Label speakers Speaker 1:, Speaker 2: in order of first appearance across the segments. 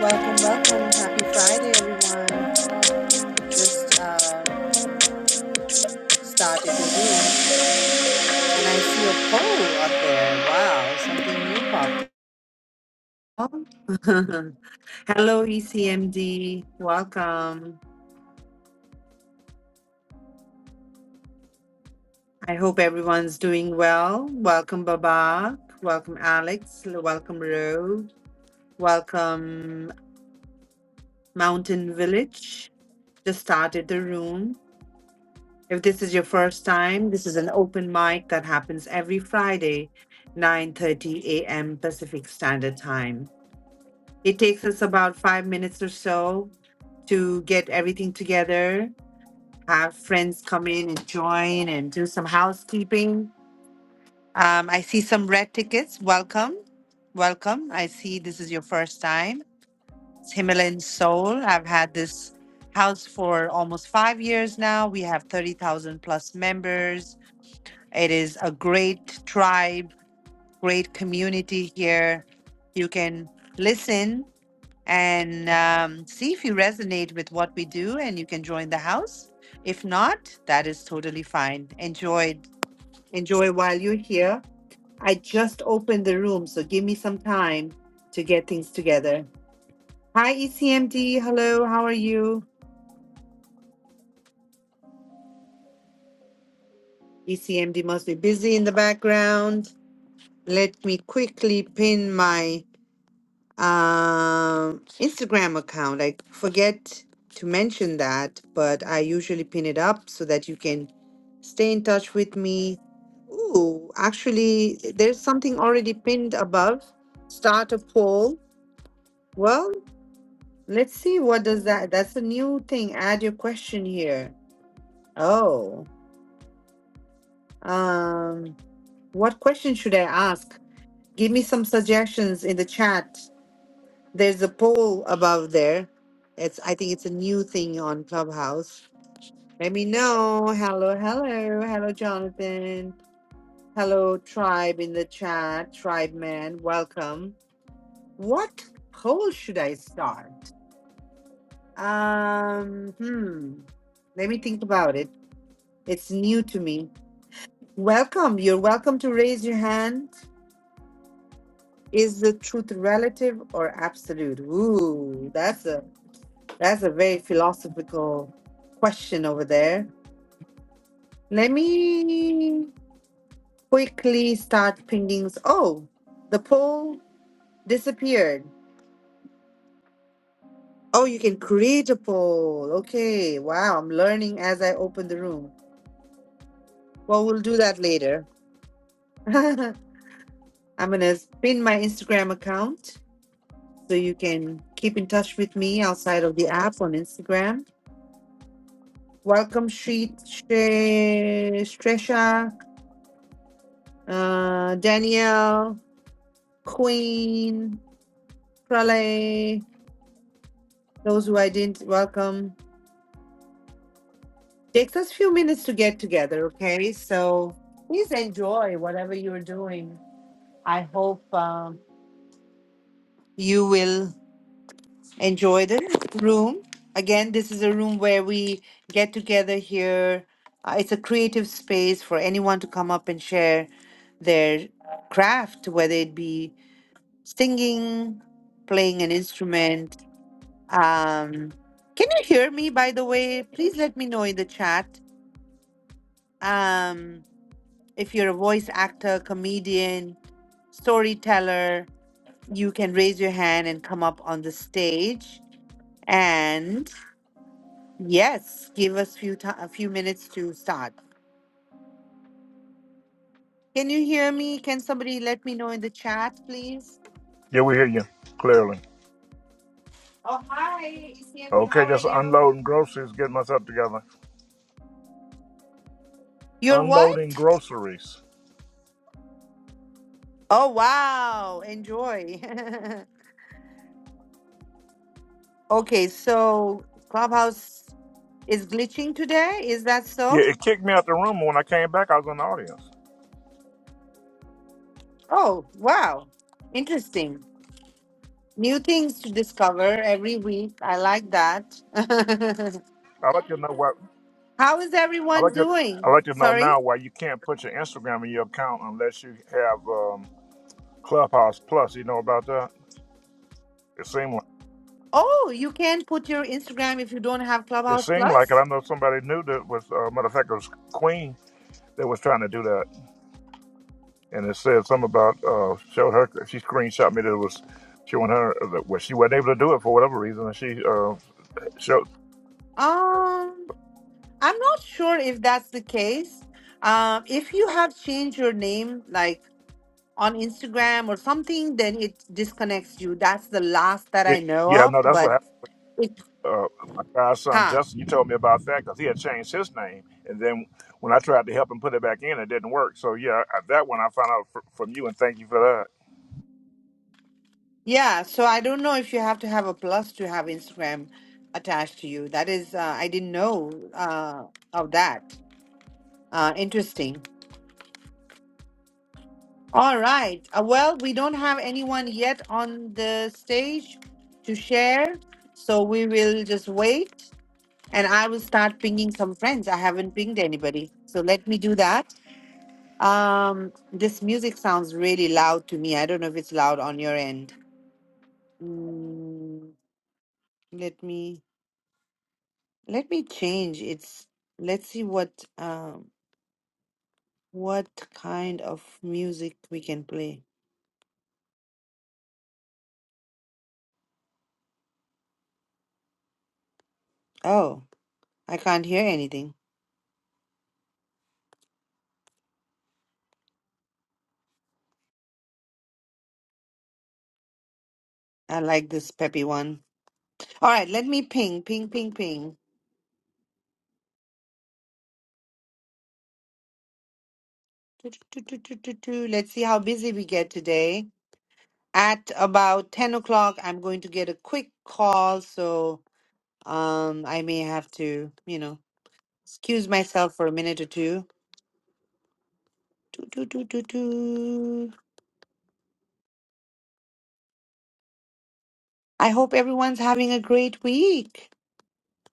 Speaker 1: Welcome, welcome. Happy Friday, everyone. Just uh, started the room and I see a poll up there. Wow, something new popped Oh. Hello, ECMD. Welcome. I hope everyone's doing well. Welcome, Babak. Welcome, Alex. Welcome, Ro. Welcome, Mountain Village. Just started the room. If this is your first time, this is an open mic that happens every Friday, 9:30 a.m. Pacific Standard Time. It takes us about 5 minutes or so to get everything together, have friends come in and join and do some housekeeping. Um, I see some red tickets. Welcome. Welcome. I see this is your first time. It's Himalayan Soul. I've had this house for almost five years now. We have 30,000 plus members It is a great tribe, great community here. You can listen and um, see if you resonate with what we do, and you can join the house. If not, that is totally fine. Enjoy, enjoy while you're here. I just opened the room, so give me some time to get things together. Hi, ECMD. Hello, how are you? ECMD must be busy in the background. Let me quickly pin my um Instagram account. I forget to mention that, but I usually pin it up so that you can stay in touch with me. Ooh, actually, there's something already pinned above. Start a poll. Well, let's see what does that. That's a new thing. Add your question here. Oh, um, what question should I ask? Give me some suggestions in the chat. There's a poll above there. It's I think it's a new thing on Clubhouse. Let me know. Hello, hello, hello, Jonathan. Hello, tribe in the chat, tribe man. Welcome. What poll should I start? Um, hmm. Let me think about it. It's new to me. Welcome. You're welcome to raise your hand. Is the truth relative or absolute? Ooh, that's a That's a very philosophical question over there. Let me quickly start pinging. Oh, the poll disappeared. Oh, you can create a poll. Okay. Wow. I'm learning as I open the room. Well, we'll do that later. I'm going to pin my Instagram account so you can keep in touch with me outside of the app on Instagram. Welcome, Shreet, Shre- Stresha, uh, Danielle, Queen, Pralay, those who I didn't welcome. Takes us a few minutes to get together, okay? So please enjoy whatever you're doing. I hope um, you will enjoy the room. Again, this is a room where we get together here. Uh, it's a creative space for anyone to come up and share their craft, whether it be singing, playing an instrument, Um, can you hear me, by the way? Please let me know in the chat um, if you're a voice actor, comedian, storyteller. You can raise your hand and come up on the stage. And yes, give us few ti a few minutes to start. Can you hear me? Can somebody let me know in the chat, please?
Speaker 2: Yeah, we hear you clearly.
Speaker 1: Oh, hi, ECMP.
Speaker 2: Okay,
Speaker 1: How are
Speaker 2: just
Speaker 1: you?
Speaker 2: unloading groceries, getting myself together.
Speaker 1: You're
Speaker 2: Unloading
Speaker 1: what?
Speaker 2: groceries.
Speaker 1: Oh, wow. Enjoy. okay, so Clubhouse. Is glitching today? Is that
Speaker 2: Yeah,
Speaker 1: so?
Speaker 2: it kicked me out the room when I came back. I was in the audience.
Speaker 1: Oh, wow. Interesting. New things to discover every week. I like that.
Speaker 2: I like to know why.
Speaker 1: How is
Speaker 2: I
Speaker 1: everyone
Speaker 2: like to. I
Speaker 1: doing?
Speaker 2: like to know
Speaker 1: Sorry?
Speaker 2: now why you can't put your Instagram in your account unless you have um, Clubhouse Plus. You know about that? It seemed like
Speaker 1: Oh, you can put your Instagram if you don't have
Speaker 2: it
Speaker 1: Clubhouse
Speaker 2: seemed like it.
Speaker 1: Plus?
Speaker 2: I know somebody knew that was uh, matter of fact it was Queen that was trying to do that, and it said something about uh, showed her. She screenshot me that it was showing her that well, she wasn't able to do it for whatever reason, and she uh, So
Speaker 1: Um, I'm not sure if that's the case. Um, if you have changed your name like on Instagram or something, then it disconnects you. That's the last that
Speaker 2: y-
Speaker 1: I know
Speaker 2: yeah,
Speaker 1: of,
Speaker 2: no, that's what
Speaker 1: but
Speaker 2: happened.
Speaker 1: it,
Speaker 2: Uh, my godson
Speaker 1: huh?
Speaker 2: Justin, you told me about that because he had changed his name, and then when I tried to help him put it back in, it didn't work. So yeah, I- that one I found out fr- from you, and thank you for
Speaker 1: Yeah, so I don't know if you have to have a plus to have Instagram attached to you. That is, uh, I didn't know uh, of that. Uh, interesting. All right. Uh, well, we don't have anyone yet on the stage to share, so we will just wait and I will start pinging some friends. I haven't pinged anybody, so let me do that. Um, this music sounds really loud to me. I don't know if it's loud on your end. Mm, let me. Let me change. It's let's see what um what kind of music we can play. Oh, I can't hear anything. I like this peppy one. All right, let me ping, ping, ping, ping. Do, do, do, do, do, do. Let's see how busy we get today. At about 10 o'clock, I'm going to get a quick call, so um I may have to, you know, excuse myself for a minute or two. Do, do, do, do, do. I hope everyone's having a great week.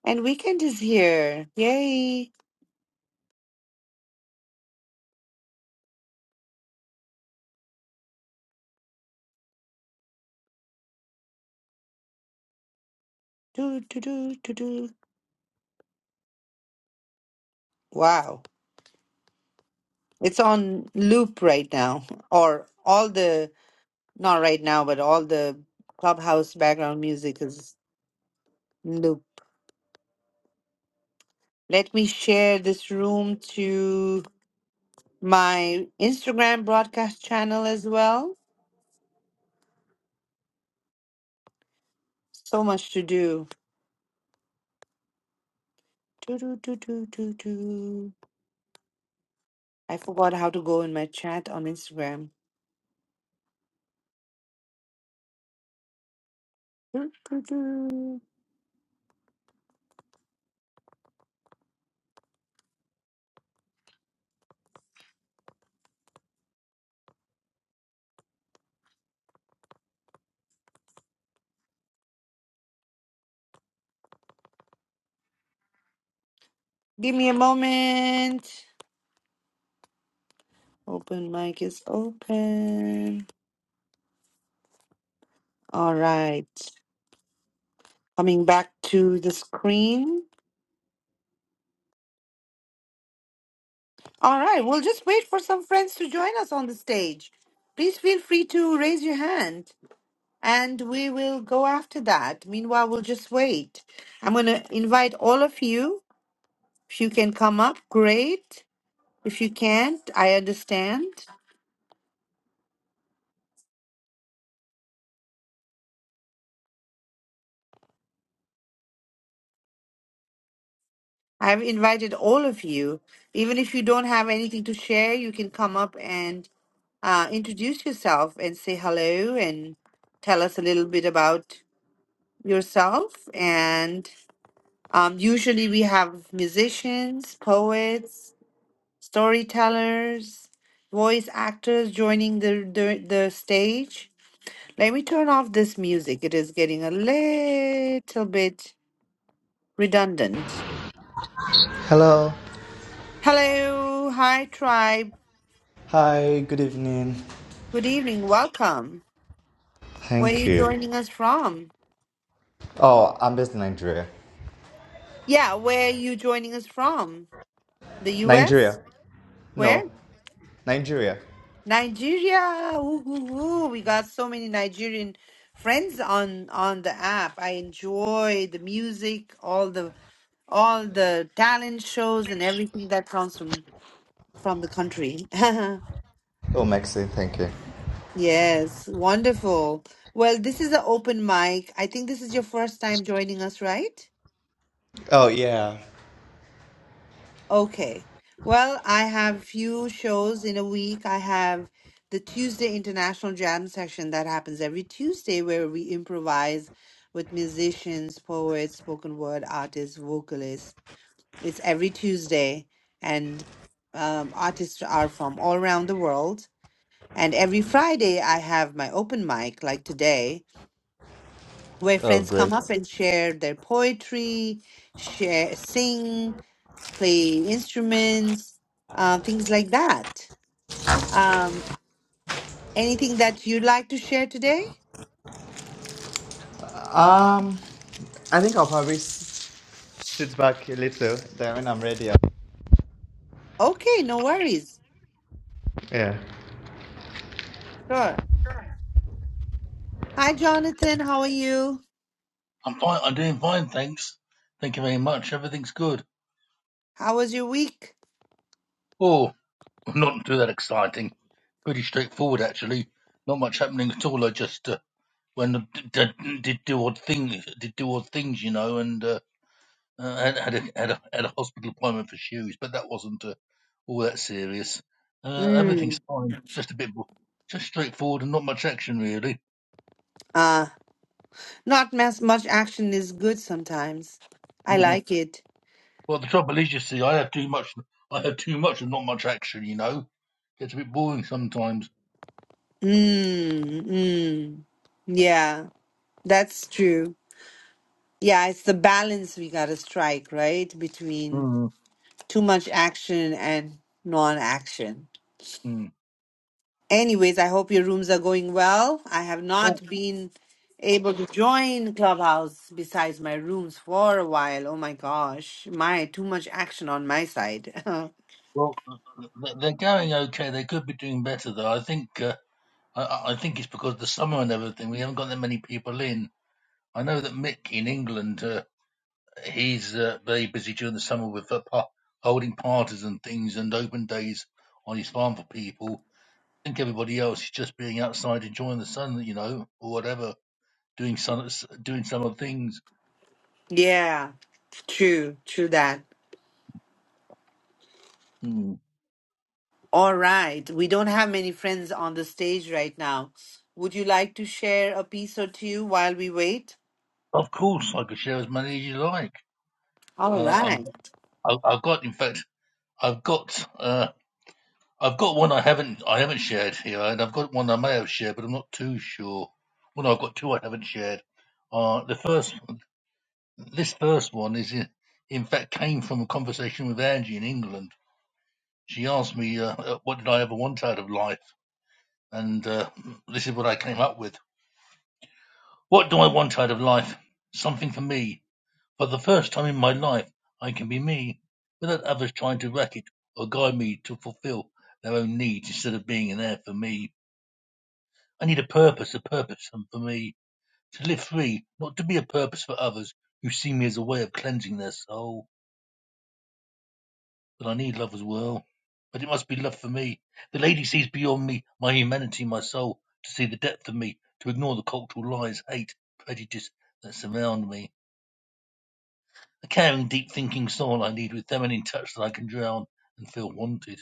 Speaker 1: And weekend is here. Yay. Do, do, do, do, do. Wow. It's on loop right now. Or all the, not right now, but all the clubhouse background music is loop. Let me share this room to my Instagram broadcast channel as well. So much to do. Do, do, do, do, do, do. I forgot how to go in my chat on Instagram. Do, do, do. Give me a moment. Open mic is open. All right. Coming back to the screen. All right. We'll just wait for some friends to join us on the stage. Please feel free to raise your hand and we will go after that. Meanwhile, we'll just wait. I'm going to invite all of you. If you can come up, great. If you can't, I understand. I've invited all of you. Even if you don't have anything to share, you can come up and. Uh, introduce yourself and say hello and tell us a little bit about yourself. And um, usually we have musicians, poets, storytellers, voice actors joining the, the, the stage. Let me turn off this music. It is getting a little bit redundant.
Speaker 3: Hello.
Speaker 1: Hello, hi tribe.
Speaker 3: Hi, good evening.
Speaker 1: Good evening. Welcome. Where are
Speaker 3: Thank
Speaker 1: you
Speaker 3: you.
Speaker 1: joining us from?
Speaker 3: Oh, I'm based in Nigeria.
Speaker 1: Yeah, where are you joining us from? The
Speaker 3: Nigeria?
Speaker 1: US? Where?
Speaker 3: No, Nigeria.
Speaker 1: Nigeria. Ooh, ooh, ooh. We got so many Nigerian friends on on the app. I enjoy the music, all the all the talent shows and everything that comes from from the country.
Speaker 3: Oh, Mexico, thank you.
Speaker 1: yes, wonderful. Well, this is an open mic. I think this is your first time joining us, right?
Speaker 3: Oh, yeah.
Speaker 1: Okay. Well, I have few shows in a week. I have the Tuesday International Jam session that happens every Tuesday where we improvise with musicians, poets, spoken word artists, vocalists. It's every Tuesday and um, artists are from all around the world. And every Friday I have my open mic like today where
Speaker 3: Oh,
Speaker 1: friends come
Speaker 3: great.
Speaker 1: up and share their poetry, share sing, play instruments, uh, things like that. Um, anything that you'd like to share today?
Speaker 3: Um, I think I'll probably s- sit back a little, then when I'm ready. I'll...
Speaker 1: Okay, no worries.
Speaker 3: Yeah.
Speaker 1: Sure. Hi, Jonathan. How are you?
Speaker 4: I'm fine. I'm doing fine, thanks. Thank you very much. Everything's good.
Speaker 1: How was your week?
Speaker 4: Oh, not too that exciting. Pretty straightforward, actually. Not much happening at all. I just uh, went and d- d- did do odd things, did do odd things, you know, and uh, uh, had had a, had a had a hospital appointment for shoes, but that wasn't uh, all that serious. Uh,
Speaker 1: Mm,
Speaker 4: everything's fine. Just a bit, more- just straightforward and not much action really.
Speaker 1: uh, not as much action is good sometimes. I
Speaker 4: Yeah.
Speaker 1: like it.
Speaker 4: Well, the trouble is, you see, I have too much. I have too much and not much action, you know. Gets a bit boring sometimes.
Speaker 1: Mm, mm. Yeah, that's true. Yeah, it's the balance we gotta strike, right? Between
Speaker 4: Mm,
Speaker 1: too much action and non-action.
Speaker 4: mm.
Speaker 1: Anyways, I hope your rooms are going well. I have
Speaker 4: Oh
Speaker 1: not been able to join Clubhouse besides my rooms for a while. Oh my gosh, my too much action on my side.
Speaker 4: well, th- th- they're going okay. They could be doing better though. I think uh, I, I I think it's because of the summer and everything. We haven't got that many people in. I know that Mick in England, uh, he's uh, very busy during the summer with uh, pa- holding parties and things and open days on his farm for people. I think everybody else is just being outside enjoying the sun, you know, or whatever, doing sun, doing summer things.
Speaker 1: yeah, true, true that.
Speaker 4: Mm.
Speaker 1: All right, we don't have many friends on the stage right now. Would you like to share a piece or two while we wait?
Speaker 4: Of course, I could share as many as you like.
Speaker 1: All
Speaker 4: Uh, I'm,
Speaker 1: right,
Speaker 4: I, I've got, in fact. I've got uh, I've got one I haven't I haven't shared here, and I've got one I may have shared, but I'm not too sure. Well, no, I've got two I haven't shared. Uh, the first this first one is in, in fact came from a conversation with Angie in England. She asked me uh, uh, what did I ever want out of life, and uh, this is what I came up with. What do I want out of life? Something for me. For the first time in my life, I can be me without others trying to racket or guide me to fulfill their own needs instead of being there for me. I need a purpose, a purpose um, for me to live free, not to be a purpose for others who see me as a way of cleansing their soul. But I need love as well. But it must be love for me. The lady sees beyond me, my humanity, my soul, to see the depth of me, to ignore the cultural lies, hate, prejudice that surround me. A caring, deep thinking soul I need with feminine touch that I can drown and feel wanted.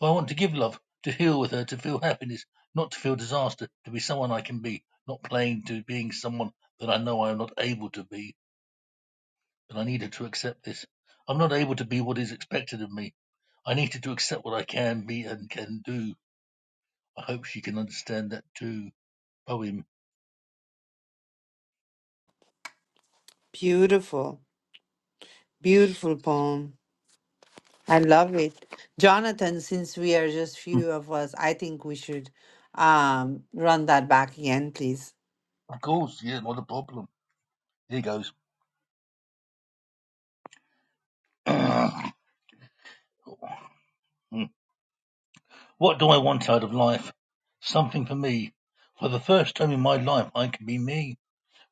Speaker 4: Well, I want to give love, to heal with her, to feel happiness, not to feel disaster, to be someone I can be, not playing to being someone that I know I am not able to be, but I needed to accept this. I'm not able to be what is expected of me. I needed to accept what I can be and can do. I hope she can understand that too. Poem.
Speaker 1: beautiful, beautiful poem. I love it. Jonathan, since we are just
Speaker 4: Mm.
Speaker 1: few of us, I think we should um run that back again, please.
Speaker 4: Of course, yeah, not a problem. Here goes. what do I want out of life? Something for me. For the first time in my life, I can be me.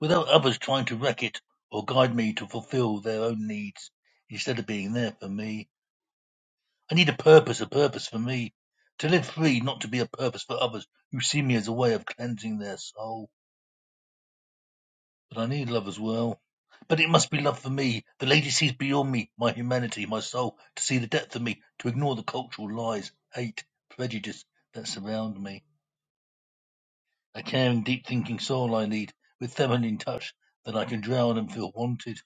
Speaker 4: without others trying to wreck it or guide me to fulfill their own needs instead of being there for me. I need a purpose, a purpose for me. To live free, not to be a purpose for others who see me as a way of cleansing their soul. But I need love as well. But it must be love for me. The lady sees beyond me, my humanity, my soul, to see the depth of me, to ignore the cultural lies, hate, prejudice that surround me. A caring, deep thinking soul I need, with feminine touch, that I can drown and feel wanted.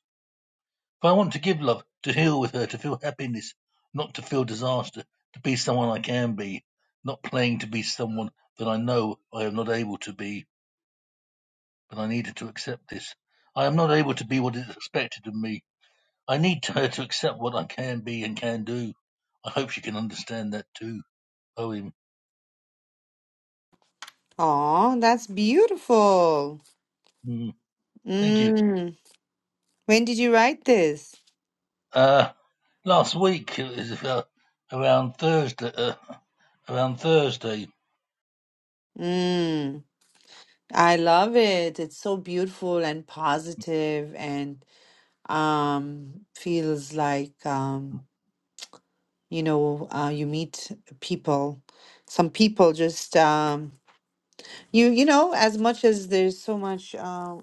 Speaker 4: But I want to give love, to heal with her, to feel happiness, not to feel disaster, to be someone I can be, not playing to be someone that I know I am not able to be, but I needed to accept this. I am not able to be what is expected of me. I need her to accept what I can be and can do. I hope she can understand that too. Poem.
Speaker 1: Oh, that's beautiful.
Speaker 4: Mm, thank you.
Speaker 1: Mm. When did you write this?
Speaker 4: Uh, last week it was uh, around Thursday. Uh, around Thursday.
Speaker 1: Mm. I love it. It's so beautiful and positive and um feels like um you know uh, you meet people. Some people just um you you know as much as there's so much uh,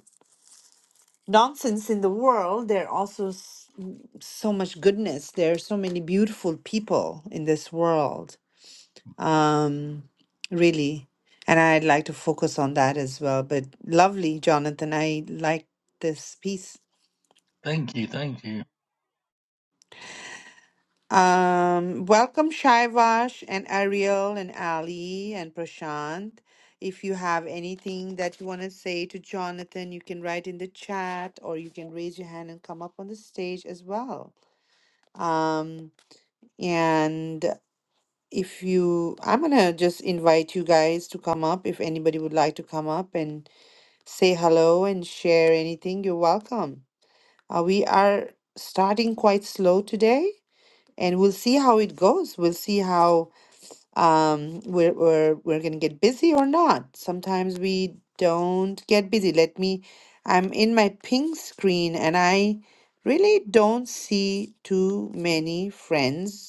Speaker 1: nonsense in the world, there are also s- m- so much goodness. There are so many beautiful people in this world, um, really. And I'd like to focus on that as well. But lovely, Jonathan. I like this piece.
Speaker 4: Thank you. Thank you.
Speaker 1: Um, welcome, Shaivash and Ariel and Ali and Prashant. If you have anything that you want to say to Jonathan, you can write in the chat or you can raise your hand and come up on the stage as well. Um, And if you, I'm gonna just invite you guys to come up. If anybody would like to come up and say hello and share anything, you're welcome. Uh, we are starting quite slow today, and we'll see how it goes. We'll see how um we're we're we're gonna get busy or not. Sometimes we don't get busy. Let me, I'm in my ping screen and I really don't see too many friends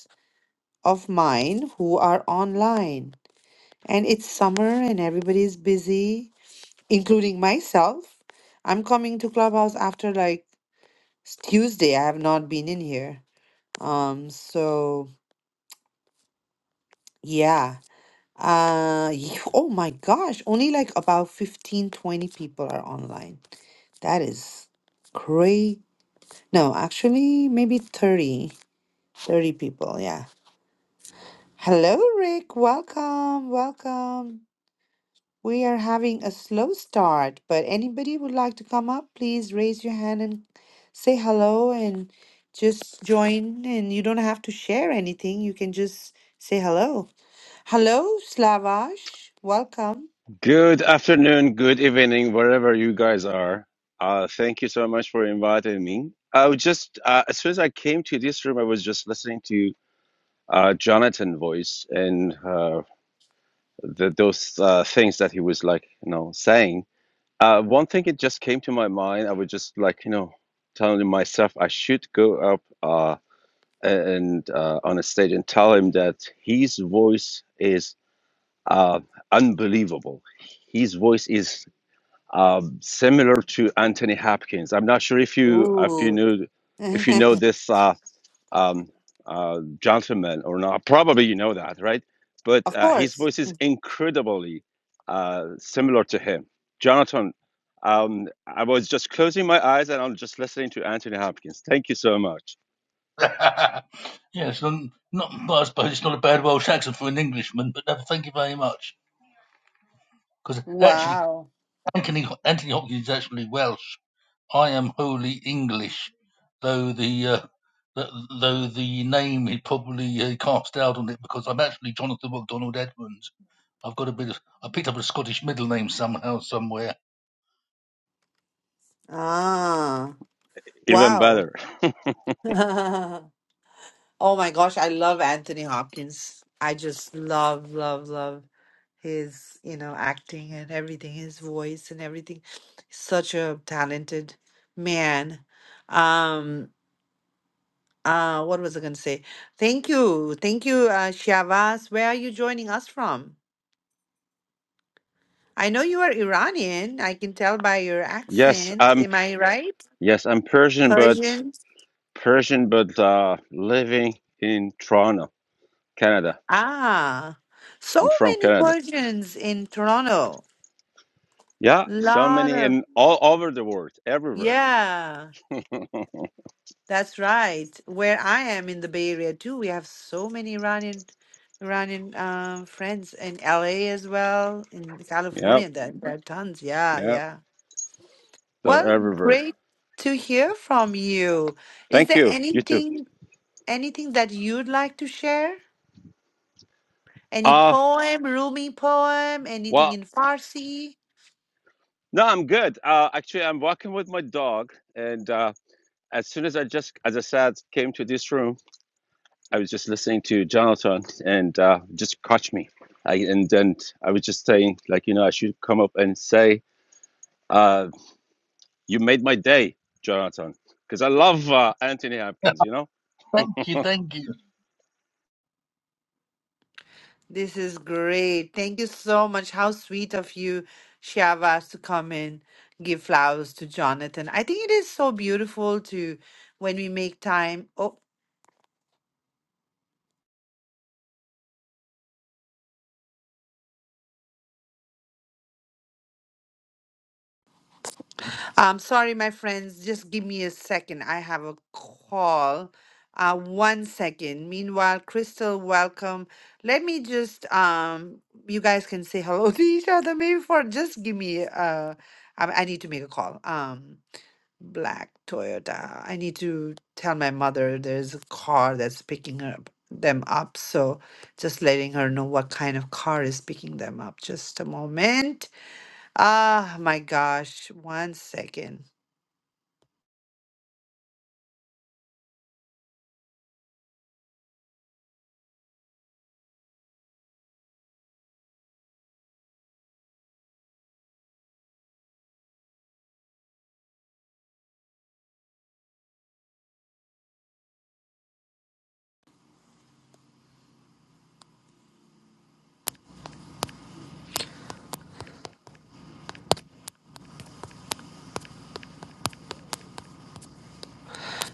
Speaker 1: of mine who are online. And it's summer and everybody's busy, including myself. I'm coming to Clubhouse after like s- Tuesday. I have not been in here. Um, so yeah. Uh, y- oh my gosh, only like about 15, 20 people are online. That is crazy. No, actually, maybe 30, 30 people. Yeah. Hello, Rick. Welcome. Welcome. We are having a slow start, but anybody would like to come up, please raise your hand and say hello and just join. And you don't have to share anything, you can just say hello. Hello, Slavash. Welcome.
Speaker 5: Good afternoon, good evening, wherever you guys are. Uh, thank you so much for inviting me. I was just, uh, as soon as I came to this room, I was just listening to uh, Jonathan voice and uh, the, those uh, things that he was like, you know, saying. Uh, one thing it just came to my mind. I was just like, you know, telling myself I should go up uh, and uh, on a stage and tell him that his voice is uh, unbelievable. His voice is um, similar to Anthony Hopkins. I'm not sure if you if you
Speaker 1: Ooh,
Speaker 5: knew if you know this uh, um, uh, gentleman or not. Probably you know that, right? But
Speaker 1: Of
Speaker 5: uh, his
Speaker 1: course.
Speaker 5: voice is incredibly uh, similar to him. Jonathan, um, I was just closing my eyes and I'm just listening to Anthony Hopkins. Thank you so much.
Speaker 4: yes, um, not. Well, I suppose it's not a bad Welsh accent for an Englishman, but no, thank you very much. Because actually,
Speaker 1: wow.
Speaker 4: Anthony Anthony Hopkins is actually Welsh. I am wholly English, though the uh, th- though the name is probably uh, cast out on it because I'm actually Jonathan MacDonald Edmonds. I've got a bit of. I picked up a Scottish middle name somehow, somewhere.
Speaker 1: Ah,
Speaker 5: Even
Speaker 1: wow.
Speaker 5: better.
Speaker 1: Oh my gosh, I love Anthony Hopkins. I just love, love, love his, you know, acting and everything, his voice and everything. Such a talented man. Um, uh, what was I gonna say? Thank you, thank you, uh, Shavas. Where are you joining us from? I know you are Iranian. I can tell by your
Speaker 5: Yes,
Speaker 1: accent.
Speaker 5: I'm
Speaker 1: Am I right?
Speaker 5: yes I'm Persian, but
Speaker 1: Persian.
Speaker 5: Persian, but uh, living in Toronto, Canada.
Speaker 1: Ah, so
Speaker 5: I'm from
Speaker 1: many
Speaker 5: Canada.
Speaker 1: Persians in Toronto.
Speaker 5: Yeah, so
Speaker 1: Lot
Speaker 5: many
Speaker 1: of
Speaker 5: in all over the world, everywhere.
Speaker 1: Yeah, that's right. Where I am in the Bay Area too, we have so many Iranian Iranian um friends in LA as well, in
Speaker 5: Yep,
Speaker 1: California. There, there are tons. Yeah,
Speaker 5: yep,
Speaker 1: yeah.
Speaker 5: they're
Speaker 1: Well,
Speaker 5: everywhere.
Speaker 1: great to hear from you. Is
Speaker 5: Thank
Speaker 1: there
Speaker 5: you. You too.
Speaker 1: anything anything that you'd like to share? Any
Speaker 5: Uh,
Speaker 1: poem, Rumi poem, anything
Speaker 5: well,
Speaker 1: in Farsi?
Speaker 5: no, I'm good. Uh, actually, I'm walking with my dog, and uh, as soon as I just, as I said, came to this room, I was just listening to Jonathan, and uh, just caught me. I, and then I was just saying, like, you know, I should come up and say, uh, "You made my day, Jonathan," because I love uh, Anthony Hopkins. You know
Speaker 4: Thank you, thank you.
Speaker 1: This is great. Thank you so much. How sweet of you, Shavas, to come in, give flowers to Jonathan. I think it is so beautiful to when we make time. Oh, I'm sorry, my friends. Just give me a second. I have a call. Uh, one second. Meanwhile, Crystal, welcome. Let me just um, you guys can say hello to each other. Maybe for just give me uh, I, I need to make a call. Um. black Toyota. I need to tell my mother there's a car that's picking her, up- them up. So just letting her know what kind of car is picking them up. Just a moment. Ah, my gosh. One second.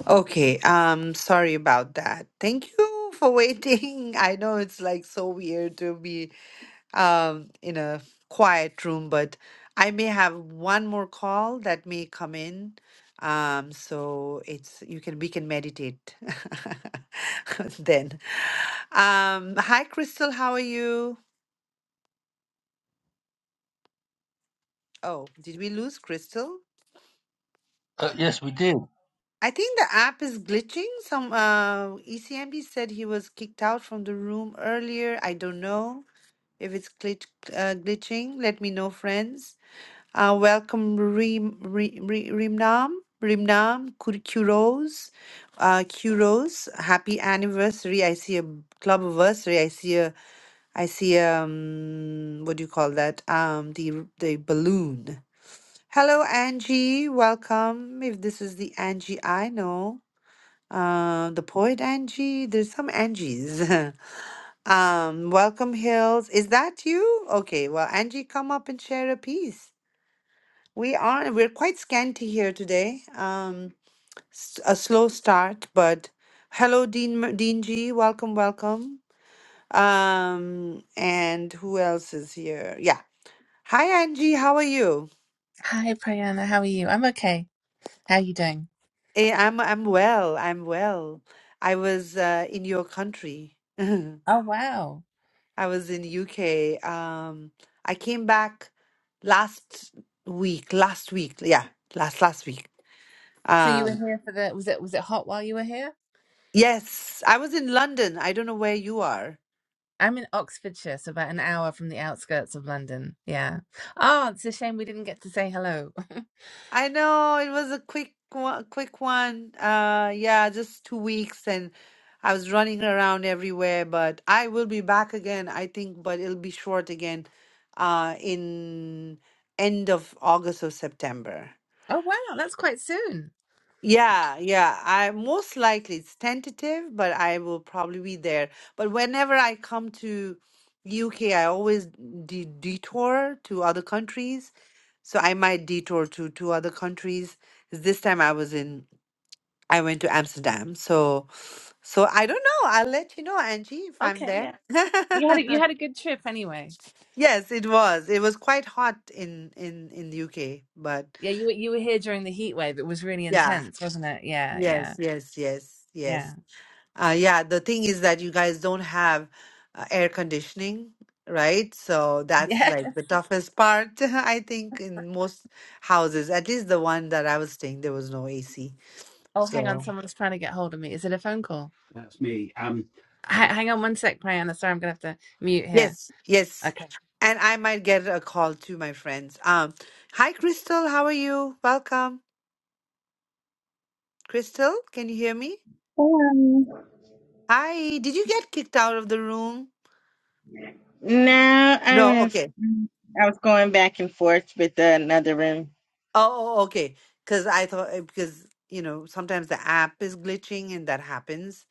Speaker 1: Okay. Um, sorry about that. Thank you for waiting. I know it's like so weird to be um, in a quiet room, but I may have one more call that may come in. Um, so it's you can we can meditate then. Um, hi Crystal, how are you? Oh, did we lose Crystal?
Speaker 4: Uh, yes, we did.
Speaker 1: I think the app is glitching. Some uh, ECMD said he was kicked out from the room earlier. I don't know if it's glitch, uh, glitching. Let me know, friends. Uh, welcome Rim, Ri- Ri- Rimnam, Rimnam, Kur- Kuros, uh, Kuros. Happy anniversary! I see a club anniversary. I see a, I see a, um, what do you call that? Um, the the balloon. Hello, Angie. Welcome. If this is the Angie I know, uh, the poet Angie. There's some Angies. um, welcome, Hills. Is that you? Okay. Well, Angie, come up and share a piece. We are, we're quite scanty here today. Um, s- a slow start, but hello, Dean, Mer- Dean G. Welcome, welcome. Um, and who else is here? Yeah. Hi, Angie. How are you?
Speaker 6: Hi, Priyana. How are you? I'm okay. How are you doing?
Speaker 1: Eh, I'm, I'm well. I'm well. I was uh, in your country. I
Speaker 6: Oh, wow.
Speaker 1: was in UK. Um, I came back last week. Last week. Yeah, last last week.
Speaker 6: So you
Speaker 1: Um.
Speaker 6: were here for the was it was it hot while you were here?
Speaker 1: Yes, I was in London. I don't know where you are.
Speaker 6: I'm in Oxfordshire, so about an hour from the outskirts of London. Yeah. Oh, it's a shame we didn't get to say hello.
Speaker 1: I know it was a quick one, quick one. Uh, yeah, just two weeks, and I was running around everywhere. But I will be back again, I think, but it'll be short again, uh, in end of August or September.
Speaker 6: Oh, wow. That's quite soon.
Speaker 1: Yeah, yeah. I most likely it's tentative, but I will probably be there. But whenever I come to UK, I always de detour to other countries. So I might detour to to other countries. This time I was in I went to Amsterdam. So so I don't know. I'll let you know, Angie, if I'm
Speaker 6: Okay,
Speaker 1: there.
Speaker 6: yeah. You had a, you had a good trip anyway.
Speaker 1: Yes, it was. It was quite hot in in in the UK, but
Speaker 6: Yeah, you were you were here during the heat wave. It was really
Speaker 1: yeah.
Speaker 6: intense, wasn't it? Yeah, yeah.
Speaker 1: Yes, yes, yes, yes.
Speaker 6: Yeah.
Speaker 1: Uh, yeah, the thing is that you guys don't have uh, air conditioning, right? So that's
Speaker 6: Yeah.
Speaker 1: like the toughest part, I think, in most houses. At least the one that I was staying, there was no AC.
Speaker 6: Oh, hang on.
Speaker 1: So
Speaker 6: Someone's trying to get hold of me. Is it a phone call? That's me. Um, H- hang on one sec, Priyana. Sorry, I'm gonna have to mute here.
Speaker 1: yes, yes.
Speaker 6: Okay.
Speaker 1: And I might get a call to my friends. Um, hi, Crystal. How are you? Welcome. Crystal, can you hear me?
Speaker 7: Um,
Speaker 1: Hi. Did you get kicked out of the room?
Speaker 7: no, I
Speaker 1: No.
Speaker 7: was
Speaker 1: Okay.
Speaker 7: I was going back and forth with another room.
Speaker 1: Oh, oh, okay. Because I thought, uh, because, you know, sometimes the app is glitching and that happens.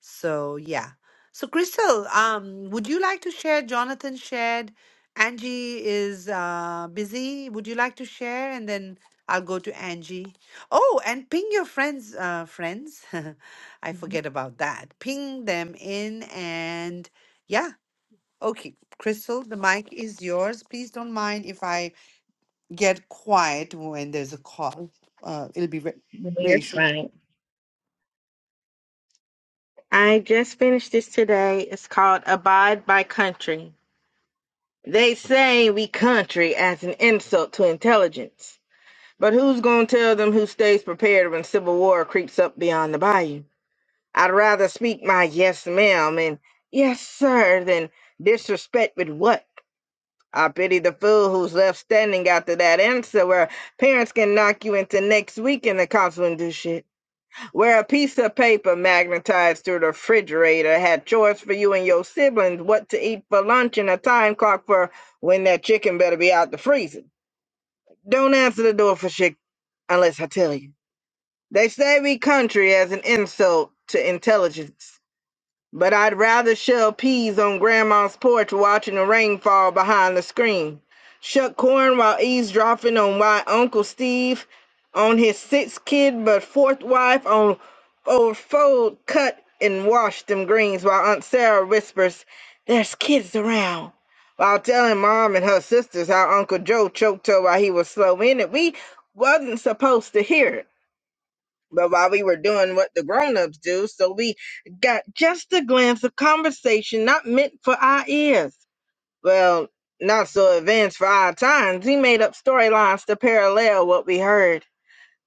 Speaker 1: So, yeah. So, Crystal, um, would you like to share? Jonathan shared. Angie is uh, busy. Would you like to share? And then I'll go to Angie. Oh, and ping your friends, uh, friends. I forget
Speaker 7: But
Speaker 1: about that. Ping them in and yeah. Okay, Crystal, the mic is yours. Please don't mind if I get quiet when there's a call. Uh, it'll be ra-
Speaker 7: You're
Speaker 1: racial.
Speaker 7: fine. I just finished this today. It's called Abide by Country. They say we country as an insult to intelligence. But who's going to tell them who stays prepared when civil war creeps up beyond the bayou? I'd rather speak my yes ma'am and yes sir than disrespect with what? I pity the fool who's left standing after that answer where parents can knock you into next week and the cops wouldn't do shit. Where a piece of paper magnetized through the refrigerator had chores for you and your siblings, what to eat for lunch and a time clock for when that chicken better be out the freezer. Don't answer the door for shit unless I tell you. They say we country as an insult to intelligence but I'd rather shell peas on Grandma's porch watching the rain fall behind the screen, shuck corn while eavesdropping on why Uncle Steve, on his sixth kid but fourth wife, on old fold cut and wash them greens while Aunt Sarah whispers, "There's kids around." While telling Mom and her sisters how Uncle Joe choked her while he was slow in it, we wasn't supposed to hear it. But while we were doing what the grown-ups do, so we got just a glance of conversation not meant for our ears. Well, not so advanced for our times. He made up storylines to parallel what we heard.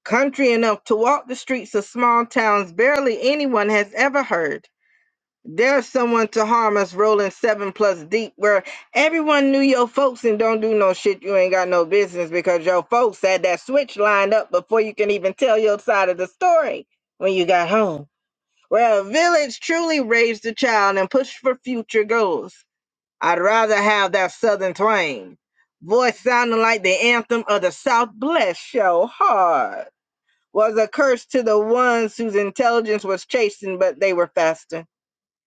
Speaker 7: Country enough to walk the streets of small towns barely anyone has ever heard. There's someone to harm us rolling seven plus deep where everyone knew your folks and don't do no shit you ain't got no business because your folks had that switch lined up before you can even tell your side of the story when you got home. Where a village truly raised a child and pushed for future goals. I'd rather have that southern twang. Voice sounding like the anthem of the South bless your heart. Was a curse to the ones whose intelligence was chastened, but they were faster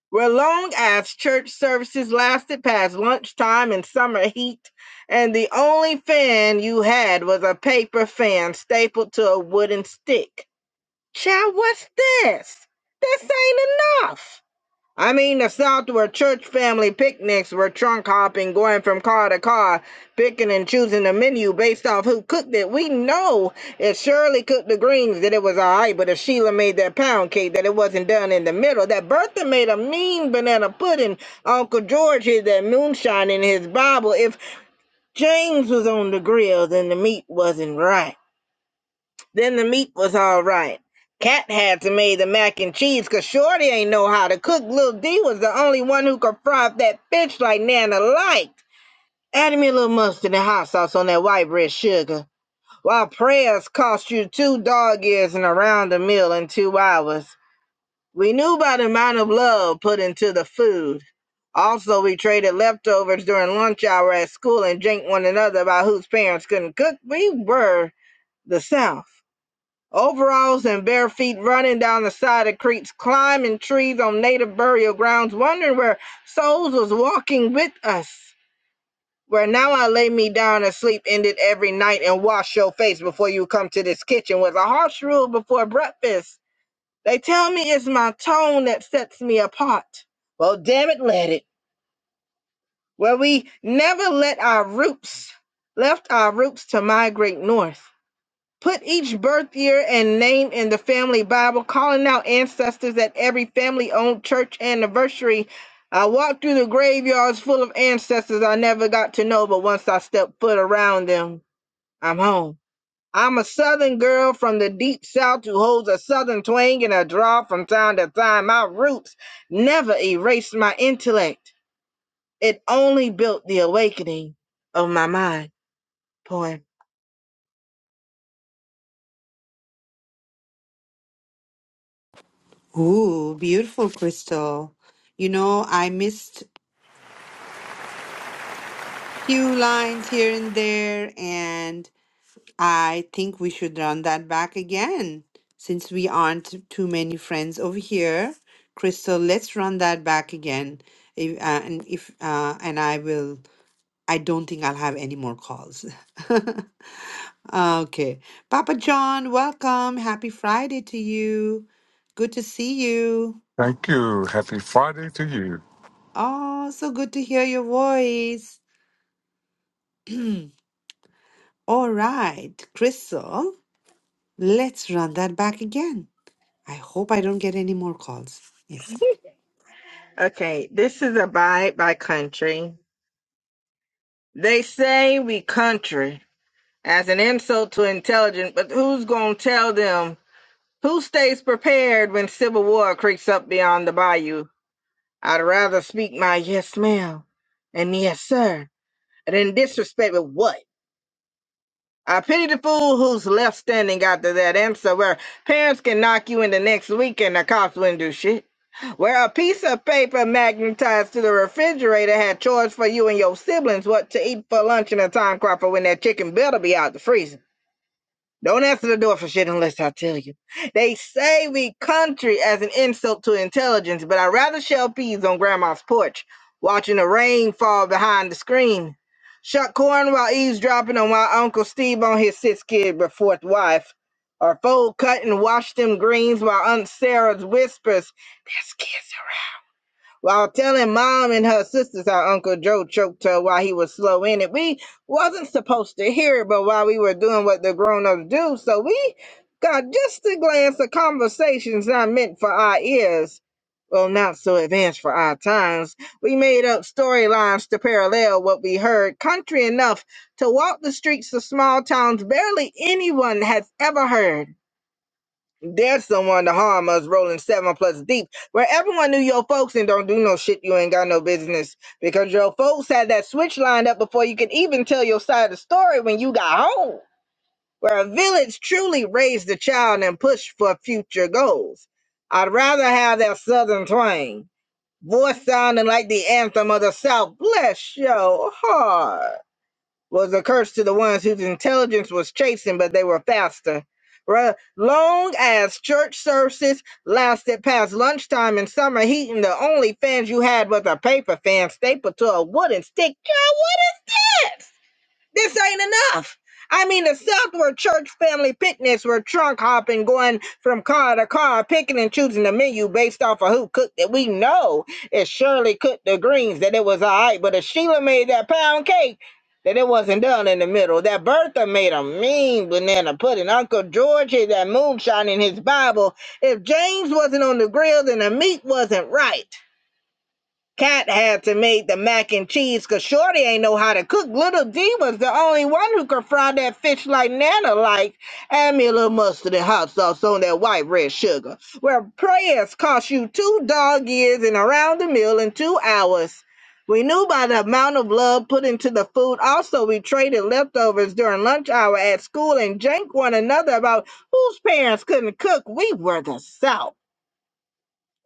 Speaker 7: where long as church services lasted past lunchtime and summer heat, and the only fan you had was a paper fan stapled to a wooden stick. Child, what's this? This ain't enough. I mean the South where church family picnics were trunk hopping, going from car to car, picking and choosing the menu based off who cooked it. We know if Shirley cooked the greens that it was alright, but if Sheila made that pound cake that it wasn't done in the middle. That Bertha made a mean banana pudding. Uncle George hid that moonshine in his Bible. If James was on the grill, then the meat wasn't right. Then the meat was all right. Cat had to make the mac and cheese 'cause Shorty ain't know how to cook. Lil D was the only one who could fry up that fish like Nana liked. Add me a little mustard and hot sauce on that white bread sugar. While prayers cost you two dog ears and around a meal in two hours. We knew by the amount of love put into the food. Also, we traded leftovers during lunch hour at school and janked one another about whose parents couldn't cook. We were the South. Overalls and bare feet running down the side of creeks, climbing trees on native burial grounds, wondering where souls was walking with us. Where now I lay me down and sleep ended every night and wash your face before you come to this kitchen was a harsh rule before breakfast. They tell me it's my tone that sets me apart. Well, damn it, let it. Where we never let our roots, left our roots to migrate north. Put each birth year and name in the family Bible, calling out ancestors at every family owned church anniversary. I walked through the graveyards full of ancestors I never got to know, but once I stepped foot around them, I'm home. I'm a southern girl from the deep south who holds a southern twang and a draw from time to time. My roots never erased my intellect, it only built the awakening of my mind. Poem.
Speaker 1: Ooh, beautiful, Crystal. You know, I missed few lines here and there, and I think we should run that back again. Since we aren't too many friends over here, Crystal, let's run that back again. If, uh, and if uh, and I will, I don't think I'll have any more calls. Okay. Papa John, welcome. Happy Friday to you. Good to see you.
Speaker 8: Thank you. Happy Friday to you.
Speaker 1: Oh, so good to hear your voice. All right, Crystal, let's run that back again. I hope I don't get any more calls. Yes.
Speaker 7: Okay, this is Abide by Country. They say we country as an insult to intelligence, but who's gonna tell them? Who stays prepared when civil war creeps up beyond the bayou? I'd rather speak my yes ma'am and yes sir than disrespect with what? I pity the fool who's left standing after that answer where parents can knock you in the next week and the cops wouldn't do shit. Where a piece of paper magnetized to the refrigerator had chores for you and your siblings what to eat for lunch and a time crop for when that chicken better be out the freezer. Don't answer the door for shit unless I tell you. They say we country as an insult to intelligence, but I would rather shell peas on grandma's porch, watching the rain fall behind the screen. Shuck corn while eavesdropping on my Uncle Steve on his sixth kid but fourth wife. Or fold cut and wash them greens while Aunt Sarah's whispers, There's kids while telling mom and her sisters how Uncle Joe choked her while he was slow in it. We wasn't supposed to hear it, but while we were doing what the grown-ups do, so we got just a glance of conversations not meant for our ears. Well, not so advanced for our times. We made up storylines to parallel what we heard, country enough to walk the streets of small towns barely anyone has ever heard. There's someone to harm us rolling seven plus deep, where everyone knew your folks and don't do no shit you ain't got no business. Because your folks had that switch lined up before you could even tell your side of the story when you got home. Where a village truly raised the child and pushed for future goals. I'd rather have that southern twang, voice sounding like the anthem of the South. Bless your heart was a curse to the ones whose intelligence was chastened, but they were faster. Ra- Long as church services lasted past lunchtime in summer heat, and the only fans you had was a paper fan stapled to a wooden stick. Girl, what is that? This ain't enough. I mean, the Southward Church family picnics were trunk hopping, going from car to car, picking and choosing the menu based off of who cooked it. We know it Shirley cooked the greens, that it was all right, but if Sheila made that pound cake, that it wasn't done in the middle. That Bertha made a mean banana pudding. Uncle George had that moonshine in his Bible. If James wasn't on the grill, then the meat wasn't right. Cat had to make the mac and cheese because Shorty ain't know how to cook. Little D was the only one who could fry that fish like Nana like. Add me a little mustard and hot sauce on that white red sugar. Where prayers cost you two dog years and around the meal in two hours. We knew by the amount of love put into the food. Also, we traded leftovers during lunch hour at school and janked one another about whose parents couldn't cook. We were the South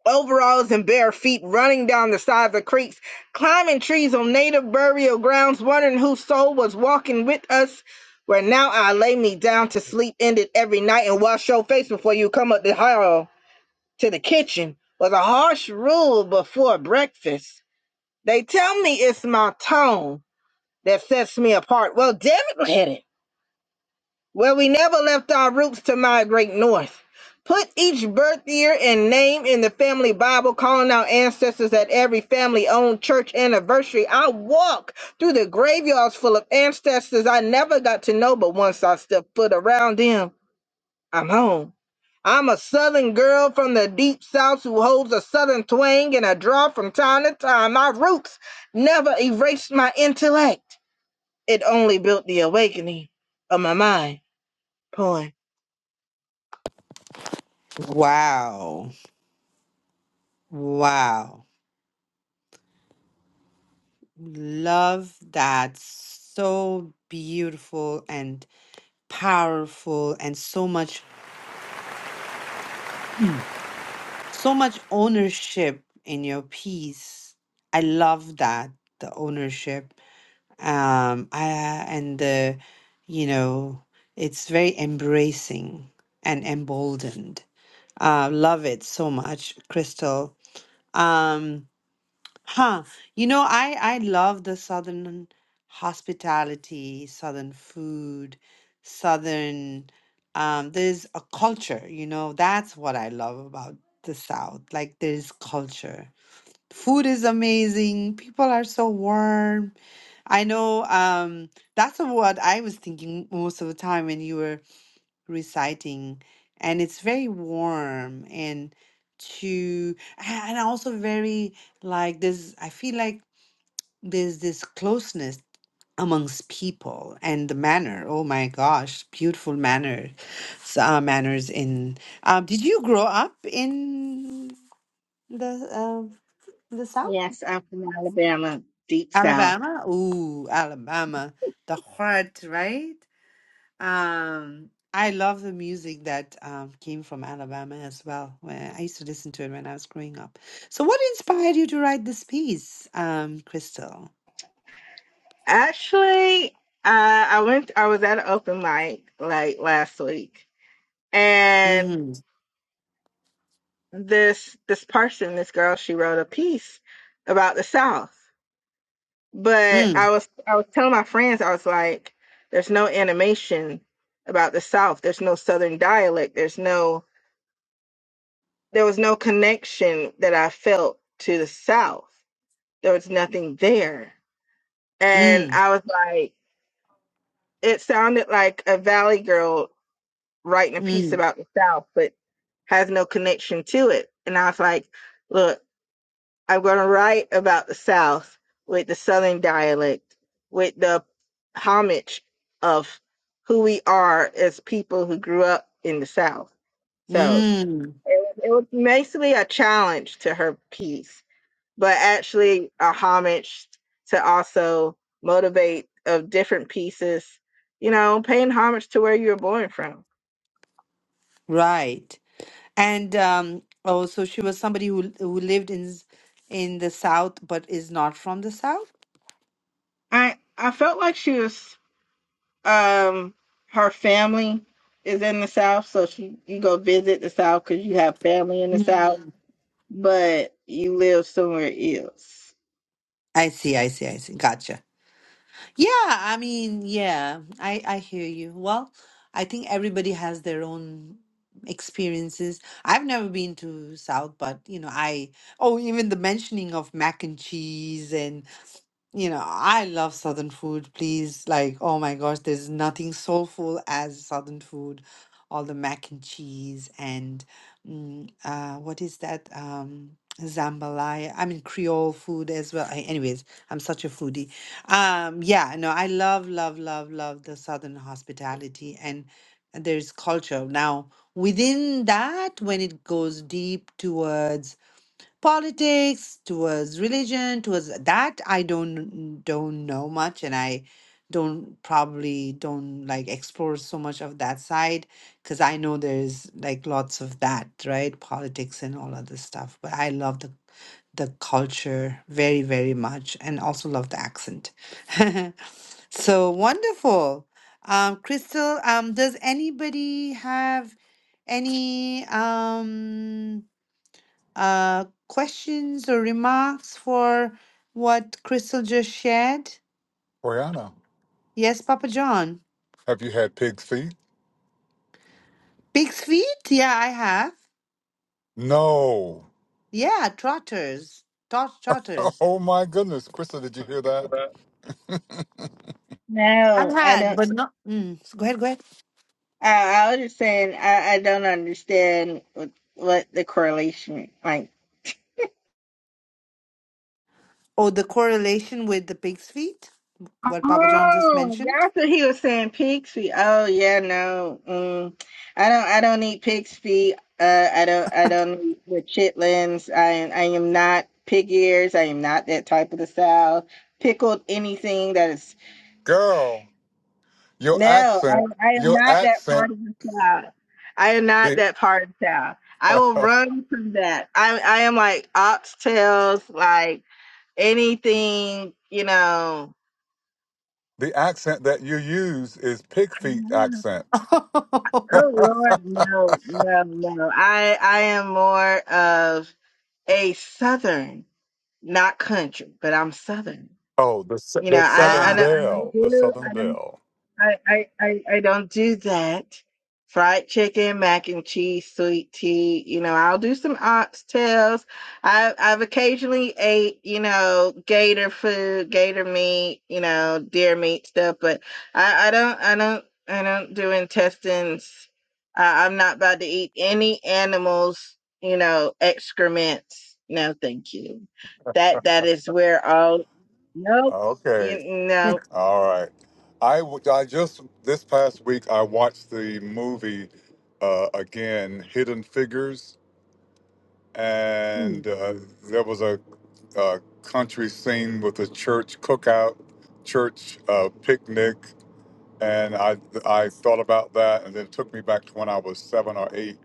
Speaker 7: overalls and bare feet running down the sides of creeks, climbing trees on native burial grounds, wondering whose soul was walking with us. Where now I lay me down to sleep, ended every night, and wash your face before you come up the hall to the kitchen was a harsh rule before breakfast. They tell me it's my tone that sets me apart. Well, damn it, where we never left our roots to migrate north. Put each birth year and name in the family Bible, calling our ancestors at every family owned church anniversary. I walk through the graveyards full of ancestors I never got to know, but once I step foot around them, I'm home. I'm a southern girl from the deep south who holds a southern twang and a draw from time to time. My roots never erased my intellect, it only built the awakening of my mind. Poem.
Speaker 1: Wow. Wow. Love that. So beautiful and powerful and so much so much ownership in your piece. I love that the ownership. Um, I and the, you know, it's very embracing and emboldened. Uh, love it so much, Crystal. Um, Huh. You know, I I love the southern hospitality, southern food, southern um there's a culture, you know. That's what I love about the South. Like there's culture. Food is amazing. People are so warm. I know um that's what I was thinking most of the time when you were reciting and it's very warm and to and also very like this i feel like there's this closeness amongst people and the manner oh my gosh beautiful manner s- uh, manners in um, did you grow up in the um the south
Speaker 7: Yes, I'm from Alabama, deep south.
Speaker 1: alabama ooh alabama the heart right Um, I love the music that um, came from Alabama as well. When I used to listen to it when I was growing up. So, what inspired you to write this piece, um, Crystal?
Speaker 7: Actually, uh, I went. I was at an open mic like last week, and
Speaker 1: Mm-hmm.
Speaker 7: this this person, this girl, she wrote a piece about the South. But
Speaker 1: Mm,
Speaker 7: I was I was telling my friends, I was like, "There's no animation about the South. There's no Southern dialect. There's no there was no connection that I felt to the South. There was nothing there." And
Speaker 1: mm,
Speaker 7: I was like. It sounded like a Valley girl writing a piece
Speaker 1: mm,
Speaker 7: about the South, but has no connection to it. And I was like, look, I'm going to write about the South with the Southern dialect, with the homage of who we are as people who grew up in the South. So
Speaker 1: mm.
Speaker 7: it was, it was basically a challenge to her piece but actually a homage to also motivate of different pieces, you know, paying homage to where you were born from.
Speaker 1: Right. And um, oh, so she was somebody who who lived in s- in the South, but is not from the South.
Speaker 7: I I felt like she was um her family is in the South, so she you go visit the South because you have family in the South,
Speaker 1: Mm.
Speaker 7: but you live somewhere else.
Speaker 1: I see. I see. I see. Gotcha. Yeah, I mean, yeah, I I hear you. Well, I think everybody has their own experiences. I've never been to South, but you know, I oh, even the mentioning of mac and cheese and. You know, I love Southern food, please. Like, oh my gosh, there's nothing soulful as Southern food. All the mac and cheese and mm, uh, what is that? Um, jambalaya. I mean, Creole food as well. Ay- Anyways, I'm such a foodie. Um, yeah, no, I love, love, love, love the Southern hospitality and there's culture. Now, within that, when it goes deep towards politics, towards religion, towards that I don't don't know much and I don't probably don't like explore so much of that side because I know there's like lots of that, right? Politics and all other stuff. But I love the the culture very, very much and also love the accent. so wonderful. Um, Crystal, um, does anybody have any um uh, questions or remarks for what Crystal just shared?
Speaker 8: Brianna,
Speaker 1: Yes, Papa John.
Speaker 8: have you had pig's feet?
Speaker 1: Pig's feet? Yeah, I have.
Speaker 8: No.
Speaker 1: Yeah, trotters. Tot trotters.
Speaker 8: Oh my goodness. Krista, did you hear that?
Speaker 1: I've
Speaker 7: No, I
Speaker 1: had,
Speaker 7: don't.
Speaker 1: but not. Mm, so go ahead, go ahead.
Speaker 7: I, I was just saying I, I don't understand what, what the correlation like.
Speaker 1: Oh, the correlation with the pig's feet? What Papa John just
Speaker 7: Oh,
Speaker 1: mentioned?
Speaker 7: that's what he was saying, pig's feet. Oh yeah, no. Mm. I don't I don't eat pig's feet. Uh I don't I don't eat the chitlins. I am I am not pig ears. I am not that type of the South. Pickled anything that is
Speaker 8: Girl, your
Speaker 7: no,
Speaker 8: accent,
Speaker 7: I I am
Speaker 8: your
Speaker 7: not that part
Speaker 8: accent,
Speaker 7: of the South. I am not
Speaker 8: the
Speaker 7: that part of the South. I will run from that. I I am like oxtails, like anything, you know.
Speaker 8: the accent that you use is pig feet accent.
Speaker 7: Oh Lord, no, no, no. I I am more of a Southern, not country, but I'm Southern.
Speaker 8: Oh, the s-
Speaker 7: You know,
Speaker 8: the
Speaker 7: I
Speaker 8: Southern
Speaker 7: I
Speaker 1: ah,
Speaker 7: don't I don't
Speaker 8: Belle, the
Speaker 7: do
Speaker 8: Southern
Speaker 7: I don't
Speaker 8: Belle.
Speaker 7: I, I, I, I don't do that. Fried chicken, mac and cheese, sweet tea. You know, I'll do some oxtails. I, I've occasionally ate, you know, gator food, gator meat, you know, deer meat stuff, but I, I don't, I don't, I don't do intestines. I, I'm not about to eat any animals, you know, excrements. No, thank you. That, that is where all, nope, you,
Speaker 8: Okay,
Speaker 7: no,
Speaker 8: all right. I w- I just this past week I watched the movie uh, again, Hidden Figures.
Speaker 1: Hmm.
Speaker 8: and uh, there was a, a country scene with a church cookout, church uh, picnic, and I I thought about that, and then it took me back to when I was seven or eight.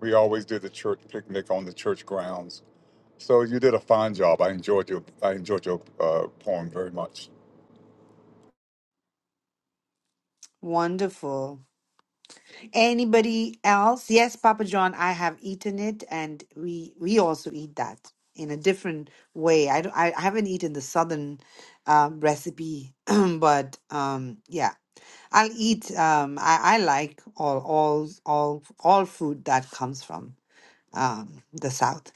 Speaker 8: We always did the church picnic on the church grounds. So you did a fine job. I enjoyed your I enjoyed your uh, poem very much.
Speaker 1: wonderful. Anybody else? Yes, Papa John, I have eaten it, and we we also eat that in a different way. I don't, I I haven't eaten the southern um, recipe, but um, yeah, I'll eat. Um, I I like all all all all food that comes from um, the south.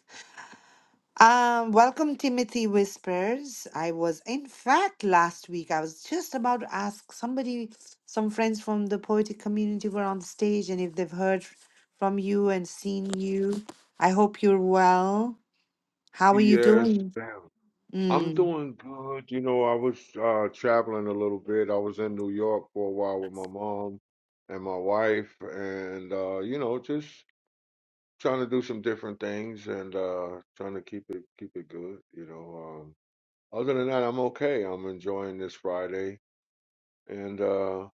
Speaker 1: Um, welcome, Timothy Whispers. I was, in fact, last week, I was just about to ask somebody, some friends from the poetic community were on stage, and if they've heard from you and seen you, I hope you're well. How are you
Speaker 9: Yes,
Speaker 1: doing?
Speaker 9: ma'am. I'm
Speaker 1: Mm,
Speaker 9: doing good. You know, I was uh, traveling a little bit. I was in New York for a while with my mom and my wife, and uh, you know, just trying to do some different things and uh, trying to keep it keep it good. You know, um, other than that, I'm okay. I'm enjoying this Friday, and uh,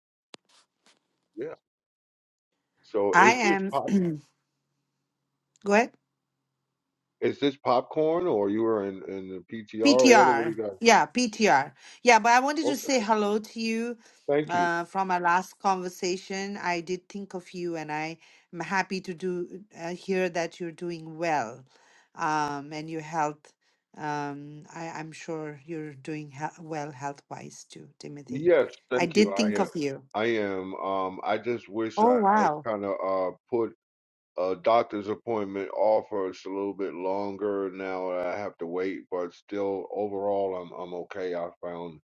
Speaker 9: yeah. So
Speaker 1: I
Speaker 9: is this
Speaker 1: am.
Speaker 9: pop?
Speaker 1: Go ahead.
Speaker 9: Is this popcorn, or you were in in the PTR order? What do
Speaker 1: PTR.
Speaker 9: you got?
Speaker 1: Yeah, PTR. Yeah, but I wanted to say
Speaker 9: Okay,
Speaker 1: hello to you
Speaker 9: thank you.
Speaker 1: uh, from our last conversation. I did think of you, and I am happy to do uh, hear that you're doing well, um, and your health. Um, I, I'm sure you're doing he- well health wise too, Timothy.
Speaker 9: Yes,
Speaker 1: I
Speaker 9: thank you.
Speaker 1: did
Speaker 9: I
Speaker 1: think
Speaker 9: am.
Speaker 1: of you.
Speaker 9: I am. Um, I just wish I,
Speaker 1: Oh
Speaker 9: I
Speaker 1: wow!
Speaker 9: kind of uh put a doctor's appointment off for just a little bit longer. Now I have to wait, but still, overall, I'm I'm okay. I found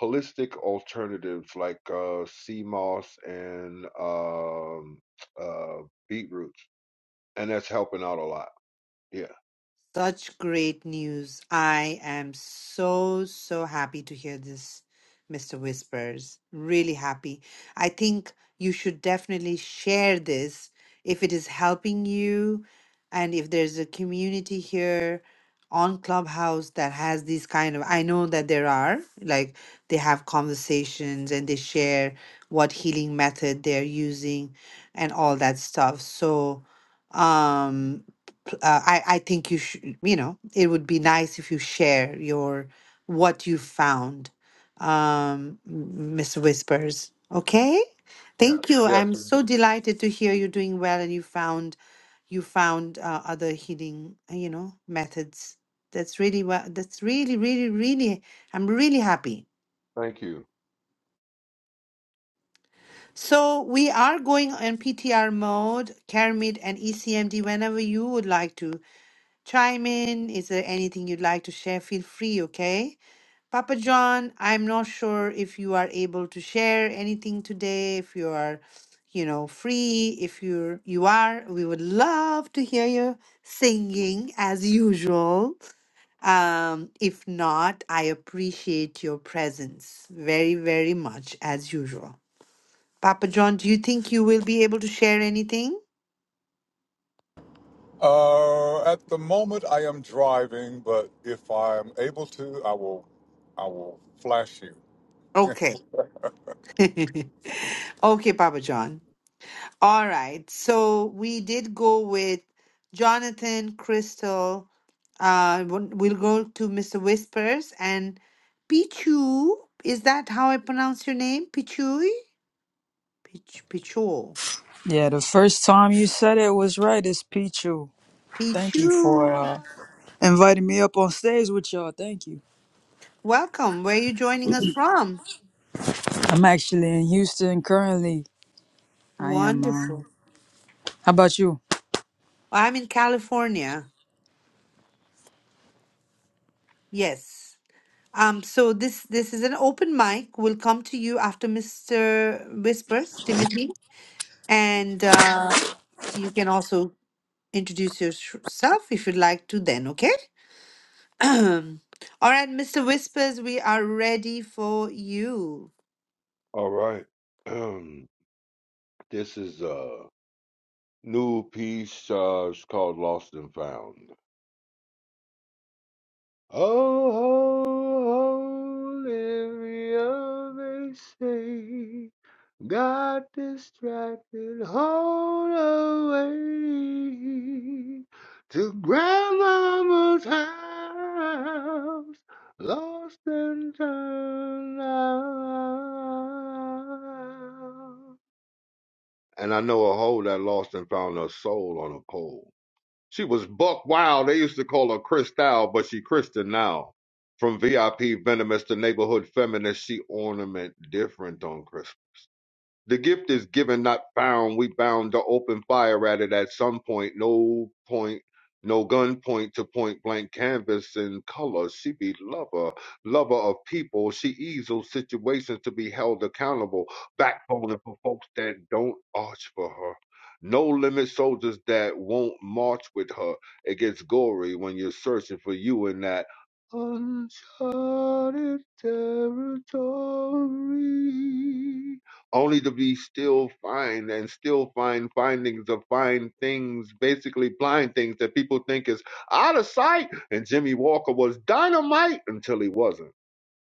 Speaker 9: holistic alternatives like uh sea moss and um uh beetroots, and that's helping out a lot. Yeah.
Speaker 1: Such great news. I am so, so happy to hear this, Mr. Whispers. Really happy. I think you should definitely share this if it is helping you and if there's a community here on Clubhouse that has these kind of I know that there are like they have conversations and they share what healing method they're using and all that stuff. So, um uh, I, I think you should, you know, it would be nice if you share your what you found, um, m- Mr. Whispers. Okay,
Speaker 9: Yes.
Speaker 1: thank you.
Speaker 9: Yes,
Speaker 1: I'm so
Speaker 9: indeed.
Speaker 1: delighted to hear you're doing well and you found you found uh, other healing, uh, you know, methods. That's really well. That's really, really, really. I'm really happy.
Speaker 9: Thank you.
Speaker 1: So we are going on PTR mode, Kermit and ECMD. Whenever you would like to chime in. Is there anything you'd like to share? Feel free, okay? Papa John, I'm not sure if you are able to share anything today, if you are, you know, free, if you're you are, we would love to hear you singing as usual. Um, if not, I appreciate your presence very, very much as usual. Papa John, do you think you will be able to share anything?
Speaker 8: Uh, at the moment, I am driving, but if I'm able to, I will I will flash you.
Speaker 1: Okay. okay, Papa John. All right. So we did go with Jonathan, Crystal. Uh, won- we'll go to Mr. Whispers and Pichu. Is that how I pronounce your name? Pichu? Pich Pichu.
Speaker 10: Yeah, the first time you said it was right. It's Pichu. Thank you for
Speaker 1: Pichu.
Speaker 10: uh, inviting me up on stage with y'all. Thank you.
Speaker 1: Welcome. Where are you joining us from?
Speaker 10: I'm actually in Houston currently. I am. Um,
Speaker 1: Wonderful.
Speaker 10: how about you?
Speaker 1: I'm in California. Yes. Um, so this this is an open mic. We'll come to you after Mr. Whispers, Timothy. And uh, you can also introduce yourself if you'd like to then, okay? All right, Mr. Whispers, we are ready for you.
Speaker 9: All right. this is uh. New piece uh, it's called Lost and Found. Oh, Olivia, they say, got distracted, hold away to grandmama's house, lost and turned out. And I know a hole that lost and found her soul on a pole. She was buck wild. They used to call her Cristal, but she Kristen now. From VIP venomous to neighborhood feminist, she ornament different on Christmas. The gift is given, not found. We bound to open fire at it at some point. No point, no gun point to point blank canvas in color. She be lover, lover of people. She easels situations to be held accountable. Backbone for folks that don't arch for her. No limit soldiers that won't march with her. It gets gory when you're searching for you in that uncharted territory only to be still fine and still find findings of fine things, basically blind things that people think is out of sight. And Jimmy Walker was dynamite until he wasn't.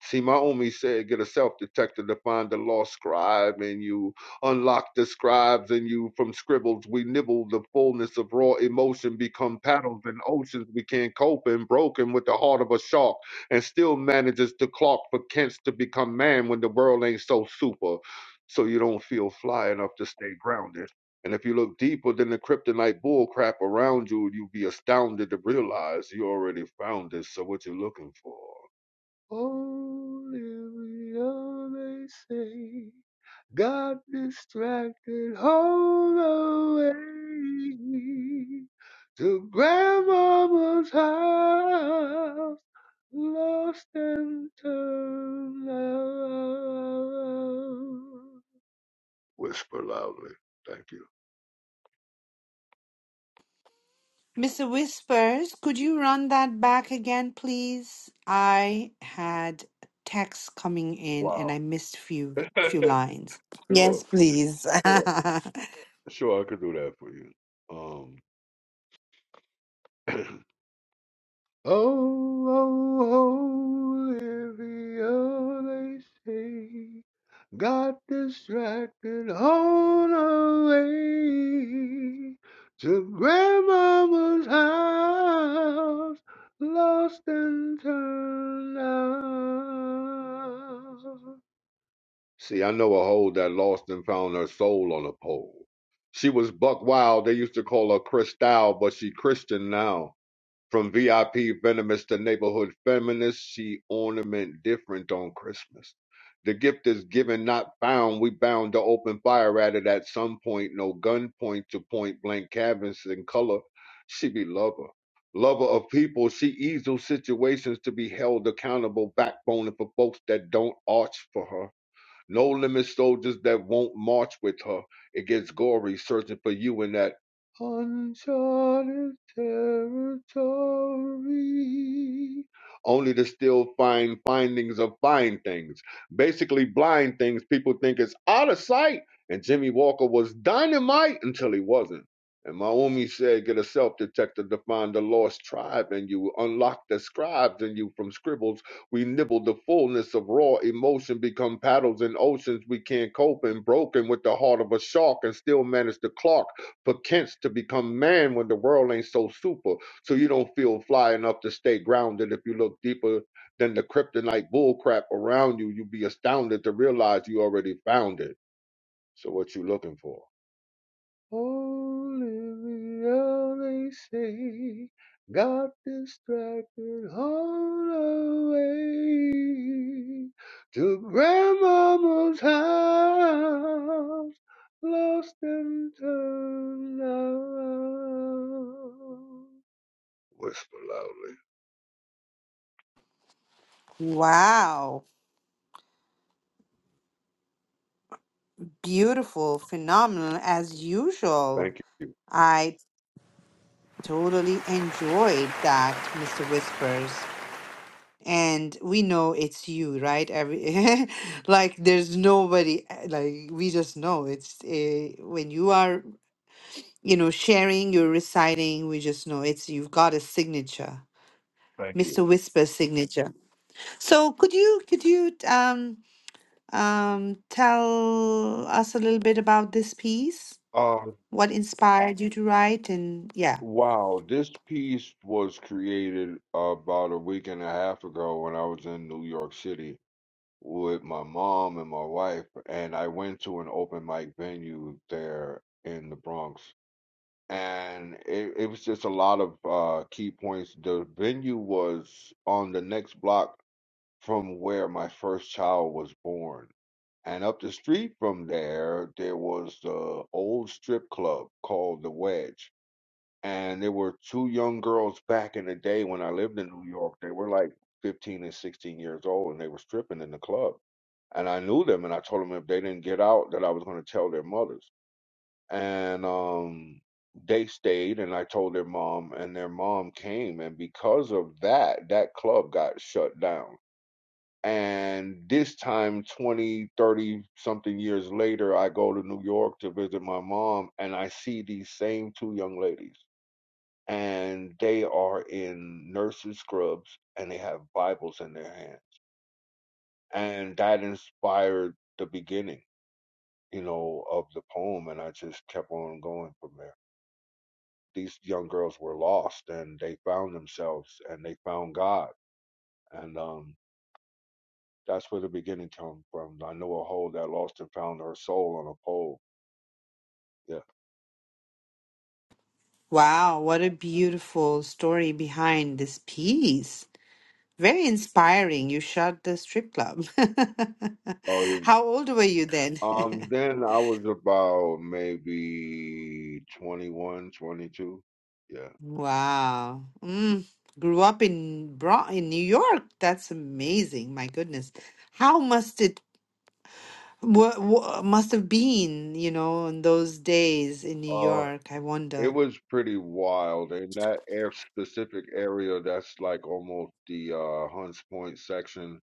Speaker 9: See, my Naomi said, get a self detector to find the lost scribe, and you unlock the scribes, and you from scribbles we nibble the fullness of raw emotion, become paddles in oceans we can't cope in, broken with the heart of a shark, and still manages to clock for Kents to become man when the world ain't so super. So you don't feel fly enough to stay grounded. And if you look deeper than the kryptonite bullcrap around you, you'll be astounded to realize you already found it. So what you looking for? Only we always say, got distracted all the way to grandmama's house, lost and turned around. Whisper loudly. Thank you.
Speaker 1: Mr. Whispers, could you run that back again, please? I had texts coming in and
Speaker 9: Wow.
Speaker 1: I missed few few lines. Yes,
Speaker 9: sure,
Speaker 1: please.
Speaker 9: sure, sure. I could do that for you. Um, Oh, oh, Olivia, they say, got distracted on the way to Grandmama's house, lost and turned out. See, I know a hole that lost and found her soul on a pole. She was buck wild. They used to call her Cristal, but she Christian now. From VIP venomous to neighborhood feminist, she ornament different on Christmas. The gift is given, not found. We bound to open fire at it at some point. No gun point to point blank cabins in color. She be lover. Lover of people, she easel situations to be held accountable, backbone for folks that don't arch for her. No limit soldiers that won't march with her It gets Gory searching for you in that uncharted territory. Only to still find findings of fine things. Basically, blind things people think is out of sight. And Jimmy Walker was dynamite until he wasn't. And Maumi said, Get a self detector to find the lost tribe, and you unlock the scribes in you from scribbles we nibble the fullness of raw emotion, become paddles in oceans we can't cope in, broken with the heart of a shark and still manage to clark, perchance to become man when the world ain't so super. So you don't feel fly enough to stay grounded if you look deeper than the kryptonite bullcrap around you. you would be astounded to realize you already found it. So what you looking for? Holy we always say, got distracted on the way to Grandmama's house, lost and turned around. Whisper loudly.
Speaker 1: wow. Beautiful, phenomenal as usual.
Speaker 9: Thank you.
Speaker 1: I totally enjoyed that, Mr. Whispers. and we know it's you right every like there's nobody uh, like we just know it's uh, when you are you know sharing you're reciting we just know it's you've got a signature
Speaker 9: Thank you.
Speaker 1: mr whisper signature so could you could you um um tell us a little bit about this piece
Speaker 9: Um,
Speaker 1: what inspired you to write and yeah
Speaker 9: wow, this piece was created about a week and a half ago when I was in New York City with my mom and my wife, and I went to an open mic venue there in the Bronx, and it, it was just a lot of uh, key points. The venue was on the next block from where my first child was born. And up the street from there, there was the old strip club called The Wedge and there were two young girls back in the day when I lived in New York. They were like 15 and 16 years old, and they were stripping in the club. And I knew them, and I told them if they didn't get out, that I was going to tell their mothers. And um, they stayed, and I told their mom, and their mom came, and because of that, that club got shut down. And this time, 20, 30 something years later, I go to New York to visit my mom, and I see these same two young ladies and they are in nurses' scrubs and they have Bibles in their hands. And that inspired the beginning, you know, of the poem. And I just kept on going from there. These young girls were lost and they found themselves and they found God. And um, that's where the beginning came from. I know a hole that lost and found her soul on a pole. Yeah.
Speaker 1: wow what a beautiful story behind this piece Very inspiring. You shot the strip club.
Speaker 9: Oh, yeah.
Speaker 1: How old were you then?
Speaker 9: Um, then I was about maybe 21, 22. Yeah.
Speaker 1: Wow. Mm. Grew up in Bro in New York. That's amazing. My goodness. How must it what, must have been, you know, in those days in New
Speaker 9: Yeah.
Speaker 1: York? I
Speaker 9: It
Speaker 1: wonder.
Speaker 9: was pretty wild, and that air specific area that's like almost the uh, Hunts Point section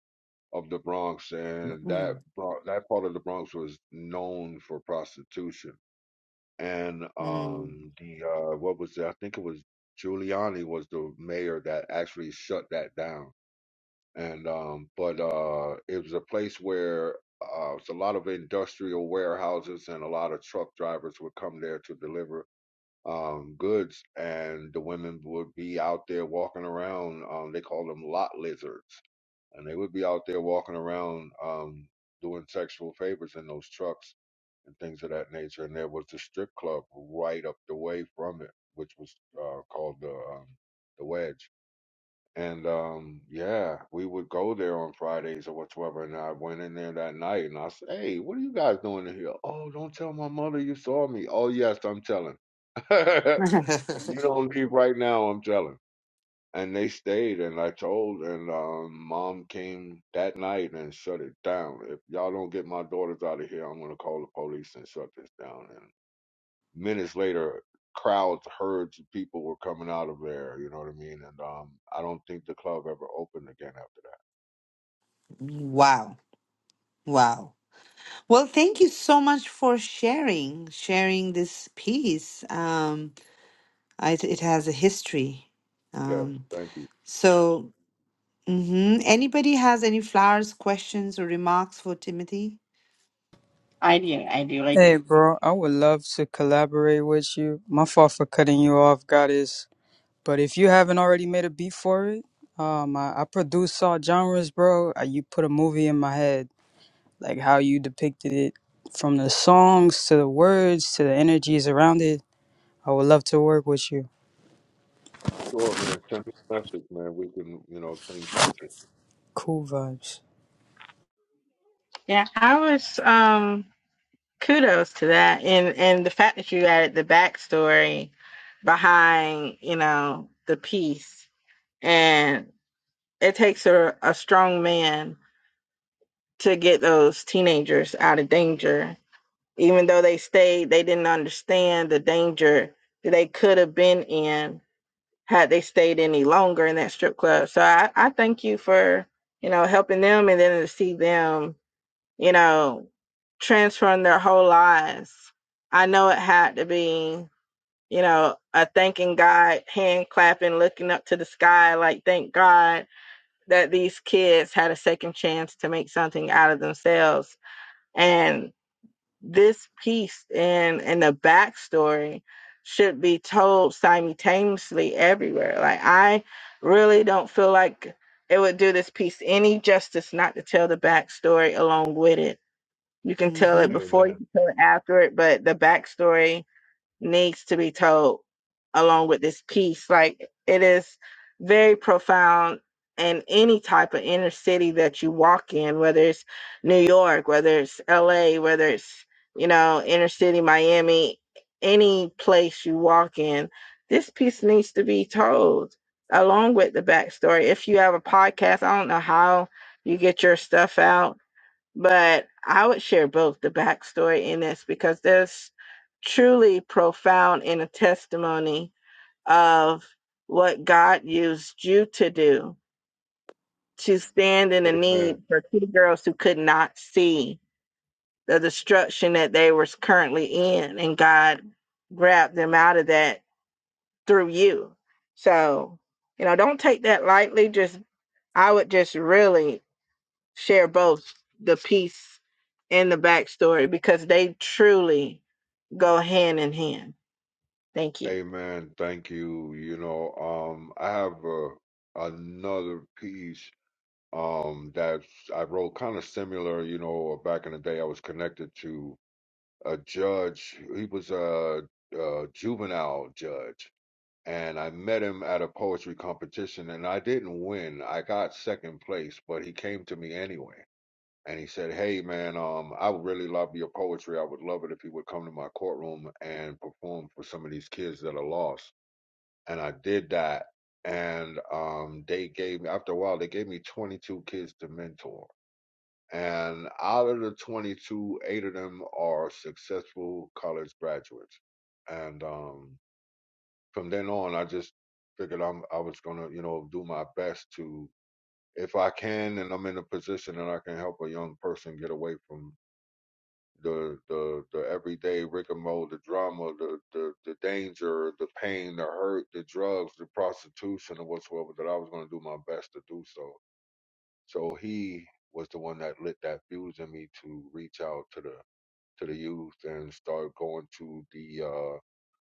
Speaker 9: of the Bronx, and
Speaker 1: Mm,
Speaker 9: that Bro- that part of the Bronx was known for prostitution. And
Speaker 1: mm.
Speaker 9: um, the uh, what was it? I think it was Giuliani was the mayor that actually shut that down. And um, but uh, it was a place where uh, it's a lot of industrial warehouses, and a lot of truck drivers would come there to deliver um, goods, and the women would be out there walking around. Um, they call them lot lizards, and they would be out there walking around um, doing sexual favors in those trucks and things of that nature. And there was a strip club right up the way from it, which was uh, called the um, the Wedge. And um, yeah, we would go there on Fridays or whatsoever. And I went in there that night and I said, Hey, what are you guys doing in here? Oh, don't tell my mother you saw me. Oh, yes, I'm telling. If You don't leave right now, I'm telling. And they stayed, and I told, and um, mom came that night and shut it down. If y'all don't get my daughters out of here, I'm gonna call the police and shut this down. And minutes later, crowds, herds of people were coming out of there. You know what I mean? And um, I don't think the club ever opened again after that.
Speaker 1: Wow. Wow. Well, thank you so much for sharing, sharing this piece. Um, Uh, it, it has a history.
Speaker 9: Yes,
Speaker 1: Um,
Speaker 9: thank you.
Speaker 1: so, mhm. anybody has any flowers, questions, or remarks for Timothy?
Speaker 7: I do, I do, I
Speaker 10: Hey,
Speaker 7: do.
Speaker 10: bro, I would love to collaborate with you. My fault for cutting you off, Goddess. But if you haven't already made a beat for it, um, I, I produce all genres, bro. Uh, You put a movie in my head, like how you depicted it, from the songs to the words to the energies around it. I would love to work with you.
Speaker 9: Sure, man. Send me a message, man. We can, you know, think tank it.
Speaker 10: Cool vibes.
Speaker 7: Yeah, I was um kudos to that and and the fact that you added the backstory behind, you know, the piece. And it takes a, a strong man to get those teenagers out of danger. Even though they stayed, they didn't understand the danger that they could have been in had they stayed any longer in that strip club. So I, I thank you for, you know, helping them and then to see them you know, transform their whole lives. I know it had to be, you know, a thanking God, hand clapping, looking up to the sky, like, thank God that these kids had a second chance to make something out of themselves. And this piece and and the backstory should be told simultaneously everywhere. Like I really don't feel like it would do this piece any justice not to tell the backstory along with it you can tell it
Speaker 1: Mm-hmm.
Speaker 7: before, you
Speaker 9: Amen.
Speaker 7: can tell it after it, but the backstory needs to be told along with this piece. Like it is very profound in any type of inner city that you walk in, whether it's New York, whether it's LA, whether it's, you know, inner city Miami, any place you walk in, this piece needs to be told along with the backstory. If you have a podcast, I don't know how you get your stuff out but I would share both the backstory in this because there's truly profound in a testimony of what God used you to do to stand in the
Speaker 9: Amen.
Speaker 7: need for two girls who could not see the destruction that they were currently in, and God grabbed them out of that through you. So, you know, don't take that lightly. Just I would just really share both the peace and the backstory because they truly go hand in hand. Thank you.
Speaker 9: Amen. Thank you. You know, um, I have uh, another piece um, that I wrote kind of similar. You know, uh, back in the day, I was connected to a judge. He was a, a juvenile judge, and I met him at a poetry competition, and I didn't win. I got second place, but he came to me anyway. And he said, "Hey man, um, I would really love your poetry. I would love it if you would come to my courtroom and perform for some of these kids that are lost." and I did that. And um, they gave me after a while they gave me 22 kids to mentor. And out of the 22, eight of them are successful college graduates. And um, from then on, I just figured I'm I was gonna you know do my best to if I can and I'm in a position and I can help a young person get away from the the the everyday Rick and Mo, the drama, the the the danger, the pain, the hurt, the drugs, the prostitution, and whatsoever. That I was going to do my best to do so. So he was the one that lit that fuse in me to reach out to the to the youth and start going to the uh,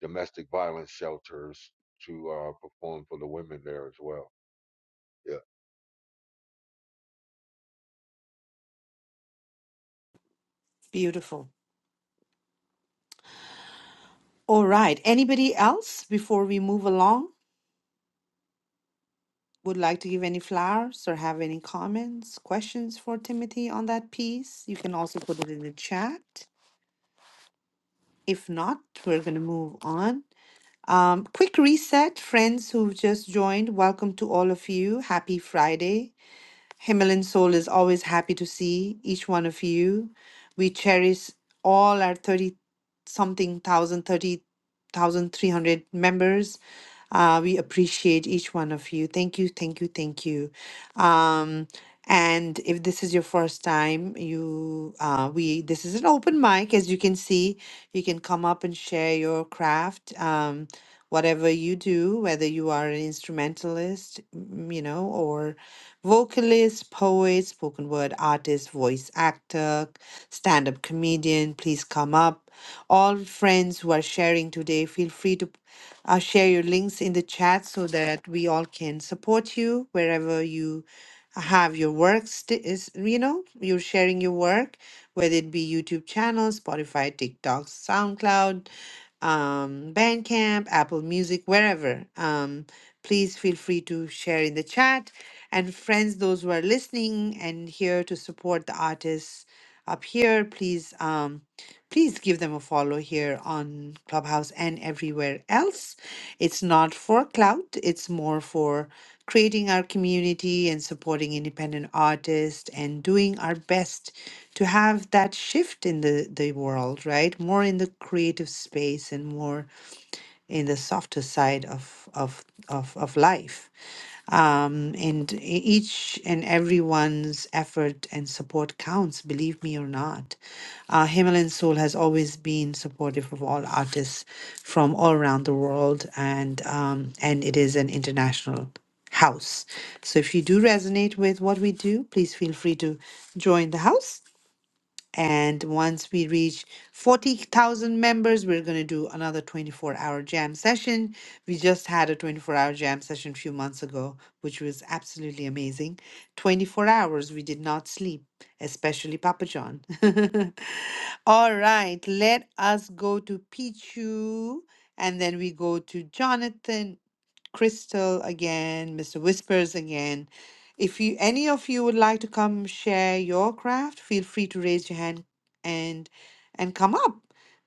Speaker 9: domestic violence shelters to uh, perform for the women there as well. Yeah.
Speaker 1: Beautiful. All right. Anybody else before we move along would like to give any flowers or have any comments, questions for Timothy on that piece? You can also put it in the chat. If not, we're going to move on. Um, quick reset, friends who've just joined, welcome to all of you. Happy Friday. Himalayan Soul is always happy to see each one of you. We cherish all our 30 something thousand thirty thousand three hundred members uh, we appreciate each one of you. Thank you, thank you, thank you. Um, and if this is your first time, you uh, we this is an open mic, as you can see. You can come up and share your craft, um, whatever you do, whether you are an instrumentalist, mm, you know, or vocalist, poet, spoken word artist, voice actor, stand-up comedian. Please come up all friends who are sharing today, feel free to I'll share your links in the chat so that we all can support you wherever you have your work. st- is you know you're sharing your work, whether it be YouTube channel, Spotify, TikTok, SoundCloud, um, Bandcamp, Apple Music, wherever. Um, please feel free to share in the chat. And friends, those who are listening and here to support the artists up here, please um, please give them a follow here on Clubhouse and everywhere else. It's not for clout, it's more for creating our community and supporting independent artists and doing our best to have that shift in the, the world, right? More in the creative space and more in the softer side of of of, of life um, and e- each and everyone's effort and support counts, believe me or not. Uh, Himalayan Soul has always been supportive of all artists from all around the world, and um, and it is an international house. So if you do resonate with what we do, please feel free to join the house and once we reach 40,000 members, we're going to do another 24 hour jam session. We just had a 24 hour jam session a few months ago, which was absolutely amazing. 24 hours, we did not sleep, especially Papa John. All right, let us go to Pichu and then we go to Jonathan Crystal again, Mr. Whispers again. If you any of you would like to come share your craft, feel free to raise your hand and and come up.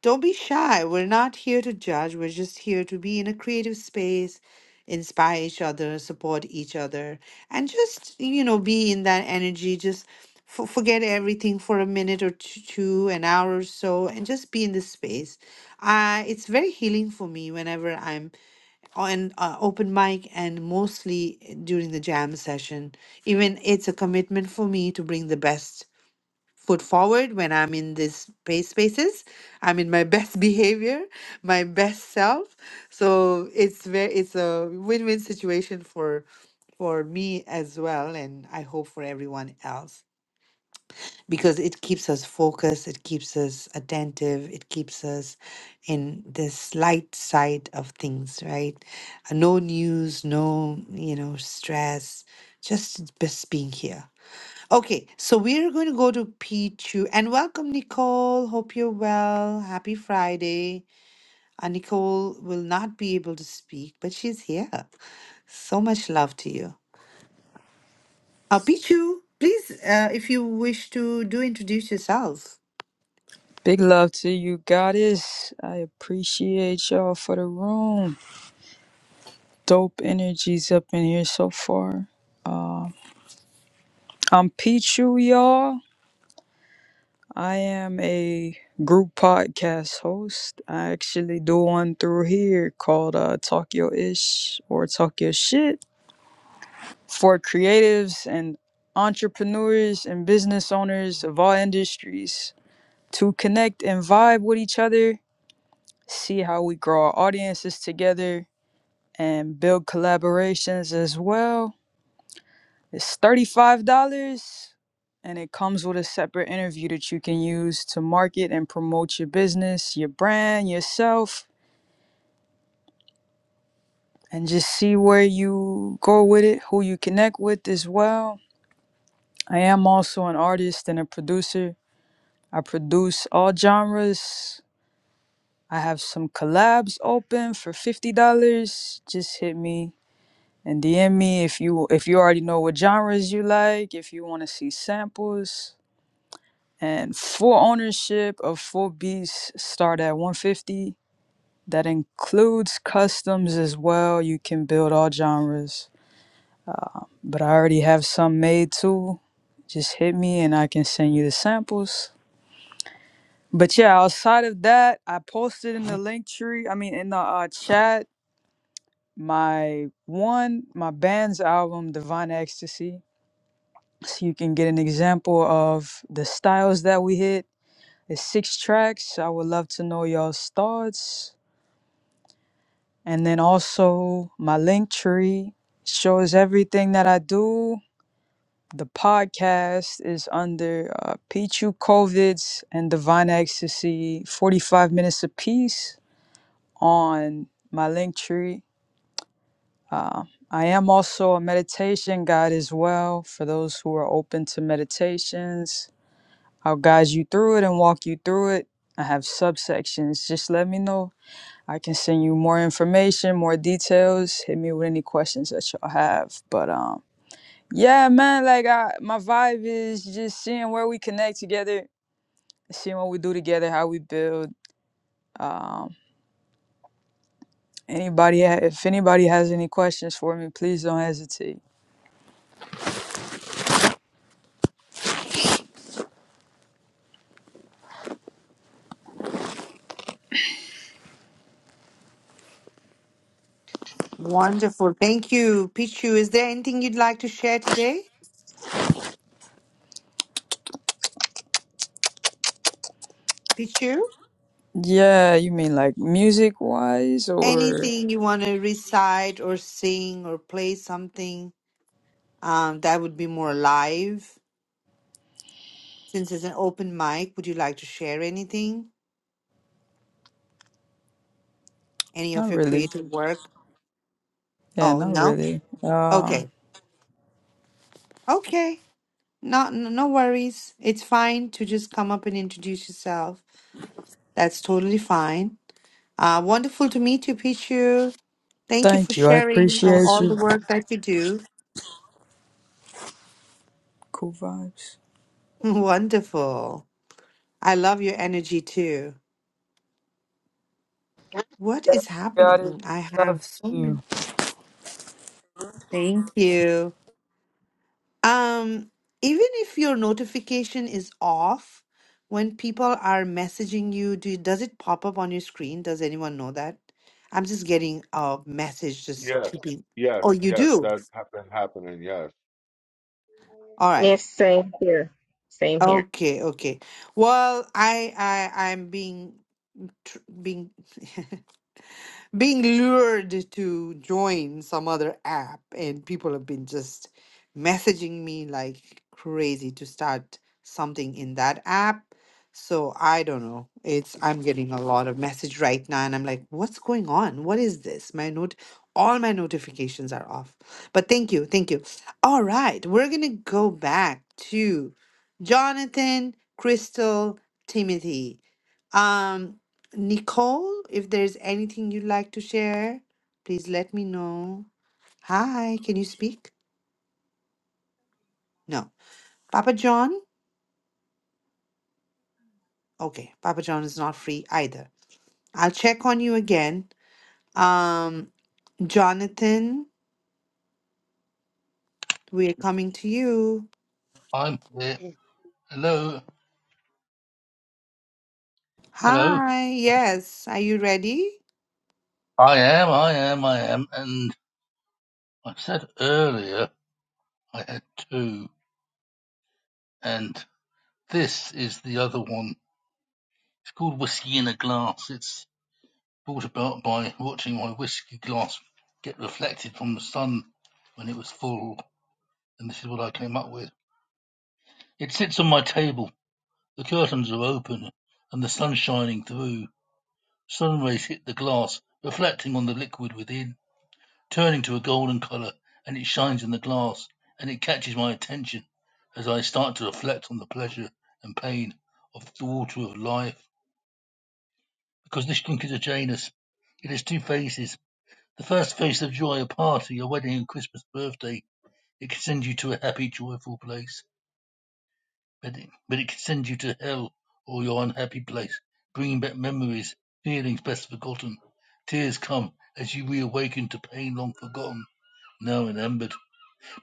Speaker 1: Don't be shy. We're not here to judge. We're just here to be in a creative space, inspire each other, support each other, and just, you know, be in that energy. Just f- forget everything for a minute or t- two, an hour or so, and just be in this space. Uh, it's very healing for me whenever I'm on uh, open mic and mostly during the jam session. Even it's a commitment for me to bring the best foot forward when I'm in these pay spaces. I'm in my best behavior, my best self. So it's very it's a win-win situation for for me as well, and I hope for everyone else because it keeps us focused, it keeps us attentive, it keeps us in this light side of things, right? Uh, No news, no, you know, stress, just just being here. Okay, so we're going to go to P2 and welcome Nicole. Hope you're well. Happy Friday. Uh, Nicole will not be able to speak, but she's here. So much love to you. Uh, Pichu, please, uh, if you wish to do introduce yourself.
Speaker 10: Big love to you, goddess. I appreciate y'all for the room. Dope energies up in here so far. Uh, I'm Pichu, y'all. I am a group podcast host. I actually do one through here called uh, Talk Your Ish or Talk Your Shit for creatives and entrepreneurs and business owners of all industries to connect and vibe with each other see how we grow our audiences together and build collaborations as well. It's $35 and it comes with a separate interview that you can use to market and promote your business, your brand, yourself, and just see where you go with it, who you connect with as well. I am also an artist and a producer. I produce all genres. I have some collabs open for $50. Just hit me and DM me if you if you already know what genres you like, if you want to see samples. And full ownership of full beats start at 150. That includes customs as well. You can build all genres. But I already have some made too. Just hit me and I can send you the samples. But yeah, outside of that, I posted in the link tree, I mean in the uh, chat, my one, my band's album, Divine Ecstasy so you can get an example of the styles that we hit. It's six tracks. I would love to know y'all's thoughts. And then also my link tree shows everything that I do. The podcast is under uh, Pichu Covids and Divine Ecstasy, 45 minutes apiece on my link tree. Uh, I am also a meditation guide as well for those who are open to meditations I'll guide you through it and walk you through it. I have subsections. Just let me know. I can send you more information, more details. Hit me with any questions that y'all have. But um, yeah, man, like I, my vibe is just seeing where we connect together, seeing what we do together, how we build. Um, anybody, ha- if anybody has any questions for me, please don't hesitate.
Speaker 1: Wonderful. Thank you, Pichu. Is there anything you'd like to share today, Pichu?
Speaker 10: Yeah, you mean like music wise or
Speaker 1: Anything you want to recite or sing or play something um, that would be more live? Since it's an open mic, would you like to share anything? Any of
Speaker 10: not
Speaker 1: your
Speaker 10: really?
Speaker 1: creative work?
Speaker 10: Yeah,
Speaker 1: Oh,
Speaker 10: not
Speaker 1: no?
Speaker 10: really. Um,
Speaker 1: Okay. Okay. No, no no worries. It's fine to just come up and introduce yourself. That's totally fine. Uh, wonderful to meet you, Pichu. Thank you for
Speaker 10: thank you. I
Speaker 1: sharing uh,
Speaker 10: appreciate
Speaker 1: all the
Speaker 10: you.
Speaker 1: work that you do.
Speaker 10: Cool vibes.
Speaker 1: Wonderful. I love your energy too. What is
Speaker 10: God
Speaker 1: happening? I
Speaker 10: love
Speaker 1: have
Speaker 10: to
Speaker 1: so
Speaker 10: you.
Speaker 1: many. Thank you. Um, even if your notification is off, when people are messaging you, do does it pop up on your screen? Does anyone know that? I'm just getting a message, just
Speaker 9: Yes.
Speaker 1: keeping.
Speaker 9: Yes.
Speaker 1: Oh, you
Speaker 9: Yes.
Speaker 1: do?
Speaker 9: That has been happening. Yes
Speaker 1: All right.
Speaker 7: Yes, same here. Same here.
Speaker 1: Okay, okay. Well, I I I'm being tr being being lured to join some other app and people have been just messaging me like crazy to start something in that app so i don't know it's i'm getting a lot of message right now and i'm like what's going on what is this my note all my notifications are off but thank you thank you all right we're gonna go back to jonathan crystal timothy um. Nicole, if there's anything you'd like to share, please let me know. Hi, can you speak? No. Papa John? Okay, Papa John is not free either. I'll check on you again. Um, Jonathan, we're coming to you.
Speaker 4: I'm here. Hello, hello.
Speaker 1: Hi, yes. Are you ready?
Speaker 4: I am, I am, I am, and I said earlier I had two, and this is the other one. It's called Whiskey in a Glass. It's brought about by watching my whiskey glass get reflected from the sun when it was full, and this is what I came up with. It sits on my table. The curtains are open, and the sun shining through. Sun rays hit the glass, reflecting on the liquid within. turning to a golden color, and it shines in the glass, and it catches my attention as I start to reflect on the pleasure and pain of the water of life. Because this drink is a Janus. It has two faces. The first face of joy, a party, a wedding, a Christmas birthday. It can send you to a happy, joyful place, but it, but it can send you to hell or your unhappy place, bringing back memories, feelings best forgotten. Tears come as you reawaken to pain long forgotten, now remembered.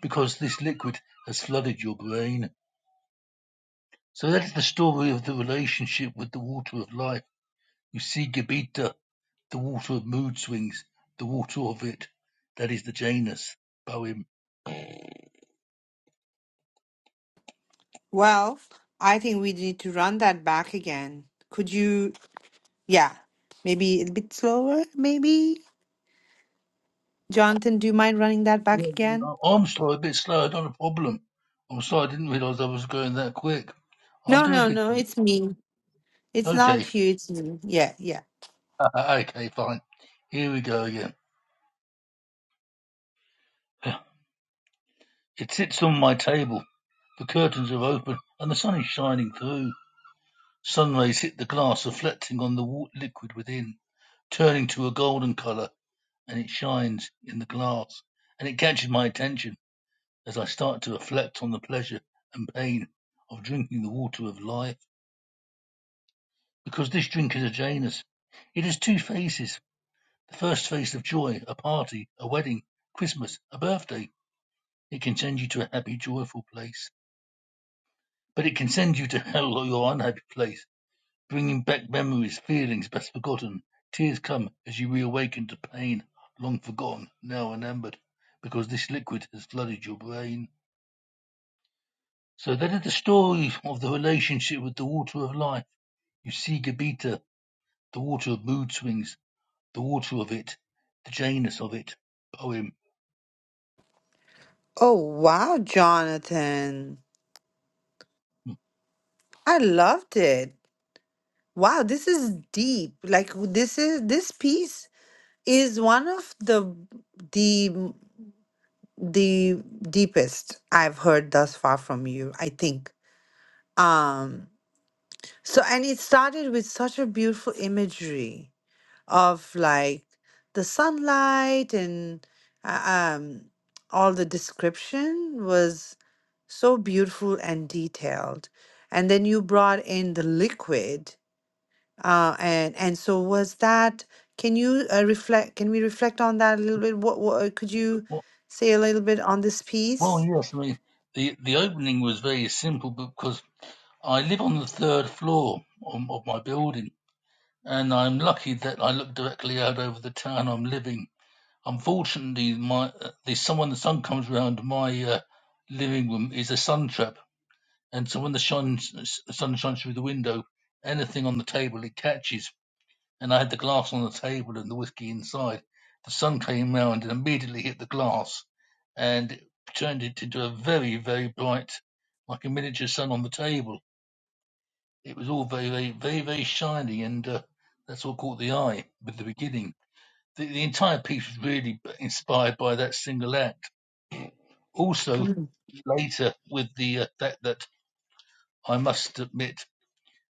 Speaker 4: because this liquid has flooded your brain. So that's the story of the relationship with the water of life. You see Gebita, the water of mood swings, the water of it. That is the Janus poem.
Speaker 1: Well, I think we need to run that back again. Could you, yeah, maybe a bit slower, maybe? Jonathan, do you mind running that
Speaker 4: Yeah,
Speaker 1: back again?
Speaker 4: uh, I'm sorry, a bit slow, not a problem. I'm sorry, I didn't realise I was going that quick. I'll
Speaker 1: No,
Speaker 4: do it
Speaker 1: no, no,
Speaker 4: again.
Speaker 1: it's me. It's not
Speaker 4: Okay,
Speaker 1: huge. Mm, Yeah, yeah.
Speaker 4: okay, fine. Here we go again. It sits on my table. The curtains are open and the sun is shining through. Sunrays hit the glass, reflecting on the liquid within, turning to a golden color, and it shines in the glass. And it catches my attention as I start to reflect on the pleasure and pain of drinking the water of life. Because this drink is a Janus. It has two phases. The first phase of joy, a party, a wedding, Christmas, a birthday. It can send you to a happy, joyful place. But it can send you to hell or your unhappy place bringing back memories, feelings best forgotten. Tears come as you reawaken to pain long forgotten, now remembered, because this liquid has flooded your brain. So that is the story of the relationship with the water of life. You see Gabita, the water of mood swings, the water of it, the Janus of it. Poem.
Speaker 1: Oh, wow, Jonathan. I loved it. Wow, this is deep. Like w- this is this piece is one of the the the deepest I've heard thus far from you, I think. Um so and it started with such a beautiful imagery of like the sunlight and uh, um, all the description was so beautiful and detailed. And then you brought in the liquid, uh, and and so was that. Can you uh, reflect? Can we reflect on that a little bit? What, what uh, could you
Speaker 4: Well,
Speaker 1: say a little bit on this
Speaker 4: well,
Speaker 1: piece?
Speaker 4: yes, I mean, the, the opening was very simple because I live on the third floor of, of my building and I'm lucky that I look directly out over the town I'm living. Unfortunately, my uh, the sun when the sun comes round my uh, living room is a sun trap, and so when the shine, sun shines through the window, anything on the table it catches. And I had the glass on the table and the whiskey inside. The sun came round and immediately hit the glass, and it turned it into a very very bright, like a miniature sun on the table it was all very, very, very, very shiny, and uh, that's what caught the eye with the beginning. The, the entire piece was really inspired by that single act. Also,
Speaker 1: Mm.
Speaker 4: later with the uh, fact that I must admit,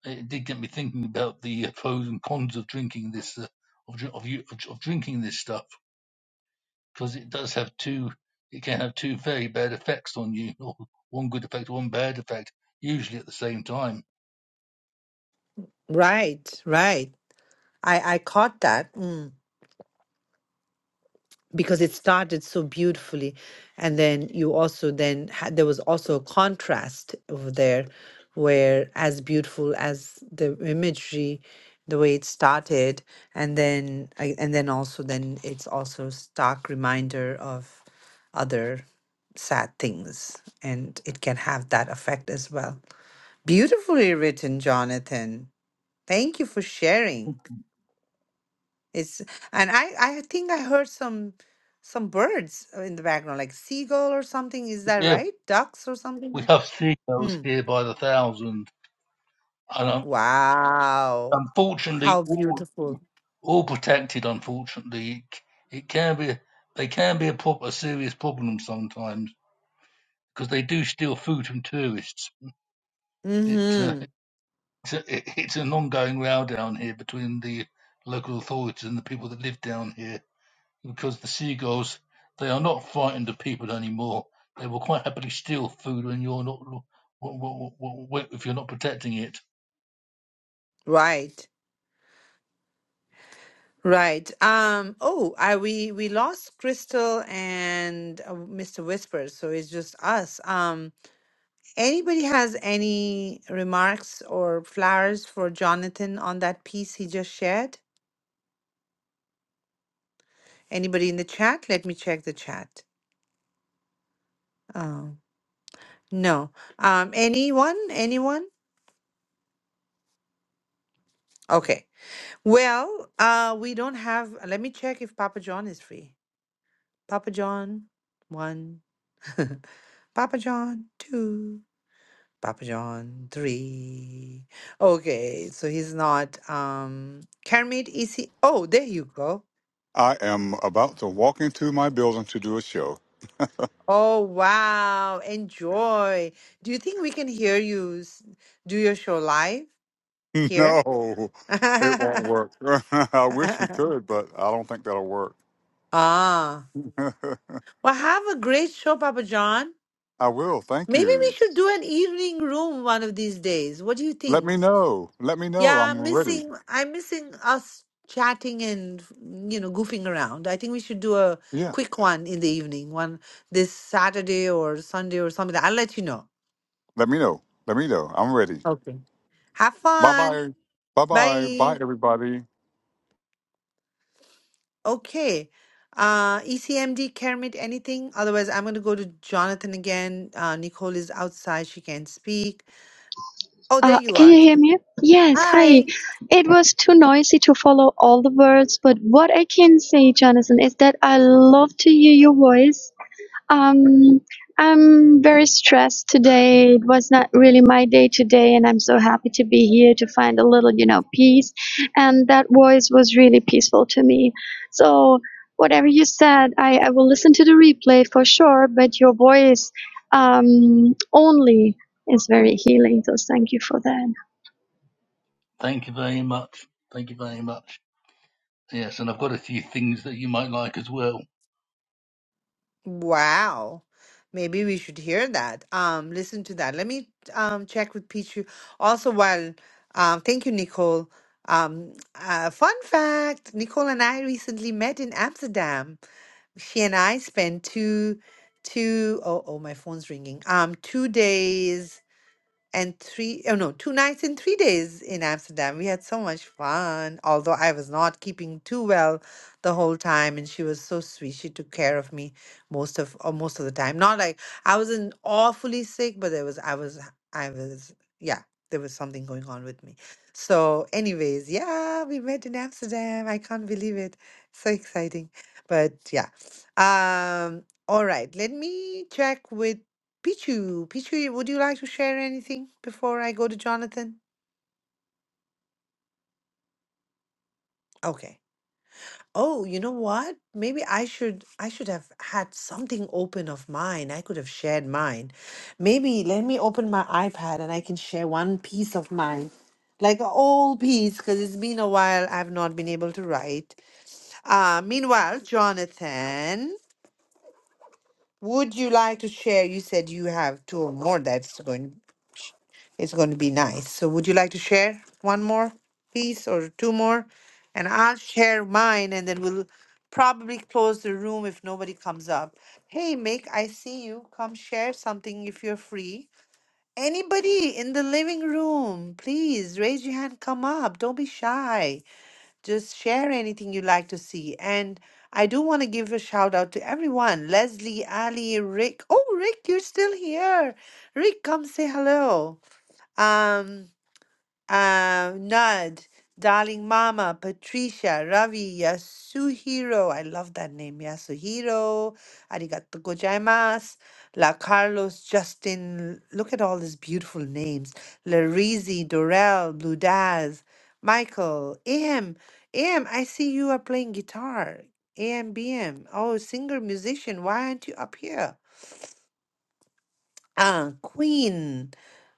Speaker 4: it did get me thinking about the uh, pros and cons of drinking this, uh, of, dr- of, you- of, dr- of drinking this stuff, because it does have two, it can have two very bad effects on you, or one good effect, one bad effect, usually at the same time.
Speaker 1: Right, right. I I caught that. because it started so beautifully and then you also then had there was also a contrast over there where as beautiful as the imagery the way it started and then I- and then also then it's also stark reminder of other sad things and it can have that effect as well beautifully written jonathan thank you for sharing it's and I I think I heard some some birds uh, in the background, like seagull or something. Is that
Speaker 4: Yeah,
Speaker 1: right? Ducks or something?
Speaker 4: we
Speaker 1: like-
Speaker 4: have seagulls
Speaker 1: Mm.
Speaker 4: here by the thousand. and um,
Speaker 1: Wow.
Speaker 4: unfortunately,
Speaker 1: How
Speaker 4: all
Speaker 1: beautiful.
Speaker 4: all protected. Unfortunately, it, c- it can be they can be a, prob- a serious problem sometimes because they do steal food from tourists. It, uh,
Speaker 1: Mm-hmm.
Speaker 4: it's, a, it, it's an ongoing row down here between the local authorities and the people that live down here because the seagulls they are not frightened of people anymore. They will quite happily steal food when you're not lo- w- w- w- w- if you're not protecting it.
Speaker 1: Right. Right. Um, oh, I we we lost Crystal and uh, Mr. Whisper, so it's just us. Um, anybody has any remarks or flowers for Jonathan on that piece he just shared? Anybody in the chat? Let me check the chat. Oh, no. Um, anyone? Anyone? Okay. Well, uh, we don't have. uh, Let me check if Papa John is free. Papa John, one. Papa John, two. Papa John, three. Okay, so he's not. Um, Kermit, is he? Oh, there you go.
Speaker 8: I am about to walk into my building to do a show.
Speaker 1: Oh, wow. Enjoy. Do you think we can hear you s- do your show live here?
Speaker 8: No, it won't work. I wish we could, but I don't think that'll work.
Speaker 1: ah.
Speaker 8: I
Speaker 1: Well, have a great show, Papa John.
Speaker 8: will. Thank
Speaker 1: Maybe we
Speaker 8: you.
Speaker 1: should do an evening room one of these days. What do you
Speaker 8: Let
Speaker 1: think?
Speaker 8: me know. Let me know.
Speaker 1: Yeah,
Speaker 8: I'm
Speaker 1: I'm
Speaker 8: ready.
Speaker 1: missing I'm missing us chatting and you know goofing around. I think we should do a
Speaker 8: Yeah.
Speaker 1: quick one in the evening, one this Saturday or Sunday or something. I'll let you know.
Speaker 8: Let me know. Let me know. I'm ready.
Speaker 1: Okay. Have
Speaker 8: Bye
Speaker 1: fun.
Speaker 8: bye. Bye bye.
Speaker 1: Bye.
Speaker 8: Bye, everybody.
Speaker 1: Okay. Uh, ECMD Kermit, anything? Otherwise, I'm going to go to Jonathan again. Uh, Nicole is outside. She can't speak. Oh, there
Speaker 11: Uh,
Speaker 1: you
Speaker 11: can you
Speaker 1: are.
Speaker 11: hear me? Yes, hi.
Speaker 1: Hi.
Speaker 11: It was too noisy to follow all the words, but what I can say, Jonathan, is that I love to hear your voice um, I'm very stressed today. It was not really my day today, and I'm so happy to be here to find a little, you know, peace. And that voice was really peaceful to me. So, whatever you said, I, I will listen to the replay for sure, but your voice um, only is very healing. So, thank you for that.
Speaker 4: Thank you very much. Thank you very much. Yes, and I've got a few things that you might like as well.
Speaker 1: Wow. Maybe we should hear that. Um, listen to that. Let me um check with Pichu. Also, while um, thank you, Nicole. Um, uh, fun fact: Nicole and I recently met in Amsterdam. She and I spent two, two oh oh my phone's ringing. Um, two days and three oh no two nights and three days in amsterdam we had so much fun although i was not keeping too well the whole time and she was so sweet she took care of me most of or most of the time not like i wasn't awfully sick but there was i was i was yeah there was something going on with me so anyways yeah we met in amsterdam i can't believe it so exciting but yeah um all right let me check with Pichu, Pichu, would you like to share anything before I go to Jonathan? Okay. Oh, you know what? Maybe I should I should have had something open of mine. I could have shared mine. Maybe let me open my iPad and I can share one piece of mine. Like an old piece, because it's been a while I've not been able to write. Uh, meanwhile, Jonathan, would you like to share? You said you have two or more that's going. It's going to be nice. So would you like to share one more piece or two more? And I'll share mine and then we'll probably close the room if nobody comes up. Hey, Mick, I see you. Come share something if you're free. Anybody in the living room, please raise your hand, come up. Don't be shy. Just share anything you'd like to see. And I do want to give a shout out to everyone Leslie, Ali, Rick. Oh, Rick, you're still here. Rick, come say hello. Um, uh, Nud, Darling Mama, Patricia, Ravi, Yasuhiro. I love that name, Yasuhiro. Arigato gozaimasu. La Carlos, Justin. Look at all these beautiful names. Larizi, Dorel, Blue Daz, Michael, AM. AM, I see you are playing guitar. AM, BM. Oh, singer, musician. Why aren't you up here? Uh, Queen.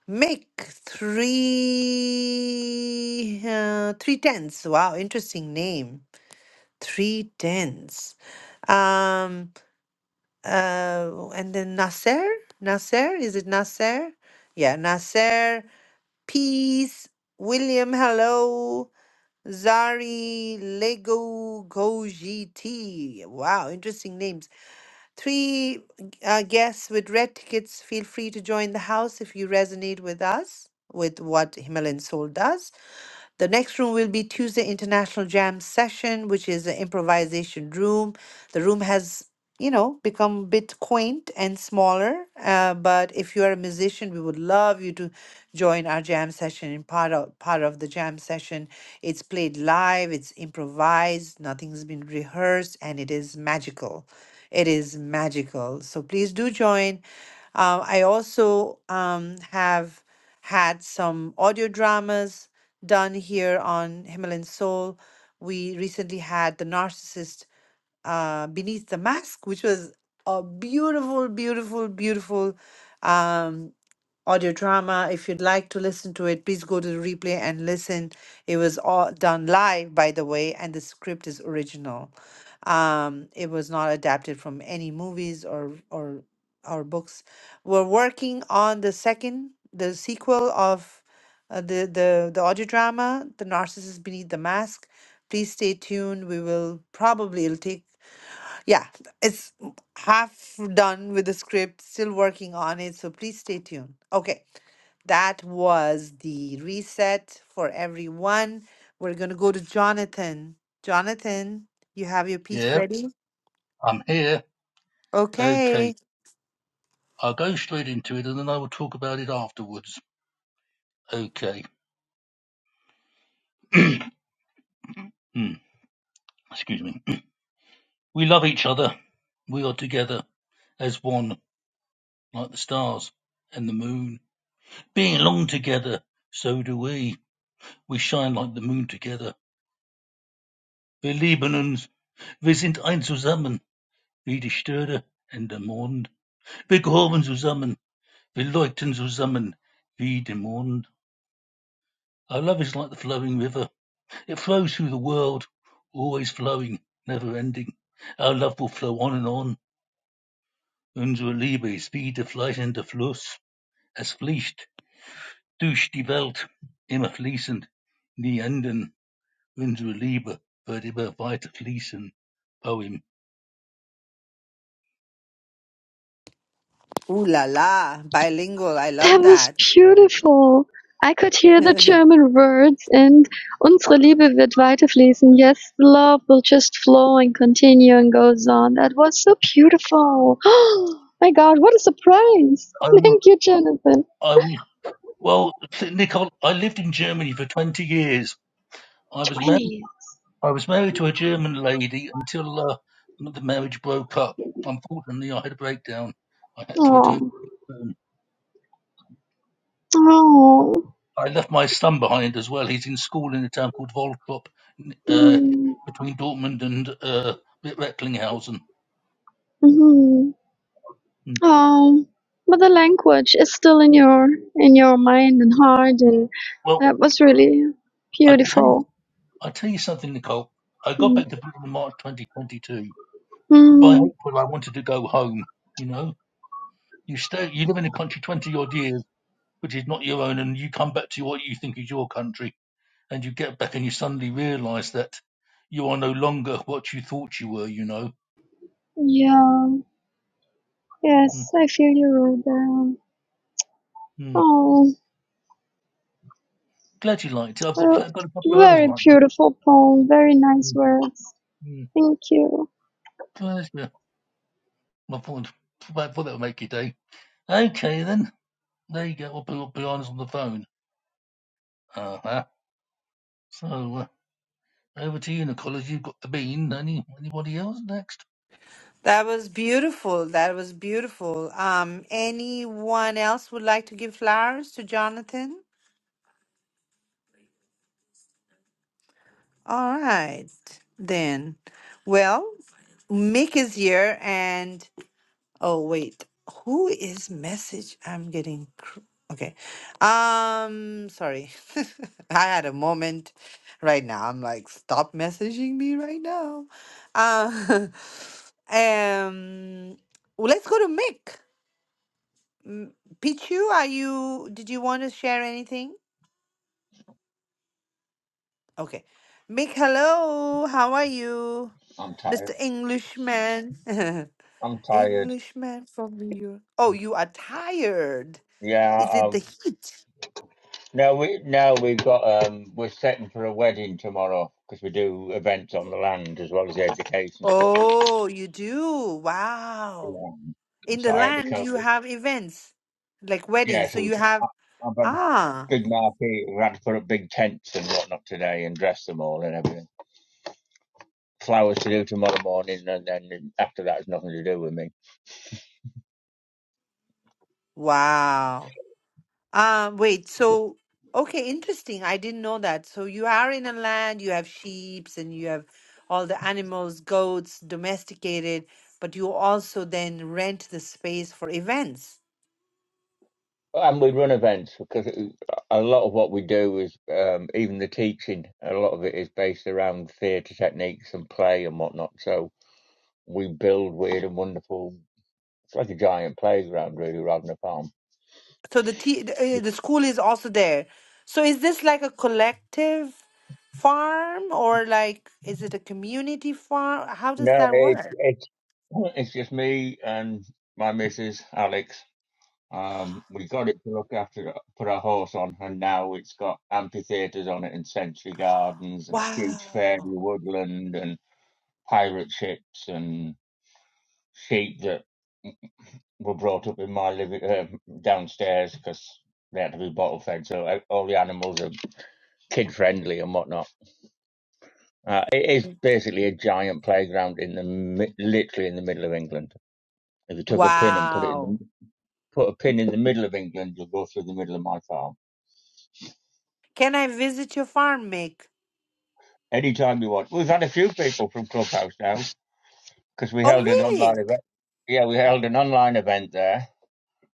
Speaker 1: Make three uh, three tenths. Wow, interesting name. Three tenths, Um, uh, and then Nasser. Nasser, is it Nasser? Yeah, Nasser. Peace. William, hello. Zari, Lego, Goji T. Wow, interesting names. Three uh, guests with red tickets, feel free to join the house if you resonate with us, with what Himalayan Soul does. The next room will be Tuesday International Jam Session, which is an improvisation room. The room has, you know, become a bit quaint and smaller. Uh, but if you are a musician, we would love you to join our jam session and part of part of the jam session. It's played live, it's improvised, nothing's been rehearsed, and it is magical. It is magical. So please do join. Um, I also um, have had some audio dramas done here on Himalayan Soul. We recently had The Narcissist uh, Beneath the Mask, which was a beautiful, beautiful, beautiful. Um, audio drama. If you'd like to listen to it, please go to the replay and listen. It was all done live, by the way, and the script is original. Um, it was not adapted from any movies or or or books. We're working on the second, the sequel of uh, the the the audio drama, "The Narcissist Beneath the Mask." Please stay tuned. We will probably it'll take yeah, it's half done with the script, still working on it, so please stay tuned. Okay, that was the reset for everyone. We're going to go to Jonathan. Jonathan, you have your piece
Speaker 4: Yeah,
Speaker 1: ready?
Speaker 4: I'm here. Okay.
Speaker 1: Okay.
Speaker 4: I'll go straight into it and then I will talk about it afterwards. Okay. Hmm, Excuse me. We love each other. We are together as one, like the stars and the moon. Being long together, so do we. We shine like the moon together. Wir lieben uns. Wir sind ein zusammen, wie die Sterne und der Mond. Wir gehören zusammen. Wir leuchten zusammen, wie der Mond. Our love is like the flowing river. It flows through the world, always flowing, never ending. Our love will flow on and on. Unsere Liebe ist wie der fleißende Fluss. Es fließt durch die Welt, immer fließend, nie enden. Unsere Liebe wird immer weiter fließen. Poem.
Speaker 1: Ooh la la, bilingual. I
Speaker 11: That
Speaker 1: love
Speaker 11: was
Speaker 1: that.
Speaker 11: beautiful. I could hear the
Speaker 1: that
Speaker 11: German words and unsere Liebe wird weiterfließen. Yes, the love will just flow and continue and goes on. That was so beautiful. my God, what a surprise.
Speaker 4: I I, w-
Speaker 11: Thank you, Jonathan.
Speaker 4: I, w- well, Nicole, I lived in Germany for 20 years. I was married.
Speaker 11: 20.
Speaker 4: I was married to a German lady until uh, the marriage broke up. Unfortunately, I had a breakdown. I had to return.
Speaker 11: Oh.
Speaker 4: to Britain.
Speaker 11: Oh.
Speaker 4: I left my son behind as well. He's in school in a town called Volklop, uh, between Dortmund and uh, Recklinghausen.
Speaker 11: Mm-hmm.
Speaker 4: Mm.
Speaker 11: Oh, but the language is still in your in your mind and heart, and
Speaker 4: Well,
Speaker 11: that was really
Speaker 4: I tell you,
Speaker 11: beautiful.
Speaker 4: I tell you something, Nicole. I got
Speaker 11: Mm,
Speaker 4: back to Britain in March 2022. By
Speaker 11: Mm,
Speaker 4: April, I wanted to go home. You know, you stay, you live in a country 20 odd years, which is not your own, and you come back to what you think is your country and you get back and you suddenly realize that you are no longer what you thought you were, you know.
Speaker 11: yeah, yes, I feel you wrote down.
Speaker 4: Mm-hmm.
Speaker 11: Oh,
Speaker 4: Glad you liked it. I've got, I've
Speaker 11: well,
Speaker 4: got a couple of others
Speaker 11: very
Speaker 4: like that.
Speaker 11: beautiful poem, very nice words.
Speaker 4: Mm-hmm.
Speaker 11: Thank you.
Speaker 4: Pleasure. I thought, I thought that would make your day. Okay, then. There you go. I'll put up behind on the phone. Uh-huh. So, uh, over to you, Nicola. You've got the bean. Any, anybody else next?
Speaker 1: was beautiful. That was beautiful. Um anyone else would like to give flowers to Jonathan? All right, then. Well, Mick is here and oh wait, who is message? I'm getting cr- okay. Um, sorry. I had a moment right now. I'm like, stop messaging me right now. Uh, um, well, let's go to Mick. M- Pichu, are you? Did you want to share anything? Okay. Big hello. How are you?
Speaker 12: I'm tired.
Speaker 1: Mr. Englishman.
Speaker 12: I'm tired.
Speaker 1: Englishman from Europe. Oh, you are tired.
Speaker 12: Yeah.
Speaker 1: Is it the
Speaker 12: Um.
Speaker 1: heat?
Speaker 12: No. We no. We've got. Um. We're setting for a wedding tomorrow because we do events on the land as well as the education stuff.
Speaker 1: Oh, you do. Wow.
Speaker 12: Yeah.
Speaker 1: In the
Speaker 12: So I had to
Speaker 1: land,
Speaker 12: cope.
Speaker 1: you
Speaker 12: With,
Speaker 1: have events like
Speaker 12: yeah.
Speaker 1: weddings. So
Speaker 12: So
Speaker 1: you
Speaker 12: I,
Speaker 1: have,
Speaker 12: I've had a
Speaker 1: ah,
Speaker 12: big marquee. We had to put up big tents and whatnot today and dress them all and everything. Flowers to do tomorrow morning, and then after that, it's nothing to do with me.
Speaker 1: wow. Um, wait, so okay, interesting. I didn't know that. So you are in a land, you have sheep and you have all the animals, goats, domesticated, but you also then rent the space for events.
Speaker 12: And we run events because it- a lot of what we do is, um, even the teaching, a lot of it is based around theatre techniques and play and whatnot. So we build weird and wonderful. It's like a giant playground, really, rather than a farm.
Speaker 1: So the t the, uh, the school is also there. So is this like a collective farm or like is it a community farm? How does
Speaker 12: No,
Speaker 1: that
Speaker 12: it,
Speaker 1: work?
Speaker 12: it's it's just me and my missus, Alex. Um, we got it to look after, put our horse on, and now it's got amphitheatres on it and century gardens and a huge fairy
Speaker 1: Wow.
Speaker 12: woodland and pirate ships and sheep that were brought up in my living um, downstairs because they had to be bottle fed, so uh, all the animals are kid friendly and whatnot. Uh, it is basically a giant playground in the mi- literally in the middle of England. If you took a pin and put it in, the,
Speaker 1: Wow.
Speaker 12: put a pin in the middle of England, you'll go through the middle of my farm.
Speaker 1: Can I visit your farm, Mick?
Speaker 12: Anytime you want. We've had a few people from Clubhouse now because we
Speaker 1: Oh,
Speaker 12: held an
Speaker 1: really?
Speaker 12: online event. Yeah, we held an online event there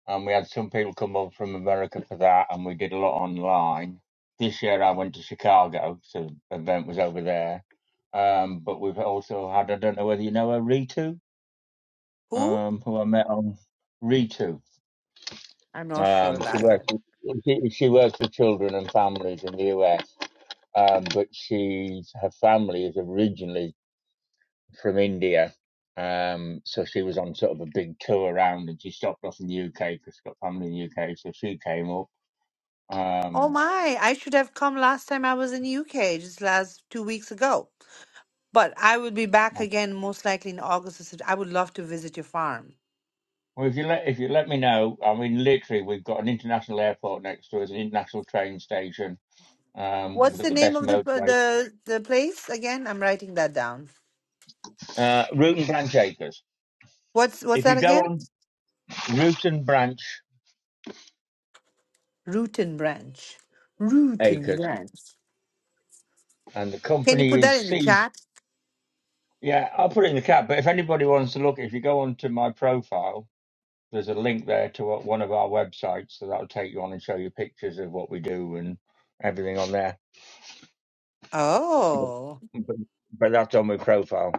Speaker 12: and we had some people come over from America for that, and we did a lot online. This year I went to Chicago, so the event was over there. Um, but we've also had, I don't know whether you know her, Ritu,
Speaker 1: Who?
Speaker 12: um, who I met on Ritu.
Speaker 1: I'm not sure
Speaker 12: Um, she
Speaker 1: about that.
Speaker 12: works, with- she, she works with children and families in the US, um, but she's, her family is originally from India. Um, so she was on sort of a big tour around and she stopped off in the UK because she's got family in the UK. So she came up
Speaker 1: Oh
Speaker 12: Um,
Speaker 1: my, I should have come last time I was in UK, just last two weeks ago. But I will be back again most likely in August. or Sept- I would love to visit your farm.
Speaker 12: well, if you let if you let me know, I mean, literally, we've got an international airport next to us, an international train station. Um,
Speaker 1: What's
Speaker 12: we've got
Speaker 1: the
Speaker 12: the
Speaker 1: name
Speaker 12: best
Speaker 1: of the
Speaker 12: motorway.
Speaker 1: the the place again? I'm writing that down.
Speaker 12: Uh, Root and Branch Acres.
Speaker 1: What's what's
Speaker 12: If you
Speaker 1: that
Speaker 12: go
Speaker 1: again?
Speaker 12: on Root and Branch
Speaker 1: Root and Branch. Root and
Speaker 12: Acres,
Speaker 1: Branch.
Speaker 12: and the
Speaker 1: Can you put
Speaker 12: company is
Speaker 1: that in the
Speaker 12: C.
Speaker 1: chat?
Speaker 12: Yeah, I'll put it in the cap. But if anybody wants to look, if you go onto my profile, there's a link there to what- one of our websites, so that'll take you on and show you pictures of what we do and everything on there. But
Speaker 1: Oh,
Speaker 12: but, but that's on my profile,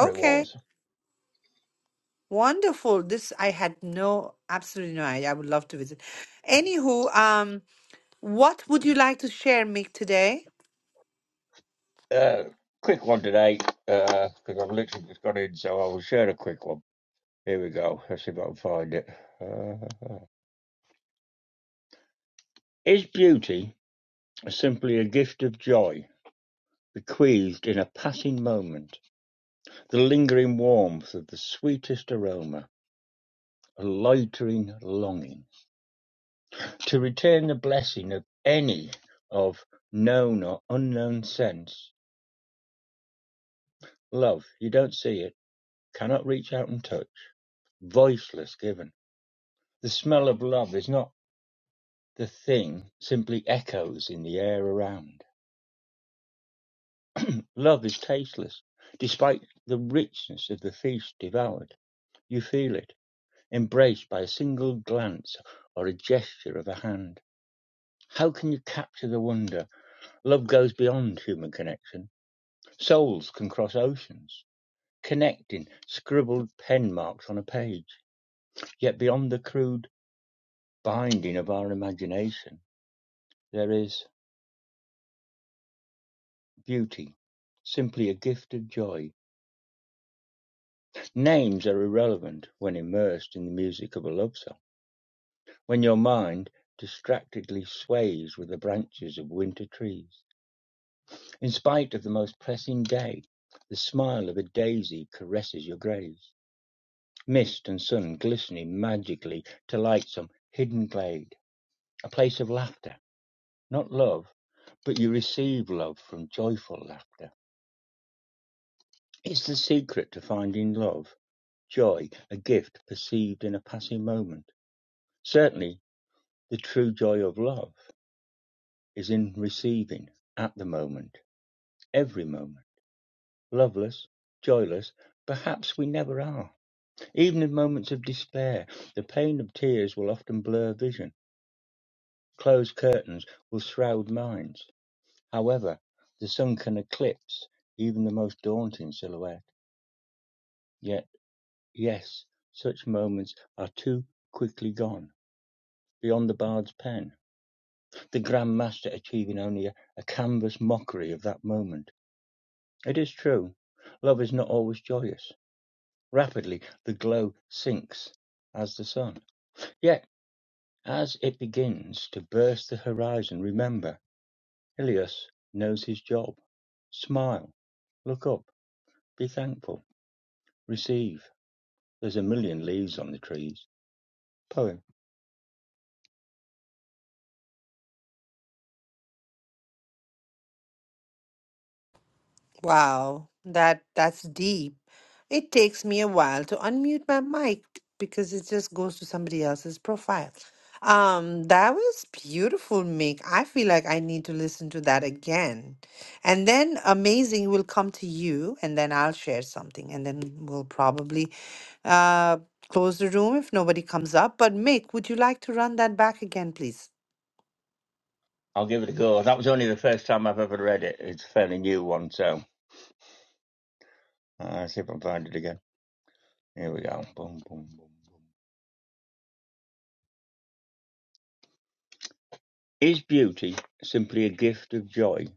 Speaker 12: or it was.
Speaker 1: Wonderful. This I had no absolutely no idea. I would love to visit. Anywho, um What would you like to share, Mick, today?
Speaker 12: Uh, quick one today, because I've literally just got in, so I will share a quick one. Here we go. Let's see if I can find it. Uh, is beauty simply a gift of joy, bequeathed in a passing moment, the lingering warmth of the sweetest aroma, a loitering longing to retain the blessing of any of known or unknown sense? Love, you don't see it, cannot reach out and touch, voiceless given. The smell of love is not The thing simply echoes in the air around. Love is tasteless. Despite the richness of the feast devoured, you feel it, embraced by a single glance or a gesture of a hand. How can you capture the wonder? Love goes beyond human connection. Souls can cross oceans, connecting scribbled pen marks on a page. Yet beyond the crude binding of our imagination, there is beauty, simply a gift of joy Names are irrelevant when immersed in the music of a love song, when your mind distractedly sways with the branches of winter trees. In spite of the most pressing day, the smile of a daisy caresses your graze. Mist and sun glistening magically to light some hidden glade, a place of laughter, not love, but you receive love from joyful laughter. It's the secret to finding love, joy, a gift perceived in a passing moment. Certainly The true joy of love is in receiving, at the moment, every moment. Loveless, joyless, perhaps we never are. Even in moments of despair, the pain of tears will often blur vision. Closed curtains will shroud minds. However, the sun can eclipse even the most daunting silhouette. Yet, yes, such moments are too quickly gone, beyond the bard's pen, the grand master achieving only a, a canvas mockery of that moment It is true, love is not always joyous. Rapidly, the glow sinks as the sun. Yet, as it begins to burst the horizon, remember, Ilias knows his job. Smile, look up, be thankful, receive. There's a million leaves on the trees. Poem.
Speaker 1: Wow, that that's deep. It takes me a while to unmute my mic because it just goes to somebody else's profile. Um, that was beautiful, Mick. I feel like I need to listen to that again. And then amazing will come to you, and then I'll share something, and then we'll probably uh close the room if nobody comes up. But Mick, would you like to run that back again, please?
Speaker 12: I'll give it a go. That was only the first time I've ever read it. It's a fairly new one, so I'll see if I can find it again. Here we go. Boom, boom, boom. Is beauty simply a gift of joy?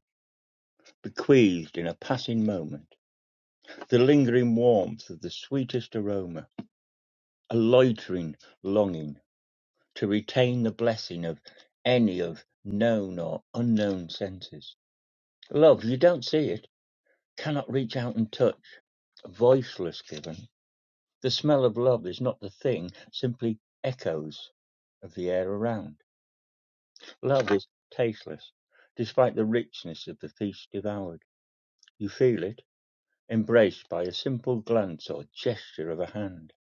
Speaker 12: Bequeathed in a passing moment, the lingering warmth of the sweetest aroma, a loitering longing to retain the blessing of any of known or unknown senses. Love, you don't see it, cannot reach out and touch, voiceless given. The smell of love is not the thing, simply echoes of the air around. Love is tasteless, despite the richness of the feast devoured. You feel it, Embraced by a simple glance or gesture of a hand,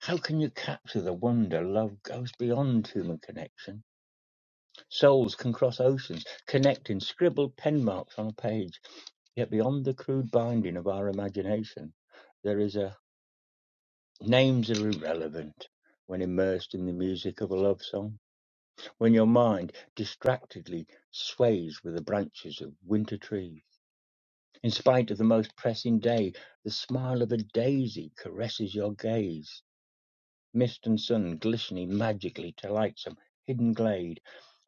Speaker 12: how can you capture the wonder love goes beyond human connection? Souls can cross oceans, connect in scribbled pen marks on a page. Yet beyond the crude binding of our imagination, there is a names are irrelevant when immersed in the music of a love song, when your mind distractedly sways with the branches of winter trees. In spite of the most pressing day, the smile of a daisy caresses your gaze. Mist and sun glistening magically to light some hidden glade,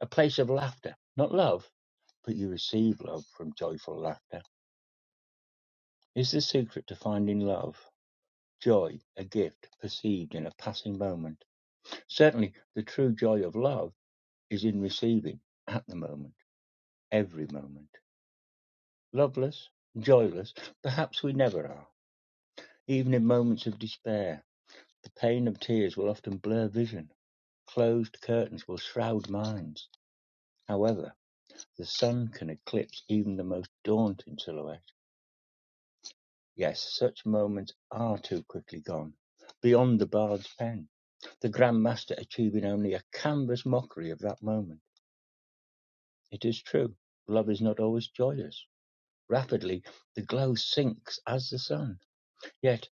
Speaker 12: a place of laughter, not love, but you receive love from joyful laughter. Is the secret to finding love, joy, a gift perceived in a passing moment? Certainly, the true joy of love is in receiving at the moment, every moment. Loveless, joyless, perhaps we never are, even in moments of despair. The pain of tears will often blur vision, closed curtains will shroud minds. However, the sun can eclipse even the most daunting silhouette. Yes, such moments are too quickly gone, beyond the bard's pen, the Grand Master achieving only a canvas mockery of that moment. It is true, love is not always joyous. Rapidly, the glow sinks as the sun. Yet,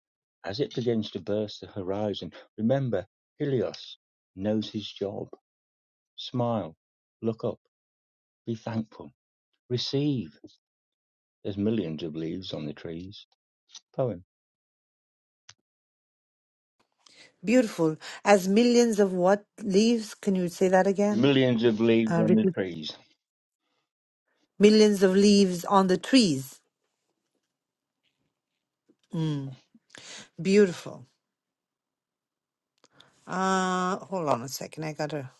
Speaker 12: as it begins to burst the horizon, remember, Helios knows his job. Smile, look up, be thankful, receive. There's millions of leaves on the trees. Poem.
Speaker 1: Beautiful. As millions of what leaves? Can you say that again?
Speaker 12: Millions of leaves
Speaker 1: Uh,
Speaker 12: on the
Speaker 1: repeat.
Speaker 12: trees.
Speaker 1: Millions of leaves on the trees. Mm, beautiful. Uh, hold on a second. I gotta.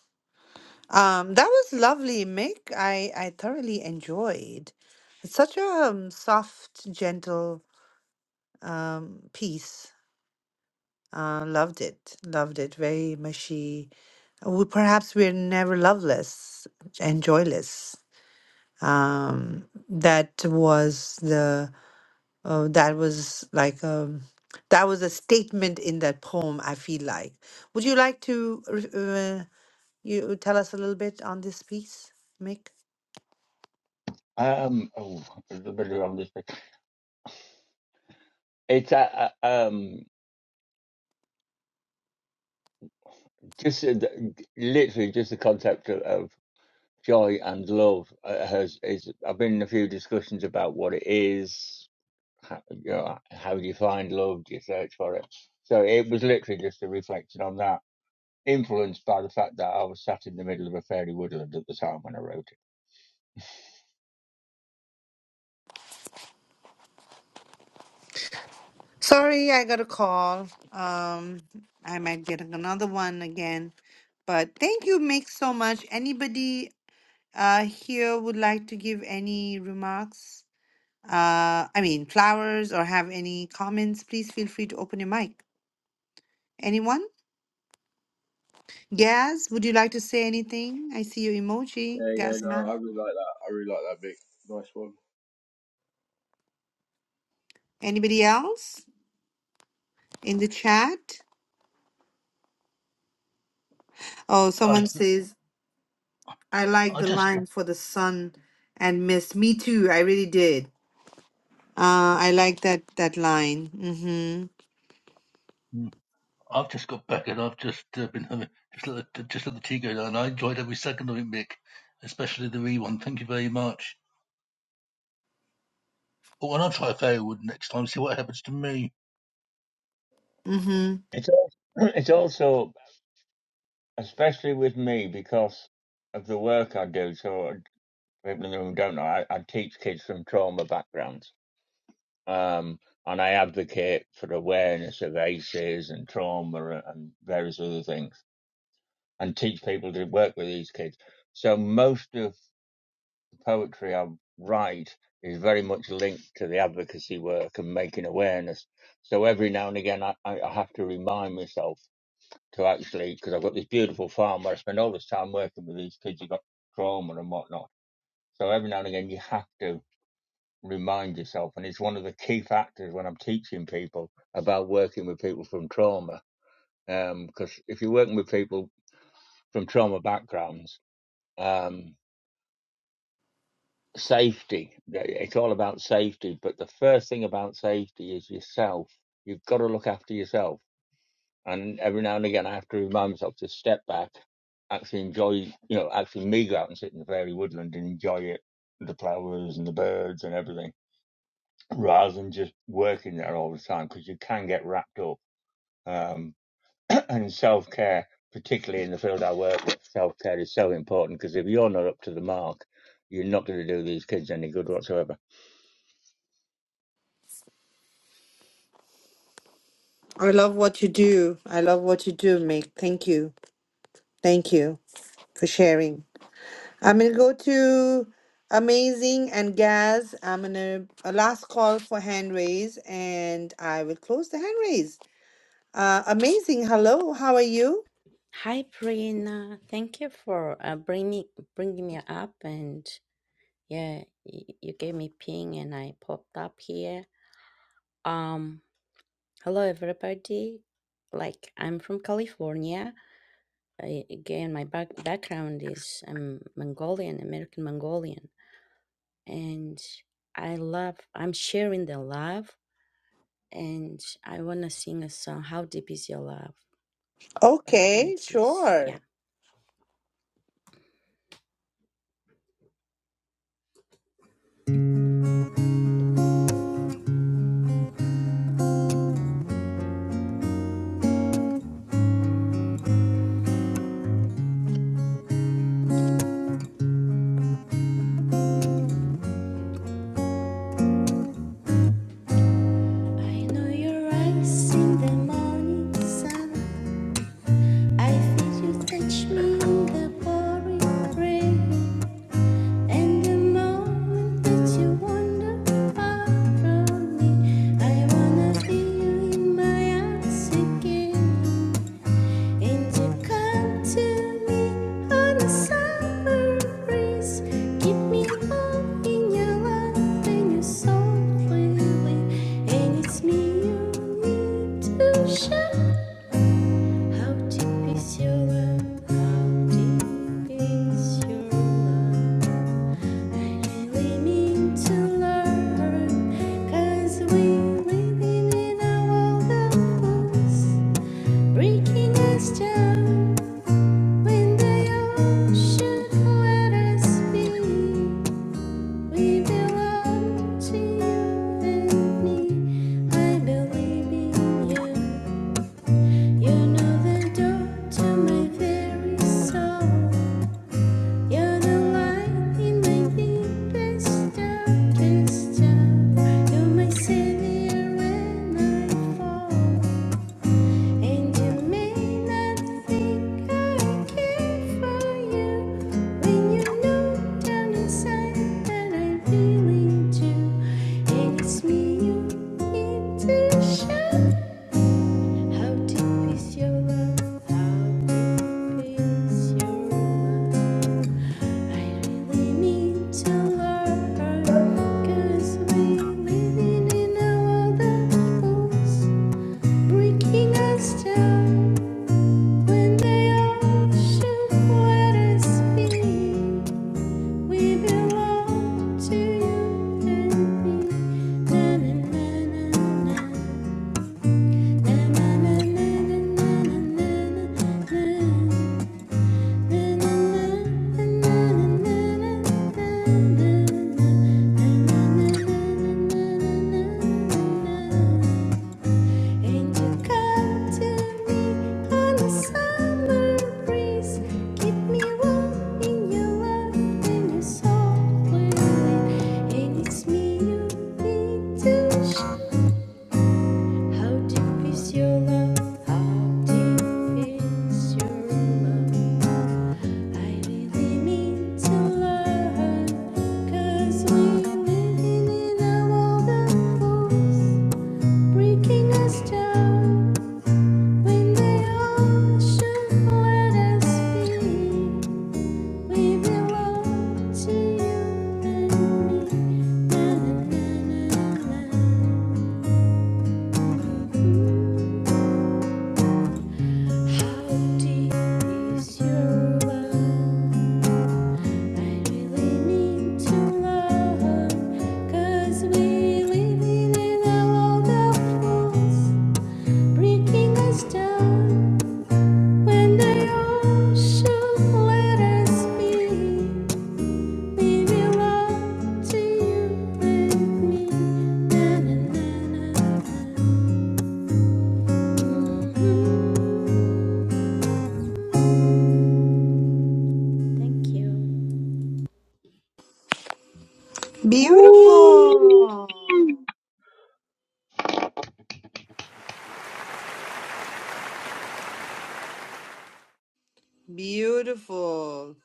Speaker 1: Um, that was lovely, Mick. I I thoroughly enjoyed. It's such a um, soft, gentle um, piece. Uh, loved it. Loved it. Very mushy. We, perhaps we're never loveless and joyless. Um, that was the Uh, that was like um, that was a statement in that poem. I feel like. Would you like to re- uh, you tell us a little bit on this piece, Mick?
Speaker 12: Um, oh, there's a bit around this bit. It's uh, uh, um, just uh, literally just the concept of, of joy and love uh, has is. I've been in a few discussions about what it is. How, you know, how do you find love? Do you search for it? So it was literally just a reflection on that influenced by the fact that I was sat in the middle of a fairy woodland at the time when I wrote it.
Speaker 1: Sorry, I got a call. Um, I might get another one again. But thank you, Mick, so much. Anybody uh here would like to give any remarks? Uh, I mean flowers or have any comments? Please feel free to open your mic. Anyone? Gaz, would you like to say anything? I see your
Speaker 13: Yeah,
Speaker 1: emoji,
Speaker 13: yeah, no,
Speaker 1: Gazma.
Speaker 13: I really like that. I really like that, Vic. Nice one.
Speaker 1: Anybody else in the chat? Oh,
Speaker 4: I,
Speaker 1: someone says, I like
Speaker 4: I
Speaker 1: the
Speaker 4: just...
Speaker 1: line for the sun and mist. Me too. I really did. Uh, I like that that line. Mm-hmm.
Speaker 4: Uh, I've just got back and I've just uh, been having just let the, just let the tea go down. I enjoyed every second of it, Mick, especially the re one. Thank you very much. Oh, and I'll try Fairywood next time. See what happens to me.
Speaker 1: Mm-hmm.
Speaker 12: It's al- it's also especially with me because of the work I do. So people in the room don't know I, I teach kids from trauma backgrounds, um, and I advocate for awareness of ACEs and trauma and various other things. and teach people to work with these kids. So most of the poetry I write is very much linked to the advocacy work and making awareness. So every now and again, I, I I have to remind myself to actually, because I've got this beautiful farm where I spend all this time working with these kids who've got trauma and whatnot. So every now and again, you have to remind yourself. And it's one of the key factors when I'm teaching people about working with people from trauma. Because if you're working with people from trauma backgrounds, um. safety. It's all about safety. But the first thing about safety is yourself. You've got to look after yourself. And every now and again, I have to remind myself to step back, actually enjoy, you know, actually me go out and sit in the fairy woodland and enjoy it, the flowers and the birds and everything, rather than just working there all the time because you can get wrapped up. Um, and self care, particularly in the field I work with, self care is so important because if you're not up to the mark, you're not going to do these kids any good whatsoever.
Speaker 1: I love what you do. I love what you do, Mick. Thank you. Thank you for sharing. I'm gonna go to Amazing and Gaz. I'm gonna a last call for hand raise and I will close the hand raise. Uh, amazing. Hello, how are you?
Speaker 14: Hi, Prina. Thank you for uh, bringing bringing me up, and yeah, y you gave me ping, and I popped up here. Um, hello everybody. Like, I'm from California. I, again, my back background is um Mongolian, American Mongolian, and I love. I'm sharing the love, and I wanna sing a song. How deep is your love by Bee
Speaker 1: Okay,
Speaker 14: Gees? Yeah.
Speaker 1: sure.
Speaker 14: I know your eyes in the morning sun. I feel you touch me in the pouring rain. And the moment that you wander far from me, I wanna feel you in my arms again. And you come to me on a summer breeze. Keep me warm in your love and your softly wind. And it's me you need to show how deep is your love, how deep is your love. And we need to learn, 'cause we living in a world of fools, breaking us down. When the ocean let us we belong to you and me. I believe in you. You know the door to my very soul. You're the light in my deepest, darkest hour. You're my savior when I fall. And you may not think I care for you when you know down inside that I really do. And it's me you need to show. How deep is your love? How deep is your love? I really need to learn, 'cause we live in a world that breaking us down. When the ocean waters speak, we belong to you and me. Na na na na na na na na and you come to me on a summer breeze. Keep me warm in your love and your soft wind. And it's me you need to show. How deep is your love? How deep is your love? I really mean to learn. 'Cause we're living in a world of fools, breaking us down. When the ocean let us be, we belong to you and me. Na, na, na, na, na. How deep is your love? I really need to love, 'cause we live in a world of fools, breaking us down. When the all let us be, we belong to you and me. Na, na, na, na, na. Thank you.
Speaker 13: Woo.
Speaker 1: Beautiful. Beautiful.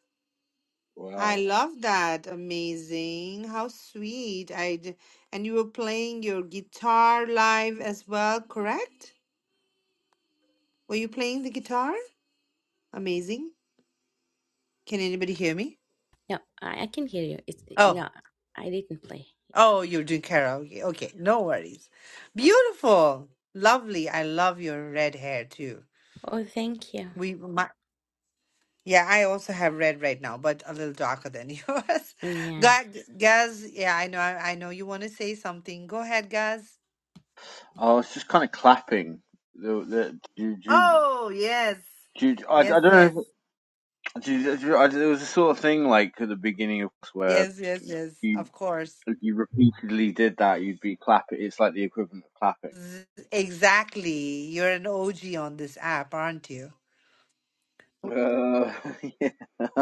Speaker 1: I
Speaker 13: Wow.
Speaker 1: love that. Amazing. How sweet. I d- and you were playing your guitar live as well, correct? Were you playing the guitar? Amazing. Can anybody hear me?
Speaker 14: No, I, I can hear you. It's
Speaker 1: Oh,
Speaker 14: no, I didn't play.
Speaker 1: oh, you're doing karaoke. Okay, no worries. Beautiful. Lovely. I love your red hair too.
Speaker 14: Oh, thank you.
Speaker 1: We, Yeah, I also have red right now, but a little darker than yours.
Speaker 14: Yeah,
Speaker 1: God, Gaz, yeah, I know, I know you want to say something. Go ahead, Gaz.
Speaker 13: I was just kind of clapping. The, the, do, do,
Speaker 1: Oh, yes.
Speaker 13: do, I, I
Speaker 1: Yes,
Speaker 13: don't
Speaker 1: yes.
Speaker 13: know. If, do, do, I, there was a sort of thing like at the beginning of where
Speaker 1: Yes, yes, yes.
Speaker 13: you,
Speaker 1: Of course.
Speaker 13: if you repeatedly did that, you'd be clapping. It's like the equivalent of clapping.
Speaker 1: Z- Exactly. You're an OG on this app, aren't you?
Speaker 13: Uh,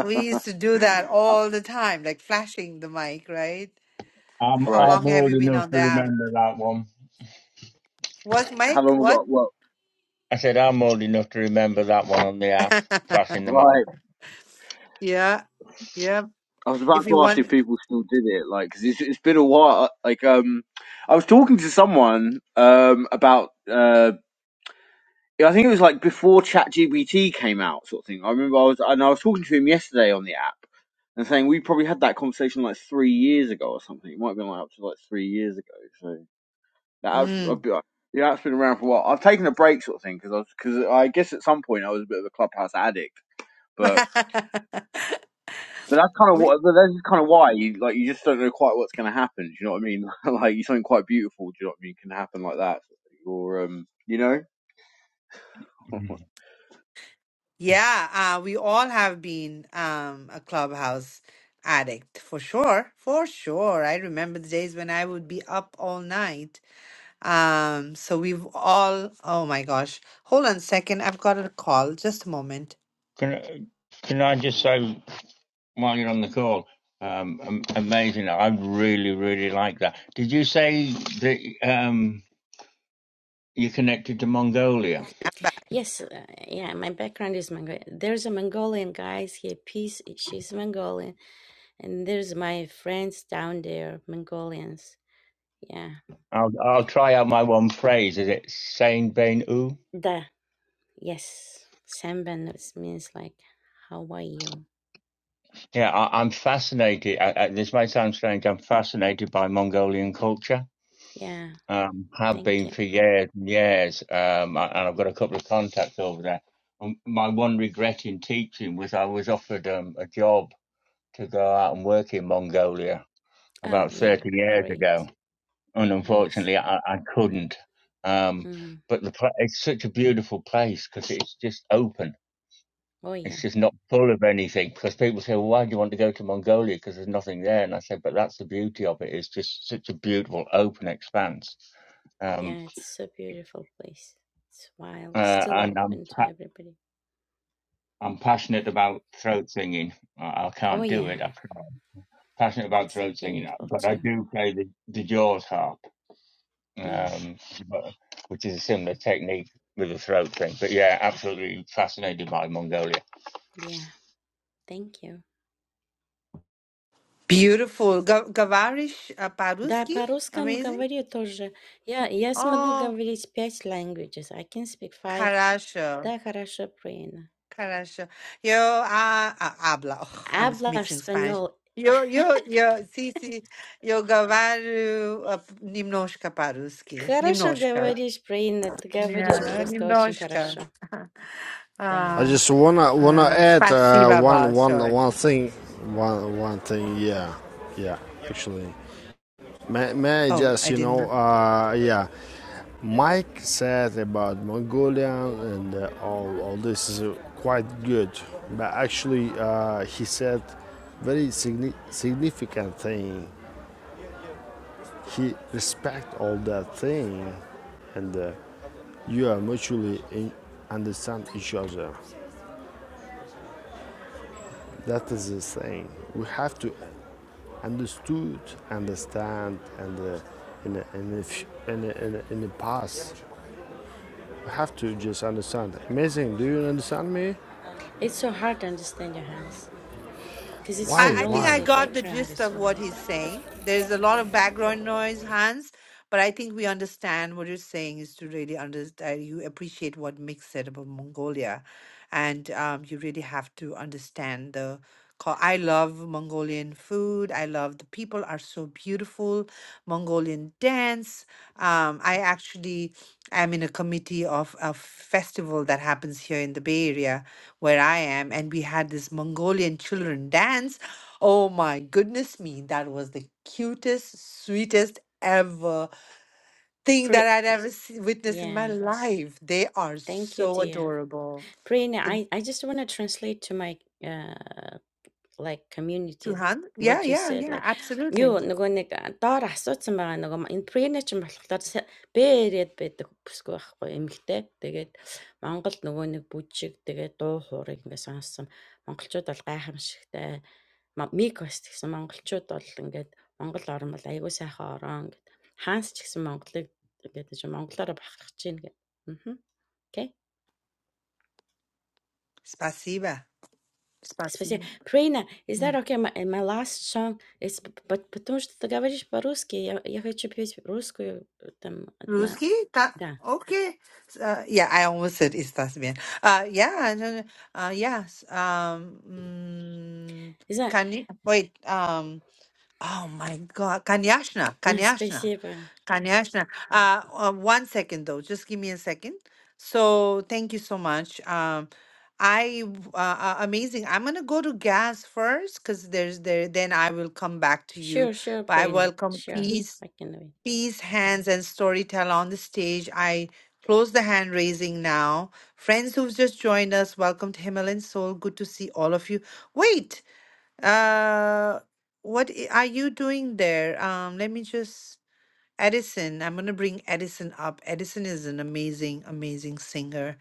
Speaker 1: We used to do that all the time, like flashing the mic, right?
Speaker 12: I'm
Speaker 1: How
Speaker 13: right.
Speaker 12: I'm
Speaker 1: long have
Speaker 12: old
Speaker 1: you been
Speaker 12: enough
Speaker 1: on
Speaker 12: to
Speaker 1: the app?
Speaker 12: remember that one.
Speaker 1: What
Speaker 13: How
Speaker 1: mic?
Speaker 13: long have
Speaker 1: What?
Speaker 13: I, well,
Speaker 12: I said I'm old enough to remember that one on the app, flashing the mic.
Speaker 13: right.
Speaker 1: Yeah, yeah.
Speaker 13: I was about
Speaker 1: If you
Speaker 13: to ask
Speaker 1: want,
Speaker 13: if people still did it, like, 'cause it's, it's been a while. uh, Like, um, I was talking to someone, um, about, uh, yeah, I think it was like before ChatGPT came out, sort of thing. I remember I was, and I was talking to him yesterday on the app and saying we probably had that conversation like three years ago or something. It might have been like up to like three years ago. So that app's,
Speaker 1: mm.
Speaker 13: I've been, yeah, that's been around for a while. I've taken a break, sort of thing, because I was, because I guess at some point I was a bit of a clubhouse addict, but. But that's kind of
Speaker 1: We,
Speaker 13: what. but That's kind of why you like. You just don't know quite what's going to happen. Do you know what I mean? like you something quite beautiful. Do you know what I mean? Can happen like that. Or um, you know.
Speaker 1: yeah, uh, we all have been um, a clubhouse addict for sure, for sure. I remember the days when I would be up all night. Um, so we've all, oh my gosh, hold on a second. I've got a call. Just a moment.
Speaker 12: Can can I just say while you're on the call, um, am- amazing! I really really like that. Did you say that um you're connected to Mongolia?
Speaker 1: Okay, I'm back.
Speaker 12: I'll I'll try out my one phrase. Is it Saint Bain U? Yeah, I, I'm fascinated. I, I, this may sound strange. I'm fascinated by Mongolian culture um, have been for years and years, um, a- and I've got a couple of contacts over there. Um, my one regret in teaching was I was offered um, a job to go out and work in Mongolia about 30 years ago, and unfortunately I, I couldn't. Um, but the pla it's such a beautiful place because it's just open. It's just not full of anything because people say, well, why do you want to go to Mongolia? Because there's nothing there. And I said, but that's the beauty of it. It's just such a beautiful open expanse. Um, uh, and I'm pa- I'm passionate about throat singing. I, I can't do it. I'm passionate about throat singing, but I do play the, the Jaws harp, um, but, which is a similar technique with the throat thing. But yeah, absolutely fascinated by Mongolia.
Speaker 1: Beautiful. Ga- Gavarish uh, Paruski, amazing. Oh, Karasha. Karacho, yo ah ah habla. I'm mixing Spanish. Yo yo yo sí sí yo gawaru a nimnoshka paruski nimnoshka. Yeah, nimnoshka.
Speaker 15: I
Speaker 1: Ah,
Speaker 15: just wanna wanna
Speaker 1: um.
Speaker 15: add
Speaker 1: Thank you,
Speaker 15: uh, one
Speaker 1: boss.
Speaker 15: one one thing, one one thing. Yeah, yeah. Actually, may, may I
Speaker 1: Oh, I
Speaker 15: just you
Speaker 1: didn't.
Speaker 15: know,
Speaker 1: know.
Speaker 15: uh, yeah. Mike said about Mongolian and uh, all all this is uh, quite good, but actually uh, he said very signi- significant thing. He respect all that thing, and uh, you are mutually in- understand each other. That is the thing. We have to understood, understand, and uh, in a, in, a, f- in, a, in, a, in the past. I have to just understand. Amazing. Do you understand me?
Speaker 1: I,
Speaker 15: Why?
Speaker 1: I think
Speaker 15: Why?
Speaker 1: I got the gist of what he's saying. There's a lot of background noise, Hans, but I think we understand what you're saying is to really understand. You appreciate what Mick said about Mongolia, and um, you really have to understand the. cul- I love Mongolian food. I love the people are so beautiful. Mongolian dance. Um, I actually am in a committee of a festival that happens here in the Bay Area where I am, and we had this Mongolian children dance Oh my goodness me, that was the cutest, sweetest ever thing that I'd ever se- witnessed in my life. They are so adorable. The Tuhan? Yeah, yeah, yeah, absolutely. Spasiba. Spasiba. Mm. Ruski? Ta- okay. Uh, yeah, I almost said "Estás bien." Uh, yeah, no, no, uh, yes. Um, mm, Kani- wait, um, oh my God, Kanyashna, Kanyashna. Kanyashna, uh, uh, one second though, just give me a second. So thank you so much. Um, I w- uh, uh, amazing. I'm gonna go to gas first because there's there. Then I will come back to you. But I welcome peace, peace, hands, and storyteller on the stage. I close the hand raising now. Friends who've just joined us, welcome to Himalayan Soul. Good to see all of you. Wait, uh, what i- are you doing there? Um, let me just Edison, I'm going to bring Edison up. Edison is an amazing, amazing singer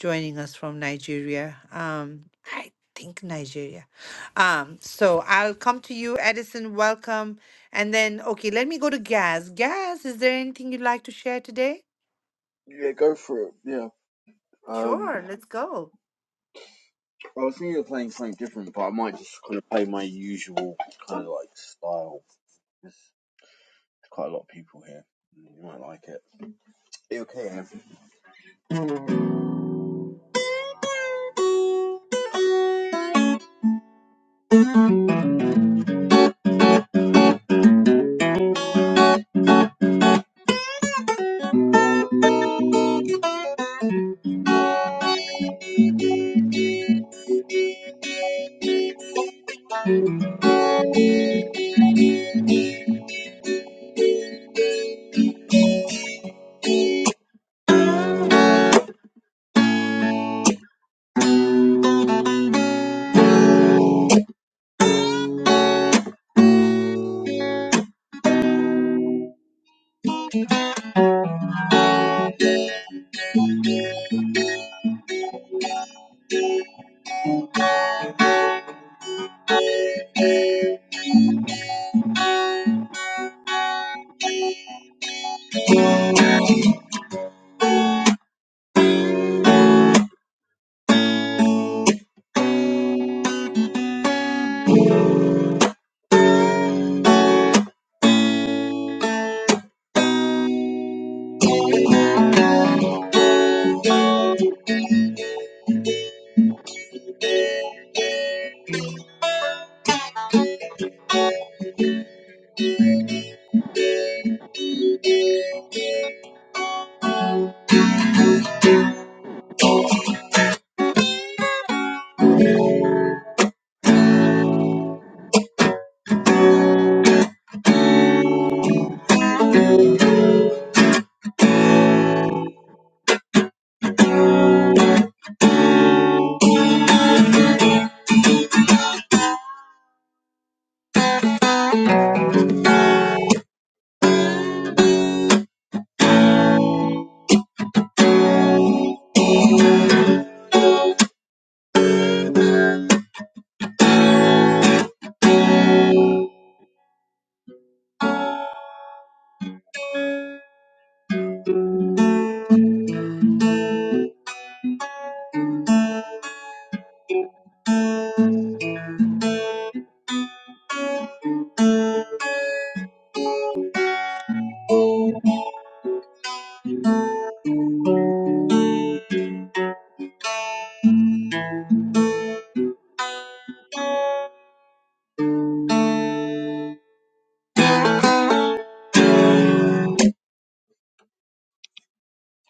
Speaker 1: joining us from Nigeria. Um, I think Nigeria. Um, so I'll come to you, Edison. Welcome. And then, okay, let me go to Gaz. Gaz, is there anything you'd like to share today?
Speaker 13: Yeah, go for it. Yeah. Um,
Speaker 1: Sure, let's go.
Speaker 13: I was thinking of playing something different, but I might just kind of play my usual kind of like style. There's quite a lot of people here. You might like it. You okay? Em?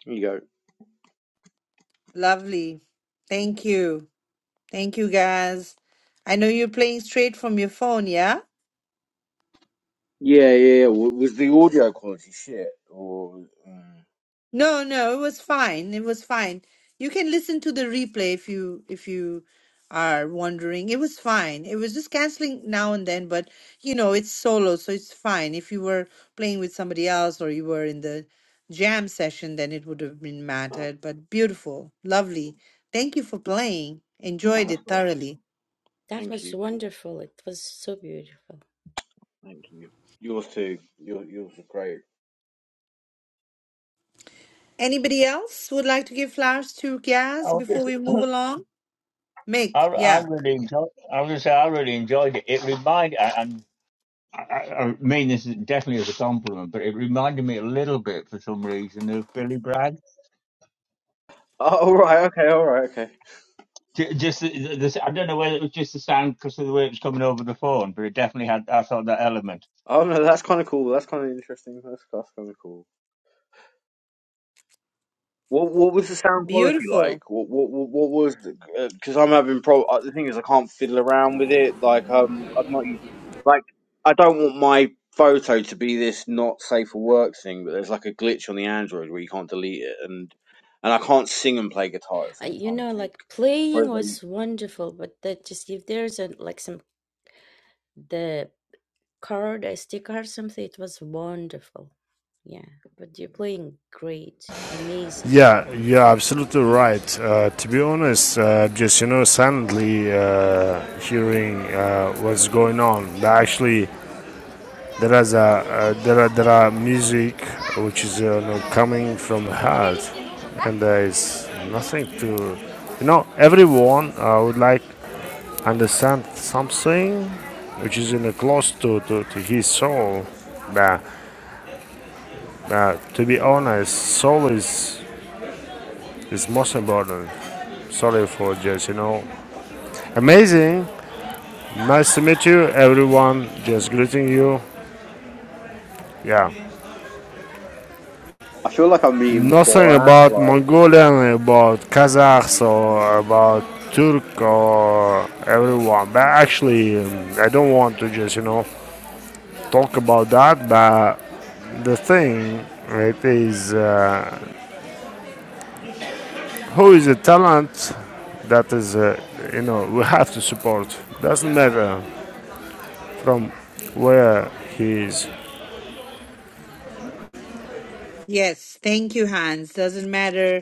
Speaker 13: Here you go.
Speaker 1: Lovely. Thank you. Thank you, Gaz. I know you're playing straight from your phone, yeah?
Speaker 13: Yeah, yeah, yeah. W- Was the audio quality shit? Or um,
Speaker 1: No, no, it was fine. It was fine. You can listen to the replay if you if you are wondering. It was fine. It was just canceling now and then, but you know, it's solo, so it's fine. If you were playing with somebody else or you were in the jam session, then it would have been mattered. But beautiful, lovely. Thank you for playing. Enjoyed
Speaker 13: that's
Speaker 1: it
Speaker 13: not.
Speaker 1: thoroughly.
Speaker 13: Thank you, thank you. Yours too. Your, yours are great.
Speaker 1: Anybody else would like to give flowers to
Speaker 12: I
Speaker 1: Gaz
Speaker 12: was
Speaker 1: before
Speaker 12: just,
Speaker 1: we move along?
Speaker 12: I,
Speaker 1: Mick,
Speaker 12: I
Speaker 1: yeah.
Speaker 12: really enjoyed. I was just say I really enjoyed it. It reminded and. I, I I mean this is definitely as a compliment, but it reminded me a little bit, for some reason, of Billy Bragg.
Speaker 13: Oh, all right, okay, all right, okay.
Speaker 12: Ju- Just the, the, the- I don't know whether it was just the sound because of the way it was coming over the phone, but it definitely had. I thought that element.
Speaker 13: Oh no, that's kind of cool. That's kind of interesting. That's, that's kind of cool. What what was the sound quality
Speaker 1: Beautiful.
Speaker 13: like? What what what, what was? Because I'm having pro. uh, The thing is, I can't fiddle around with it. Like um, I've not used like I don't want my photo to be this not safe for work thing. But there's like a glitch on the Android where you can't delete it, and and I can't sing and play guitar at the same time. I think. Whereas like,
Speaker 15: Yeah, you're absolutely right. Uh, to be honest, uh, just you know, suddenly uh, hearing uh, what's going on. There actually, there is a uh, there are there are music which is uh, you know, coming from the heart, and there is nothing to, you know, everyone uh, would like understand something which is in a close to, to, to his soul. Nah, nah, to be honest, soul is is most important. Sorry for just, you know. Amazing. Nice to meet you, everyone. Just greeting you. Yeah.
Speaker 13: I feel like I'm meeting
Speaker 15: Nothing
Speaker 13: Borat.
Speaker 15: about
Speaker 13: Like
Speaker 15: Mongolian, about Kazakhs, or about Turk, or everyone. But actually, um, I don't want to just, you know, talk about that. But the thing, it is. Uh, who is a talent that is, uh, you know, we have to support. Doesn't matter from where he is.
Speaker 1: Yes, thank you, Hans. Doesn't matter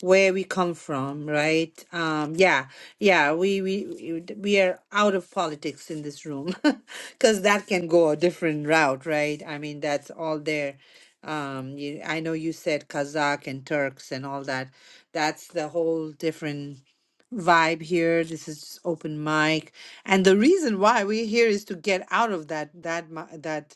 Speaker 1: where we come from, right? Um, yeah, yeah, we we we are out of politics in this room because that can go a different route, right? I mean, that's all there. Um, you, I know you said Kazakh and Turks and all that. That's the whole different vibe here. This is just open mic, and the reason why we're here is to get out of that that mi- that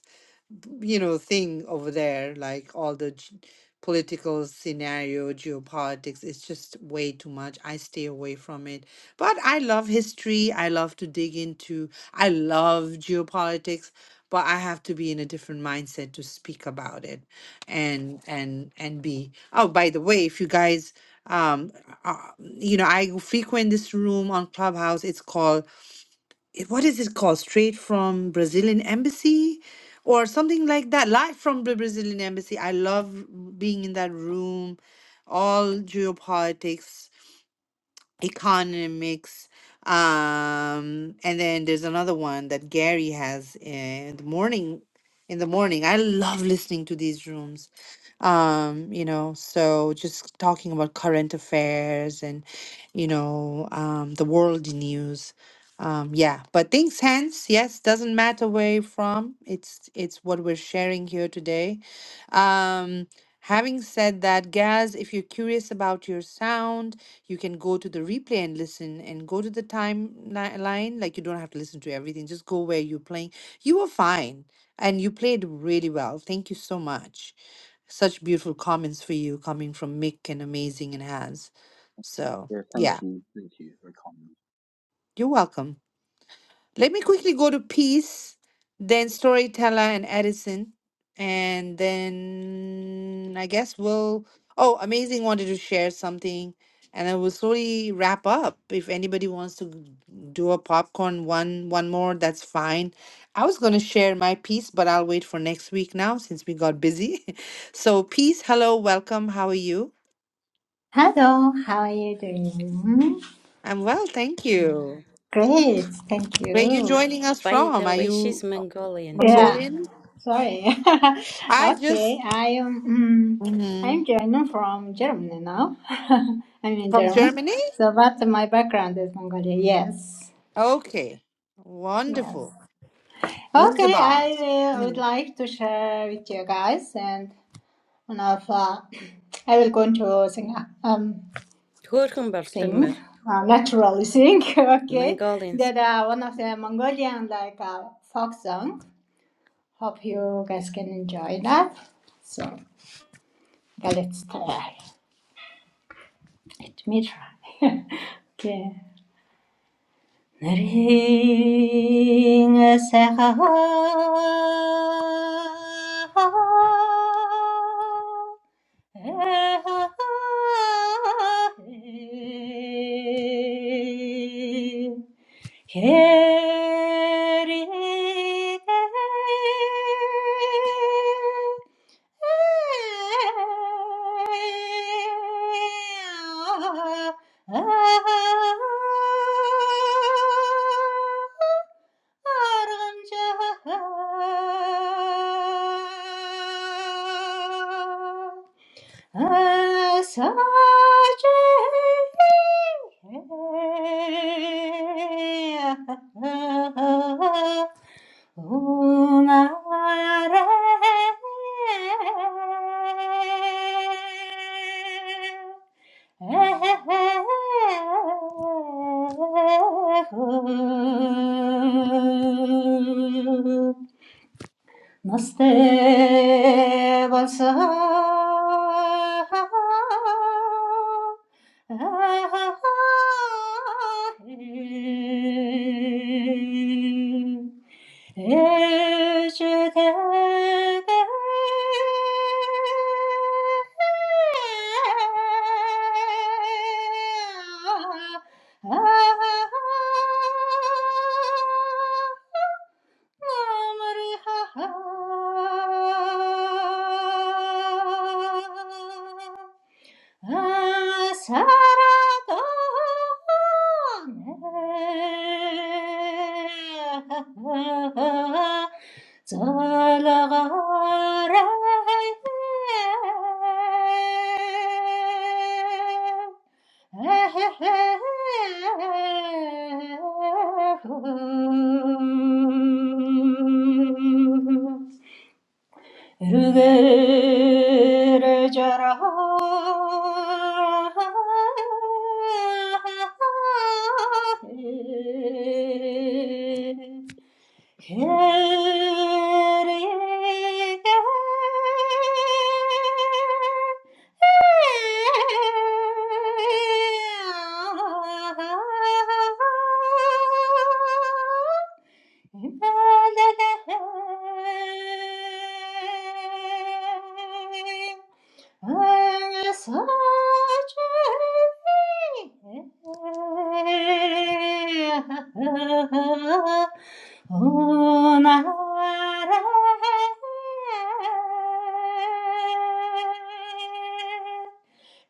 Speaker 1: you know thing over there like all the g- political scenario geopolitics it's just way too much i stay away from it but i love history i love to dig into i love geopolitics but i have to be in a different mindset to speak about it and and and be oh by the way if you guys um uh, you know i frequent this room on clubhouse it's called it- what is it called? Straight from Brazilian embassy or something like that. Live from the Brazilian embassy. I love being in that room. All geopolitics economics um and then there's another one that Gary has in the morning in the morning I love listening to these rooms um you know so just talking about current affairs and you know um the world news um yeah but things hence yes doesn't matter where you're from it's it's what we're sharing here today um having said that Gaz if you're curious about your sound you can go to the replay and listen and go to the timeline. Like you don't have to listen to everything. Just go where you're playing. You were fine and you played really well. Thank you so much. Such beautiful comments for you coming from Mick and Amazing and Has. So,
Speaker 13: yeah, thank
Speaker 1: yeah,
Speaker 13: you, thank you. Very kind.
Speaker 1: you're welcome. Let me quickly go to Peace, then Storyteller and Edison, and then I guess we'll. Oh, Amazing wanted to share something, and then we'll slowly wrap up. If anybody wants to g- do a popcorn one, one more, that's fine. I was going to share my piece, but I'll wait for next week now since we got busy. so, Peace, hello, welcome. How are you?
Speaker 16: Hello, how are you doing?
Speaker 1: I'm well, thank you.
Speaker 16: Great, thank
Speaker 1: Where are you
Speaker 16: you.
Speaker 1: joining us from? Are you
Speaker 16: Yeah,
Speaker 1: Mongolian?
Speaker 16: sorry.
Speaker 1: I just
Speaker 16: okay, I am. Um,
Speaker 1: hmm
Speaker 16: I'm German from Germany now. I'm in
Speaker 1: From
Speaker 16: German.
Speaker 1: Germany?
Speaker 16: So, but my background is Mongolia. Yes,
Speaker 1: Okay.
Speaker 16: yes.
Speaker 1: Wonderful.
Speaker 16: Okay,
Speaker 1: Wunderbar.
Speaker 16: I uh, would
Speaker 1: Mm.
Speaker 16: like to share with you guys, and one of uh, I will go into Singapore. Um, sing, uh, naturally sing, okay, that uh, one of the Mongolian like uh, folk song. Hope you guys can enjoy that. So, yeah, let's try. Let me try. okay. Ring a seha eh Sache, Nastê valsa Zalagare here Om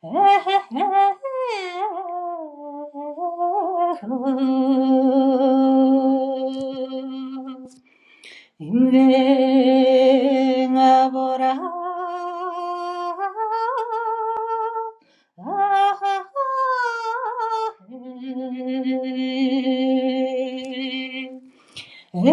Speaker 16: Inven a vorar. Ah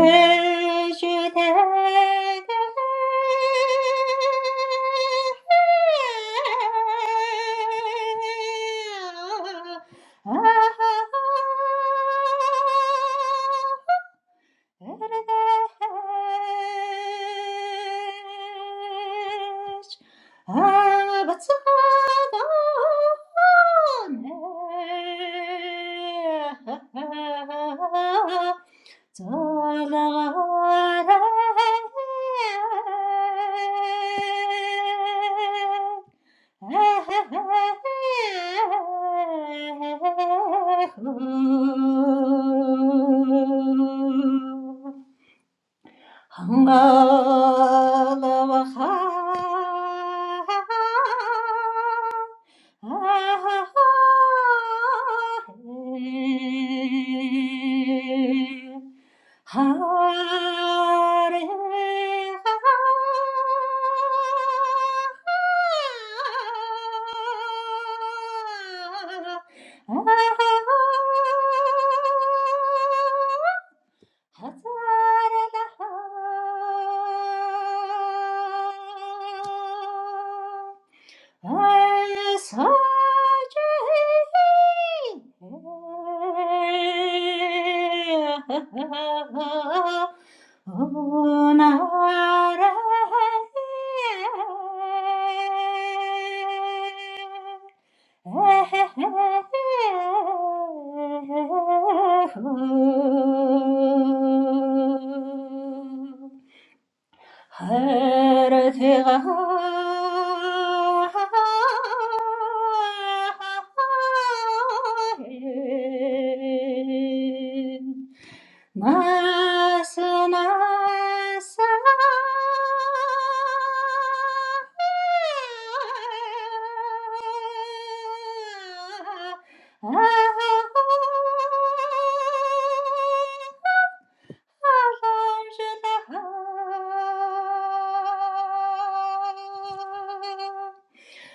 Speaker 16: Hangalawaha Hazar Oh, her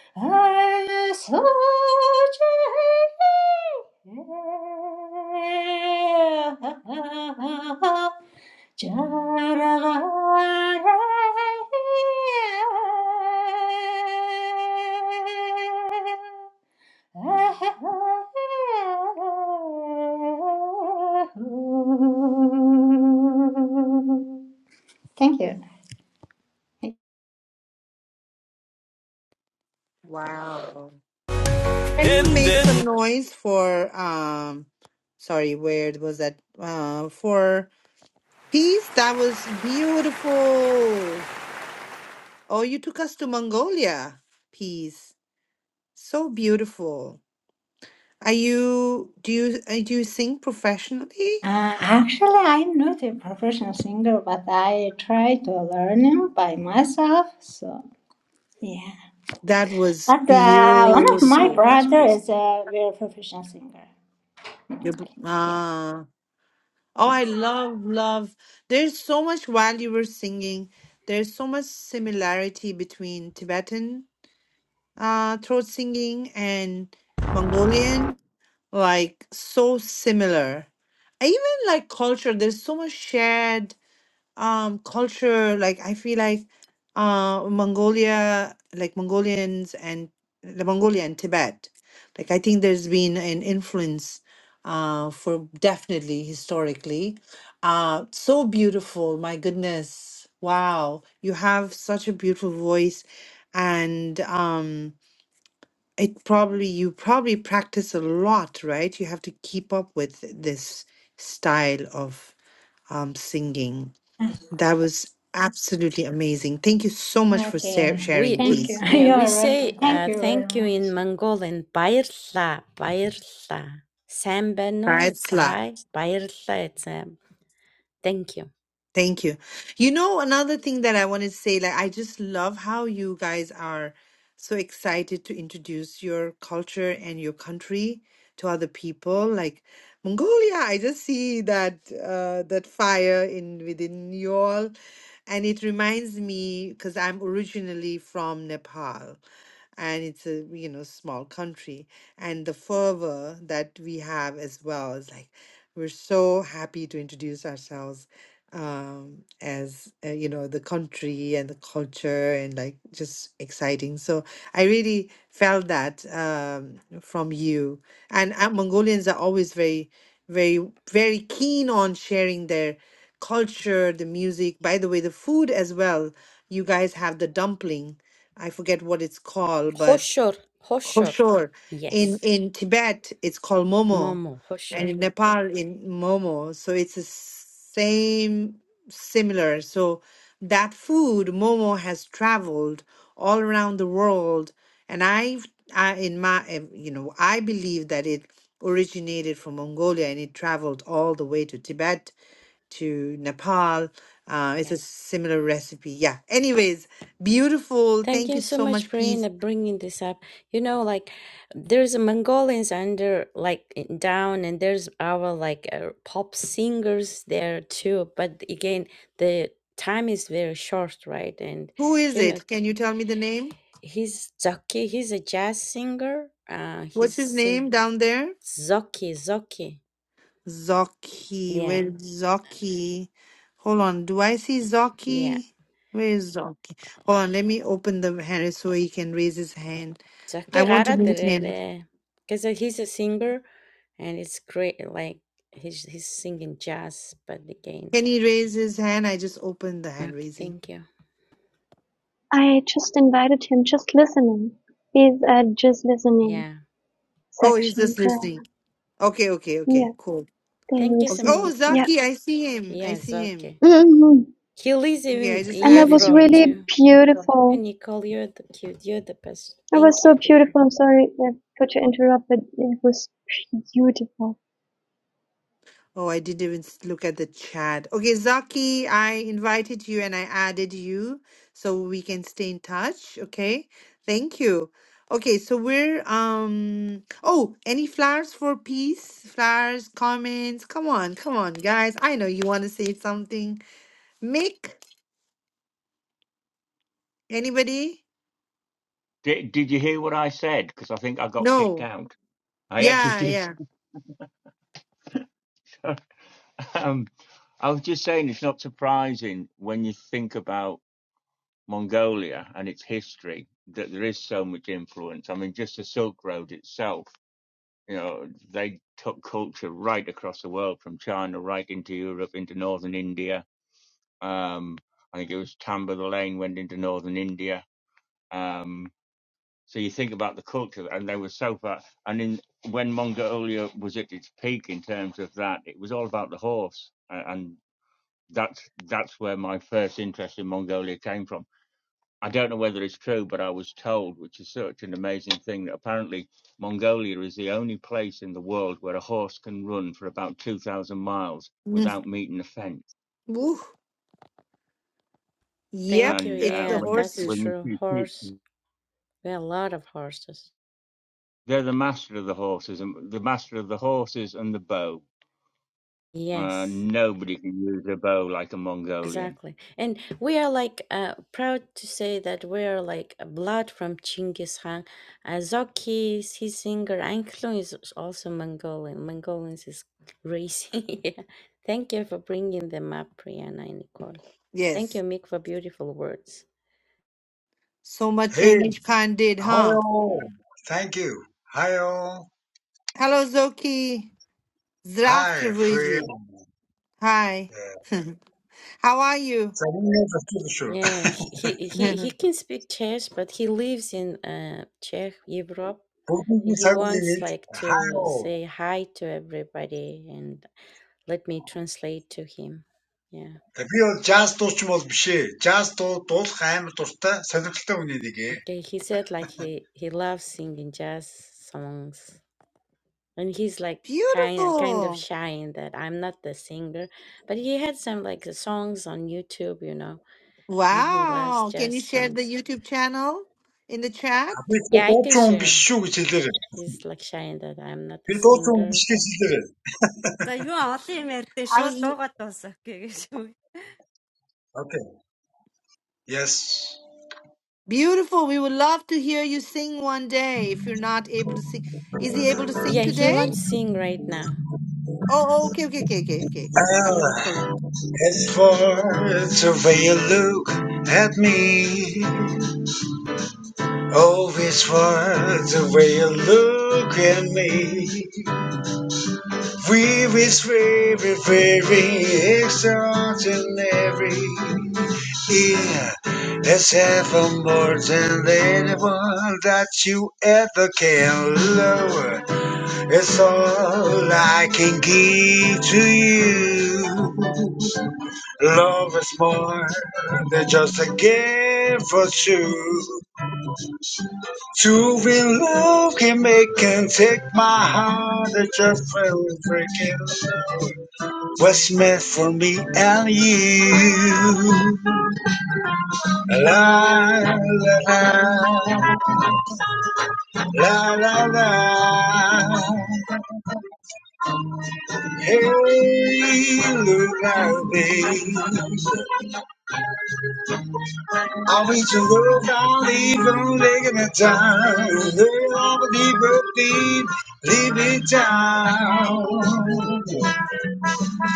Speaker 16: Jai Thank you.
Speaker 1: Wow. Can
Speaker 17: And
Speaker 1: you make some
Speaker 17: then,
Speaker 1: noise for um sorry, where was that? Uh for peace? That was beautiful. Oh, you took us to Mongolia. Peace. So beautiful. Are you do you uh, do you sing professionally?
Speaker 16: Uh, actually, I'm not a professional singer, but I try to learn it by myself. So yeah,
Speaker 1: That was
Speaker 16: but uh, one of my
Speaker 1: beautiful.
Speaker 16: brother is a very professional singer.
Speaker 1: You,
Speaker 16: Mongol. Yeah.
Speaker 1: ah. Oh, I love, love. There's so much while you were singing. There's so much similarity between Tibetan uh, throat singing and Mongolian. Like, so similar. Even like culture, there's so much shared um culture like i feel like uh mongolia like mongolians and the mongolia and tibet like i think there's been an influence uh for definitely historically uh so beautiful my goodness wow you have such a beautiful voice and um it probably you probably practice a lot right you have to keep up with this style of um singing that was absolutely amazing. Thank you so much
Speaker 16: Yes.
Speaker 1: for sa-
Speaker 16: Okay.
Speaker 1: sharing
Speaker 16: Thank you.
Speaker 1: these.
Speaker 16: You are welcome. Thank you very much.
Speaker 1: Faisla, Thank you. You know, another thing that I wanted to say, like, I just love how you guys are so excited to introduce your culture and your country to other people. Like Mongolia, I just see that uh, that fire in within you all, and it reminds me because I'm originally from Nepal. and it's a you know small country and the fervor that we have as well is like we're so happy to introduce ourselves um as uh, you know the country and the culture and like just exciting so i really felt that um from you and uh, mongolians are always very very very keen on sharing their culture the music by the way the food as well you guys have the dumpling I forget what it's called, but koshor. In in Tibet, it's called momo, and in Mm. Nepal, in momo. So it's the same, similar. So that food, momo, has traveled all around the world, and I've, I, in my, eh, you know, I believe that it originated from Mongolia and it traveled all the way to Tibet to Nepal. Uh, it's a similar recipe. Yeah. Anyways, beautiful. Thank you so much, Peace. Who is it? Can you tell me the name? What's his name down there? Zoki. Where's Zoki? Hold on. Do I see Zoki? Where is Zoki? Hold on. Let me open the hand so he can raise his hand. I want to meet him. Can he raise his hand? I just opened the hand raising.
Speaker 11: I just invited him, just listening. He's at just listening
Speaker 1: Oh, he's
Speaker 11: section,
Speaker 1: just
Speaker 11: right?
Speaker 1: listening. Okay, okay, okay.
Speaker 11: Yeah,
Speaker 1: Cool.
Speaker 11: there you
Speaker 1: Oh,
Speaker 11: see.
Speaker 1: oh,
Speaker 11: Yeah.
Speaker 1: Zaki, I see him. I see him.
Speaker 11: hmm
Speaker 1: Okay, I just
Speaker 11: And that
Speaker 1: added
Speaker 11: was
Speaker 1: him.
Speaker 11: really beautiful. It was so beautiful. I'm sorry that Kocha interrupted. It was beautiful.
Speaker 1: Oh, I didn't even s- look at the chat. Okay, Zaki, I invited you and I added you so we can stay in touch. Okay, thank you. Okay, so we're um. Oh, any flowers for peace? Flowers, comments. Come on, come on, guys. I know you want to say something. Mick, anybody?
Speaker 12: Did Did you hear what I said? Because I think I got kicked
Speaker 1: No.
Speaker 12: out. I actually
Speaker 1: Yeah,
Speaker 12: did.
Speaker 1: yeah.
Speaker 12: um, I was just saying it's not surprising when you think about Mongolia and its history that there is so much influence. I mean, just the Silk Road itself. You know, they took culture right across the world from China right into Europe, into northern India Um, I think it was Tambor Lane went into northern India. Um, so you think about the culture, and they were so far. And in when Mongolia was at its peak in terms of that, it was all about the horse, uh, and that's that's where my first interest in Mongolia came from. I don't know whether it's true, but I was told, which is such an amazing thing, that apparently Mongolia is the only place in the world where a horse can run for about two thousand miles
Speaker 1: Mm.
Speaker 12: without meeting a fence.
Speaker 1: Woo. Yep,
Speaker 12: And
Speaker 1: it's
Speaker 12: uh,
Speaker 1: the
Speaker 12: when you,
Speaker 1: horses.
Speaker 12: when you see kids They're the master of the horses, and the master of the horses and the bow. Uh, nobody can use a bow like a Mongolian.
Speaker 1: Yes. So much
Speaker 18: Hey,
Speaker 1: English Khan did, huh?
Speaker 18: hello. Thank you. Hello,
Speaker 1: Hello, Zoki.
Speaker 18: hi, friend.
Speaker 1: Здравствуйте. Hi. How are you?
Speaker 18: Sorry, I'm just too short. But you're sorry, isn't it? Hello. That's why just too much fish. Just too, too much time to start. So you're still on the dig.
Speaker 1: Beautiful. Wow. Can you share the YouTube channel in the chat?
Speaker 18: But it's too much fish. We're still. We're too much fish. We're still.
Speaker 19: За юу олон юм ярьдээ
Speaker 1: I
Speaker 19: шууд
Speaker 1: was
Speaker 19: дуугаад дуусах гэж үү.
Speaker 18: Okay. Yes.
Speaker 1: beautiful. We would love to hear you sing one day if you're not able to sing. Is he able to sing today? Oh, oh, okay, okay, okay, okay, okay, okay. I'm gonna
Speaker 18: Well,
Speaker 1: close.
Speaker 18: as far as the way you look at me, Oh, it's worth the way you look at me. We is very, very extraordinary. Yeah, let's have a more than anyone that you ever can love. It's all I can give to you. Love is more than just a game for two. True love can make and take my heart and just very freaking love. What's meant for me and you? La la la la la la. Hey, look at me. I reach a little down, even taking the time. Little on the deeper deep, leave it down.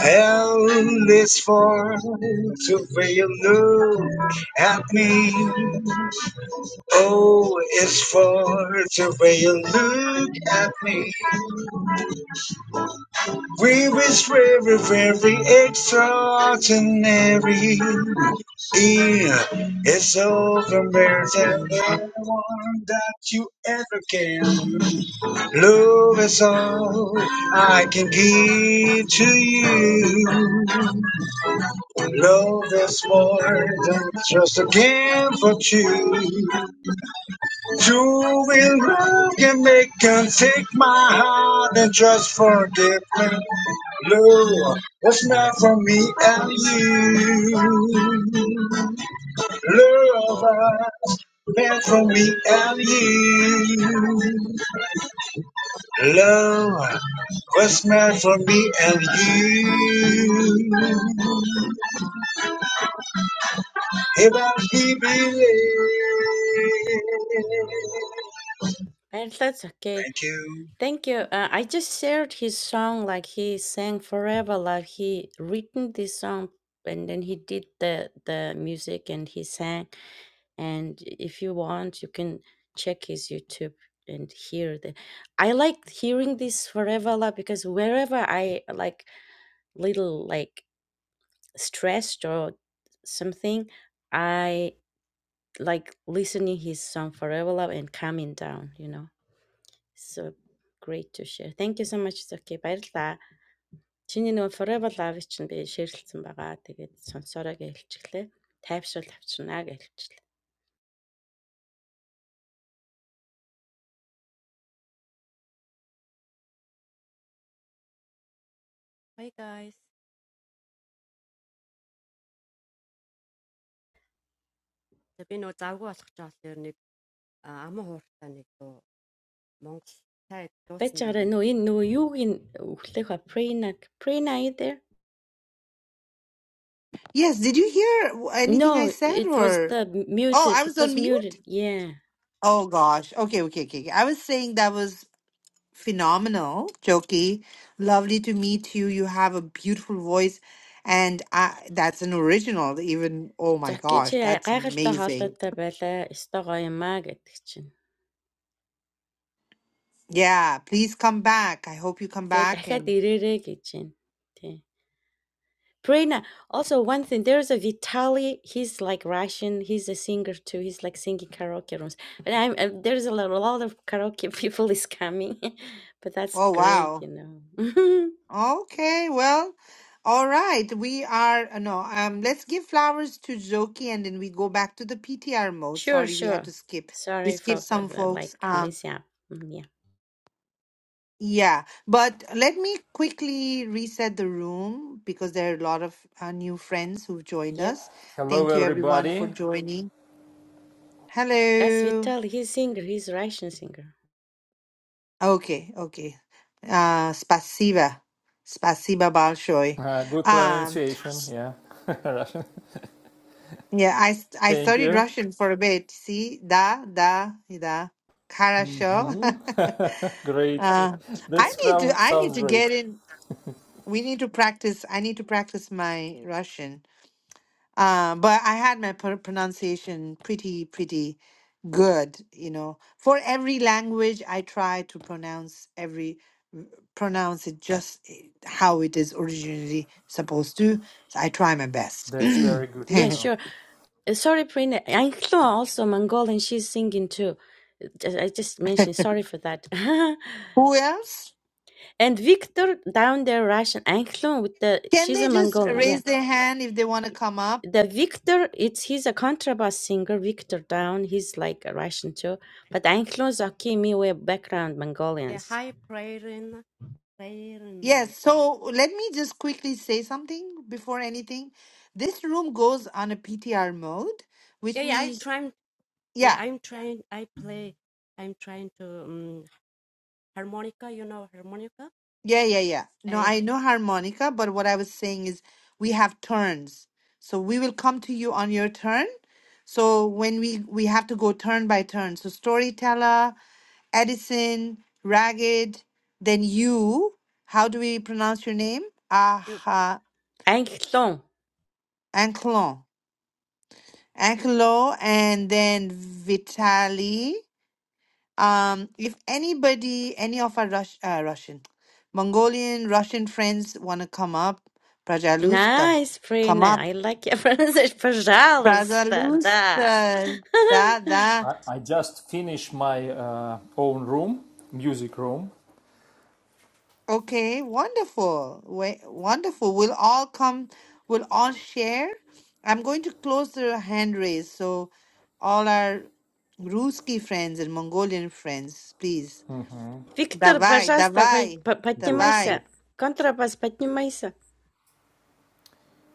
Speaker 18: Hell is far to where you look at me. Oh, it's far to where you look at me. We was very, very extraordinary. Yeah, it's over better than anyone that you ever can. Love is all I can give to you. Love is more than just a game for two. You will love can make and take my heart and just forgive me. Love was meant for me and you. Love was meant for me and you. Love was meant for me and you. If I Thank you.
Speaker 19: Hi guys. За би нөө завгүй болох ч олон ер нэг аман хууртаа нэг дуу Монгол цай дуусан дээр нэг дуу.
Speaker 1: Yes, did you hear w- anything I said or? Oh, I was on mute? Oh gosh. Okay, okay, okay. okay. I was saying that was phenomenal, Jokey. Lovely to meet you. You have a beautiful voice, and I, that's an original. Even oh my gosh, that's amazing. Yeah, please come back. I hope you come back. And oh wow. Okay, well, all right. We are uh, no. Um, let's give flowers to Jokey, and then we go back to the PTR mode. Sorry, we had to skip. We skipped some folks. um, Yeah, but let me quickly reset the room because there are a lot of uh, new friends who've joined us.
Speaker 20: Hello,
Speaker 1: Thank you everyone for
Speaker 20: everybody.
Speaker 1: joining. Hello. Okay, okay. Uh, spasiba. Spasiba balshoi.
Speaker 20: Uh, good
Speaker 1: Um,
Speaker 20: pronunciation. Yeah, Russian.
Speaker 1: yeah, I st- I
Speaker 20: Thank
Speaker 1: studied
Speaker 20: you.
Speaker 1: Russian for a bit. See, da da da. Хорошо.
Speaker 20: hmm great.
Speaker 1: uh,
Speaker 20: That
Speaker 1: I need to I
Speaker 20: sounds
Speaker 1: need to
Speaker 20: great.
Speaker 1: get in. We need to practice. I need to practice my Russian. Uh, but I had my pr- pronunciation pretty, pretty good, you know. For every language, I try to pronounce every w- pronounce it just i- how it is originally supposed to. So I try my best.
Speaker 20: That's very good to know.
Speaker 1: Who else? Can they just raise their hand if they want to come up?
Speaker 19: Yeah, hi prayer in prayer in
Speaker 1: Yes.
Speaker 19: алжам.
Speaker 1: So let me just quickly say something before anything. This room goes on a PTR mode, which
Speaker 19: Yeah, yeah, I
Speaker 1: means,
Speaker 19: trying yeah,
Speaker 1: yeah.
Speaker 19: I'm trying I play I'm trying to um, harmonica, you know harmonica?
Speaker 1: Yeah, yeah, yeah. No,
Speaker 19: Uh,
Speaker 1: I know harmonica, but what I was saying is we have turns. So we will come to you on your turn. So when we we have to go turn by turn. So storyteller, Edison, Ragged, then you. How do we pronounce your name? Ah,
Speaker 19: you
Speaker 1: uh, Ancelon. Ancelon, and then Vitali. Um, if anybody, any of our Rus- uh, Russian, Mongolian, Russian friends want to come up, Prajalusta, come up, Prajalusta, da da.
Speaker 20: I, I just finished my uh, own room, music room.
Speaker 1: Okay, wonderful, Wa- wonderful. We'll all come. We'll all share. I'm going to close the hand raise, so all our Ruski friends and Mongolian friends, please, давай, давай,
Speaker 20: Good,
Speaker 1: давай,
Speaker 20: good.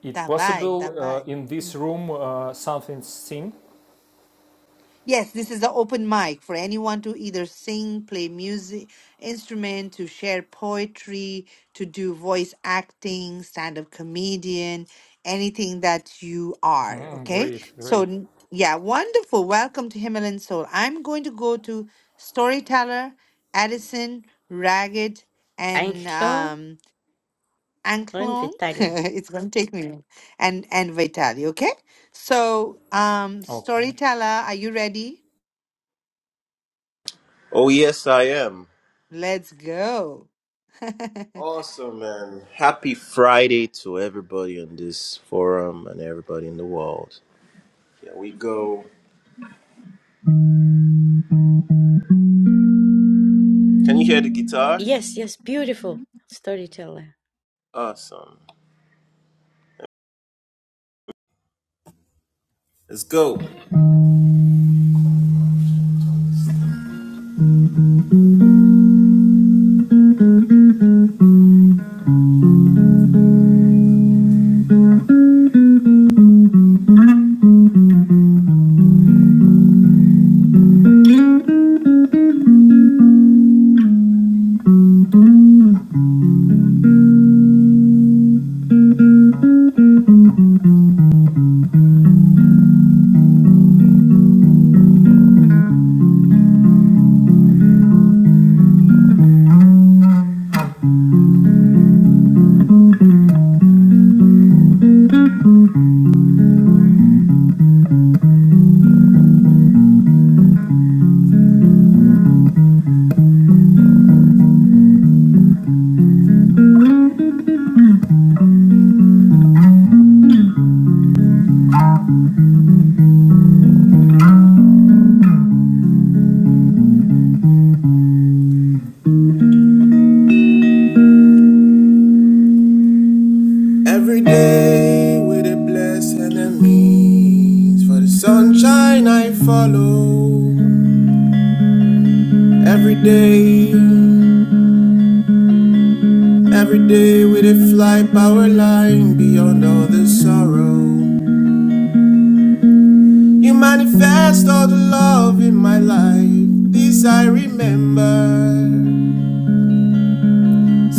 Speaker 20: It
Speaker 1: давай,
Speaker 20: possible uh,
Speaker 1: давай.
Speaker 20: in this room uh, something sing?
Speaker 1: Yes, this is an open mic for anyone to either sing, play music, instrument, to share poetry, to do voice acting, stand up comedian, anything that you are.
Speaker 20: Mm,
Speaker 1: Okay.
Speaker 20: great,
Speaker 1: So,
Speaker 20: great.
Speaker 1: n- yeah, wonderful. Welcome to Himalayan Soul. I'm going to go to Storyteller, Addison, Ragged, and um, Anklong. it's going to take me. a minute. And, and Vitali. Okay. So, um,
Speaker 20: Okay.
Speaker 1: Storyteller, are you ready?
Speaker 21: Oh, yes, I am.
Speaker 1: Let's go.
Speaker 21: Awesome, man. Happy Friday to everybody on this forum and everybody in the world. Here we go. Can you hear the guitar? Awesome. Let's go. Every day with a blessed enemies for the sunshine I follow. Every day, every day with a fly power line beyond all the sorrow. You manifest all the love in my life, this I remember.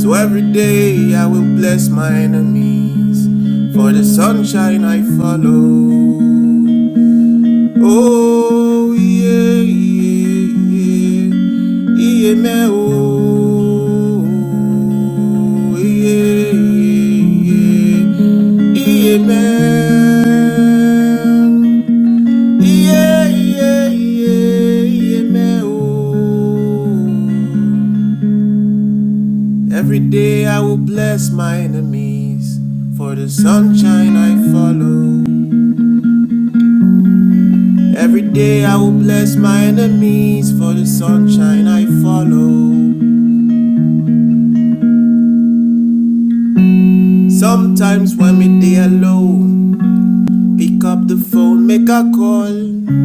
Speaker 21: So every day I will bless my enemies for the sunshine I follow. Oh, yeah, yeah, yeah, yeah, me, oh, yeah, yeah, yeah, yeah, me. Iye, iye, iye, iye me, oh. Every day I will bless my enemies for the sunshine I follow. Every day I will bless my enemies for the sunshine I follow. Sometimes when me day alone, pick up the phone, make a call.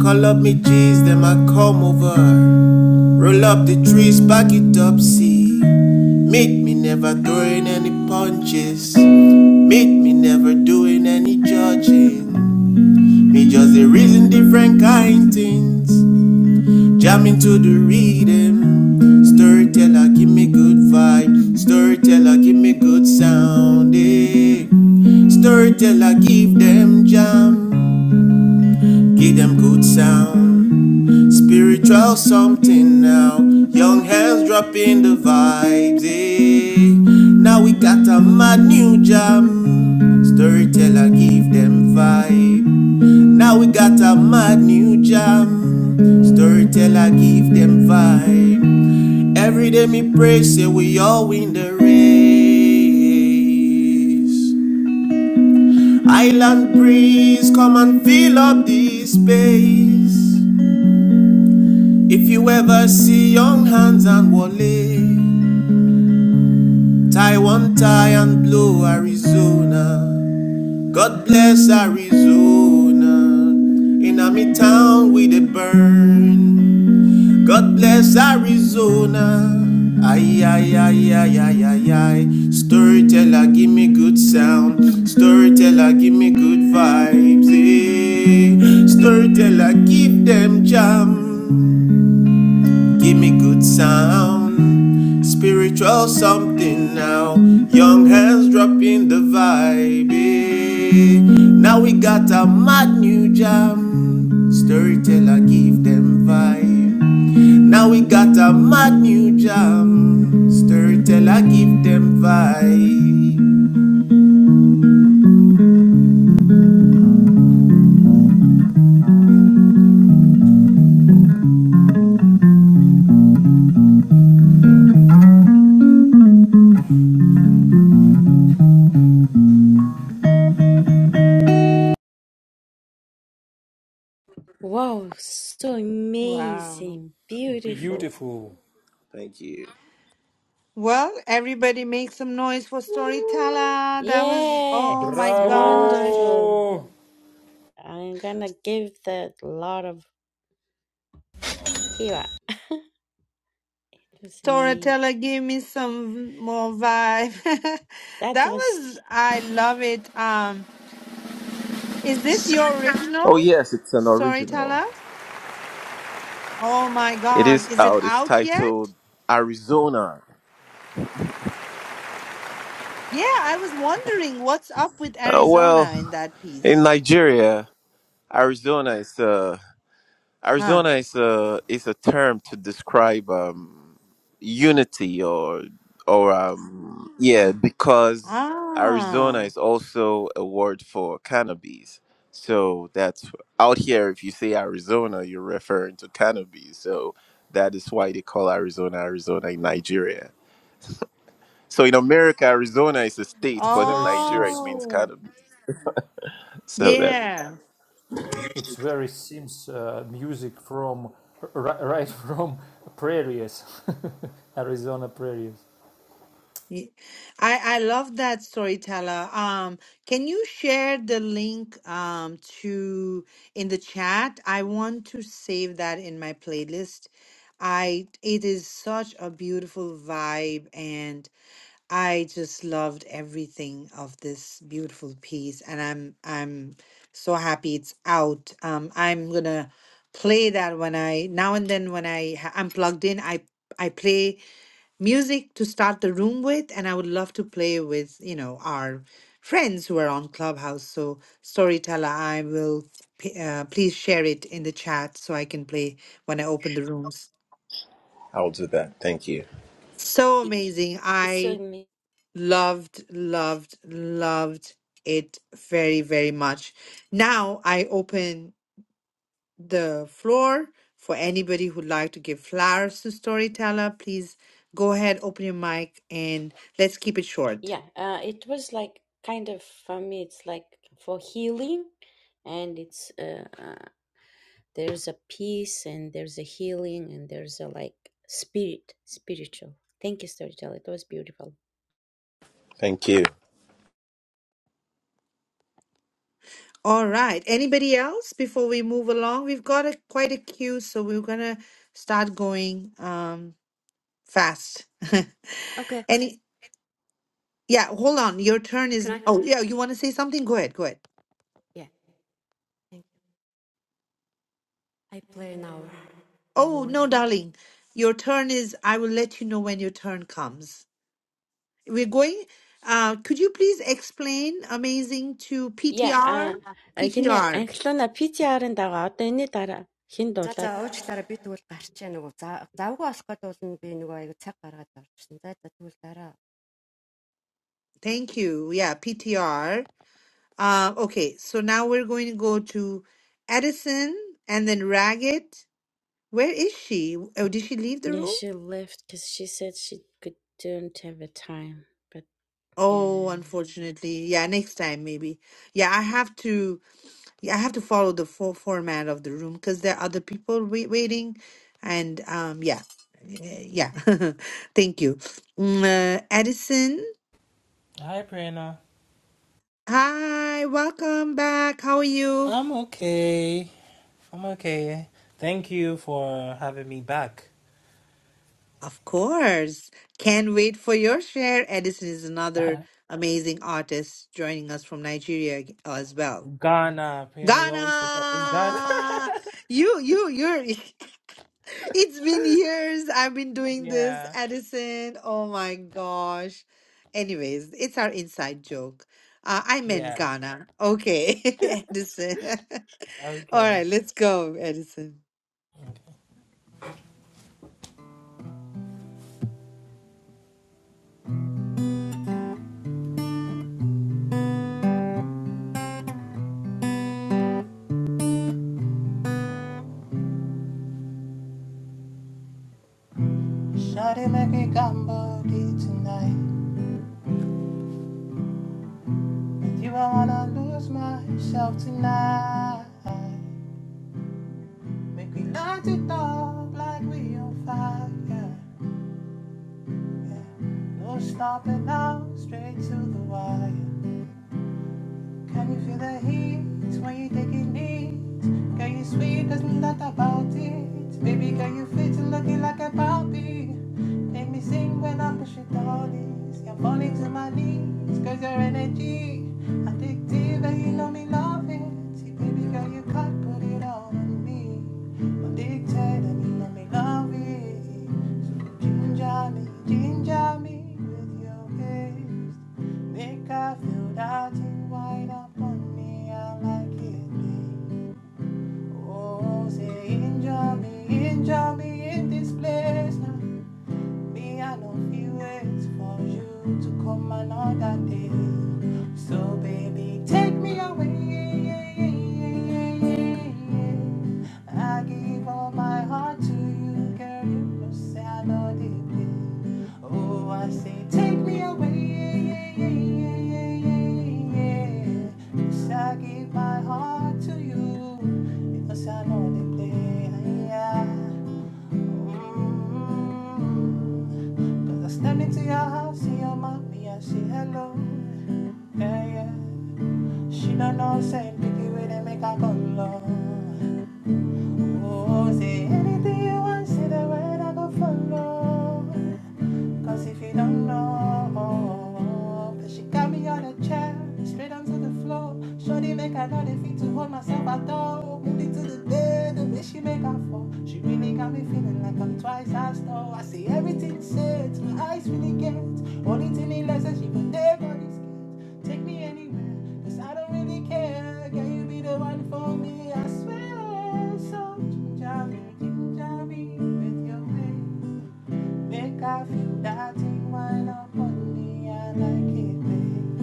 Speaker 21: Call up me G's, them I come over. Roll up the trees, back it up, see. Make me never throwing any punches. Make me never doing any judging. Me just a reason different kind things. Jamming to the rhythm. Storyteller, give me good vibe. Storyteller, give me good sound. eh. Storyteller, give them jam. Give them good sound. Spiritual something now. Young hands dropping the vibes. eh. Now we got a mad new jam. Storyteller give them vibe. Now we got a mad new jam. Storyteller give them vibe. Every day me pray say we all win the race. Island breeze, come and fill up this space. If you ever see Young hands and Wale, tie one tie and blow Arizona. God bless Arizona. In Ami town we dey burn. God bless Arizona. Ay ay ay ay ay ay ay. Storyteller, give me good sound. Storyteller, give me good vibes. eh. Storyteller, give them jam. Give me good sound, spiritual something now. Young hands dropping the vibe. eh. Now we got a mad new jam. Storyteller give them vibe. Now we got a mad new jam. Storyteller give them vibe.
Speaker 1: Wow.
Speaker 20: Beautiful.
Speaker 21: Thank you.
Speaker 1: Well, everybody make some noise for Storyteller. That was, oh my gosh.
Speaker 20: Bravo!
Speaker 1: Storyteller, gave me some more vibe. That was, I love it. Um, is this your original
Speaker 21: Oh yes, it's an original.
Speaker 1: Storyteller? Oh my
Speaker 21: It
Speaker 1: gosh.
Speaker 21: is
Speaker 1: Is it
Speaker 21: out. It's
Speaker 1: out yet?
Speaker 21: titled Arizona.
Speaker 1: Yeah, I was wondering what's up with
Speaker 21: Uh, well,
Speaker 1: Arizona in that piece.
Speaker 21: in Nigeria. Arizona is a
Speaker 1: Huh.
Speaker 21: Arizona is a is a term to describe um, unity or or um, yeah because Arizona
Speaker 1: Ah.
Speaker 21: is also a word for cannabis. So that's out here. If you say Arizona, you're referring to cannabis. So that is why they call Arizona Arizona in Nigeria. So in America, Arizona is a state,
Speaker 20: It's
Speaker 21: but in
Speaker 20: very
Speaker 21: Nigeria, it
Speaker 20: Sims
Speaker 21: means
Speaker 1: Oh.
Speaker 21: cannabis. So that
Speaker 1: Yeah.
Speaker 20: It's very Sims uh, music from ri- right from prairies, Arizona prairies.
Speaker 1: Y- I I love that storyteller. Um, can you share the link um to in the chat? I want to save that in my playlist. I it is such a beautiful vibe and I just loved everything of this beautiful piece and I'm I'm so happy it's out. Um I'm gonna play that when I now and then when I ha- I'm plugged in I I play music to start the room with and i would love to play with you know our friends who are on clubhouse so storyteller i will p- uh, please share it in the chat so i can play when i open the rooms
Speaker 21: I'll do that. Thank you.
Speaker 1: so amazing i loved loved loved it very very much now i open the floor for anybody who'd like to give flowers to storyteller please go ahead open your mic and let's keep it short
Speaker 14: and it's. Uh, uh,
Speaker 21: Thank you.
Speaker 1: All right. Anybody else before we move along? We've got a quite a queue, so we're gonna start going um fast.
Speaker 19: okay,
Speaker 1: Any yeah, hold on. Your turn
Speaker 19: can
Speaker 1: is
Speaker 19: I?
Speaker 1: oh yeah, you wanna say something? Go ahead, go ahead.
Speaker 19: Yeah, thank you. I play now
Speaker 1: Oh no,
Speaker 19: harmonica.
Speaker 1: darling. Your turn is I will let you know when your turn comes. We're going uh could you please explain amazing to PTR? PTR.
Speaker 19: Just a little bit of the question. Why do we have to be so particular? Why do we have to be so particular?
Speaker 1: Thank you. Yeah, PTR. Uh, okay, so now we're going to go to Edison and then Raggett. Where is she? Oh, did she leave the room? Oh, unfortunately. Yeah, next time maybe. Yeah, I have to yeah, I have to follow the full format of the room because there are other people wait, waiting and um yeah. Eh, Yeah. Thank you. Mm, uh, Edison,
Speaker 22: Hi, Prerna.
Speaker 1: hi, welcome back. How are you?
Speaker 22: I'm okay. I'm okay. Thank you for having me back.
Speaker 1: Of course. Can't wait for your share. Edison is another amazing artist joining us from Nigeria ag- as well.
Speaker 22: Ghana, Prerna, you always forget. It's Ghana.
Speaker 1: Ghana! You, you, you're. It's been years I've been doing this,
Speaker 22: yeah.
Speaker 1: Edison. Oh my gosh. Anyways, it's our inside joke. Uh, I meant
Speaker 22: Yeah.
Speaker 1: Ghana. Okay, Edison. All
Speaker 22: Okay.
Speaker 1: right, let's go, Edison.
Speaker 22: Shawty make me gumbo deep tonight. With you, I wanna lose myself tonight. Make me light it up like we on fire. Yeah. No stopping now, straight to the wire. Can you feel the heat when you take it neat? Girl, you sweet, there's no doubt about it. Baby, girl, you fit looking like a Barbie. Make me sing when I push it all this. You're falling to my knees, cause your energy addictive and you know me love it. See, baby, girl, you can't put it all on me. Addicted and you know me love it. So ginger me, ginger me with your gaze. Make I feel that thing wind up on me. I like it, babe. Oh, say, enjoy me, enjoy me in this place now. Me, I know if you waits for you to come another day. So, baby, take me away. I give all my heart to you, girl. You know, say I know the play. Oh, I say, take me away. Yes, I give my heart to you. You know, say I know the play. Yeah. Cause I stepped into your house, see your mommy, I say hello. Yeah, yeah. She don't know, say, picky way they make her go low. Oh, say anything you want, say the word I go follow. Cause if you don't know, oh, but she got me on a chair, straight onto the floor. Shorty make another fit to hold myself at all. Moving to the bed, she make up for. She really got me feeling like I'm twice as tall. I see everything sets, my eyes really get. Only thing he likes is she put their bodies scared. Take me anywhere, cause I don't really care. Can you be the one for me? I swear. So ginger me, ginger me with your ways. Make I feel that thing wind up on me. I like it, babe.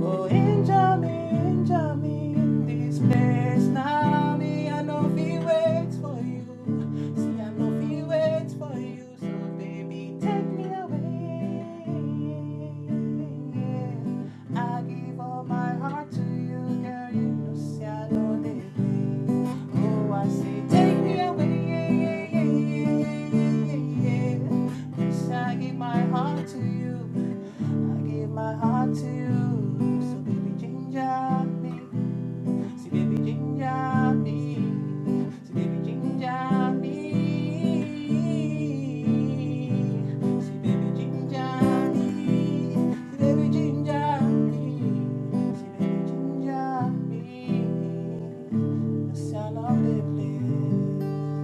Speaker 22: Oh, injure me, injure me in this place. Now me, I know we wait for you. See, I know we wait for you. So, baby, take me away. I give all my heart. Oh, take me away, yeah, yeah, yeah, yeah, yeah, yeah, yeah. I give my heart to you. I give my heart to you. So baby, ginger me. See baby ginger me. See baby ginger me. See baby ginger me. See baby ginger me. See baby ginger me. Yes, I love the place.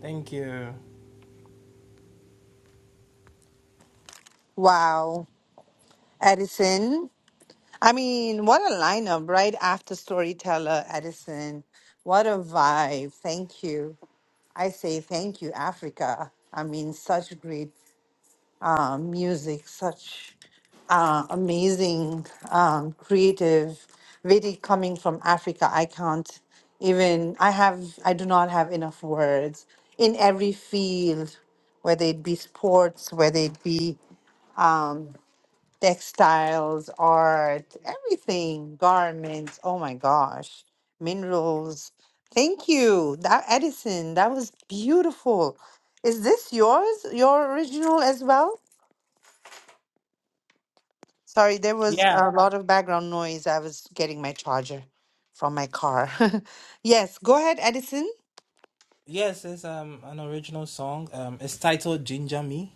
Speaker 22: Thank you.
Speaker 1: Wow, Edison. I mean, what a lineup right after storyteller Edison. What a vibe. Thank you. I say thank you, Africa. I mean, such great uh, music, such uh, amazing, um, creative, really coming from Africa. I can't even, I have, I do not have enough words in every field, whether it be sports, whether it be. Um, textiles, art, everything, garments. Oh my gosh, minerals. Thank you, that Edison. That was beautiful. Is this yours? Your original as well? Sorry, there was
Speaker 22: Yeah.
Speaker 1: a lot of background noise. I was getting my charger from my car. yes, go ahead, Edison.
Speaker 22: Yes, it's um an original song. Um, it's titled Ginger Me.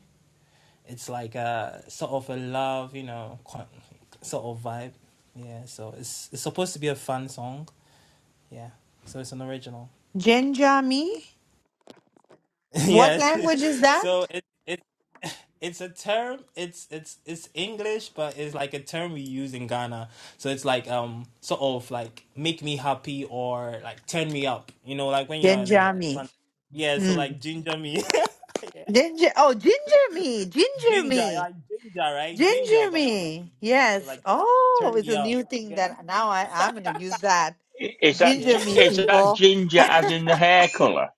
Speaker 22: It's like a sort of a love, you know, sort of vibe. Yeah, so it's it's supposed to be a fun song. Yeah, so it's an original.
Speaker 1: Genjami. What
Speaker 22: yeah,
Speaker 1: language is that?
Speaker 22: so it it it's a term. It's it's it's English, but it's like a term we use in Ghana. So it's like um sort of like make me happy or like turn me up. You know, like when you're in a
Speaker 1: Genjami.
Speaker 22: fun. Yeah, so
Speaker 1: Hmm.
Speaker 22: like ginger me. yeah.
Speaker 1: Ginger. Oh, ginger me. Ginger
Speaker 22: Ginger, I
Speaker 1: me.
Speaker 22: like ginger, right? Ginger,
Speaker 1: Ginger
Speaker 22: but like
Speaker 1: me.
Speaker 22: me, yeah. So
Speaker 1: Yes.
Speaker 22: like,
Speaker 1: Oh,
Speaker 22: turn
Speaker 1: it's
Speaker 22: me
Speaker 1: a
Speaker 22: up,
Speaker 1: new thing
Speaker 22: yeah,
Speaker 1: that now I, I'm going to use that.
Speaker 12: I- Is that
Speaker 22: yeah,
Speaker 1: Ginger
Speaker 12: gi-
Speaker 1: me,
Speaker 12: is that
Speaker 1: people.
Speaker 12: ginger as in the hair colour?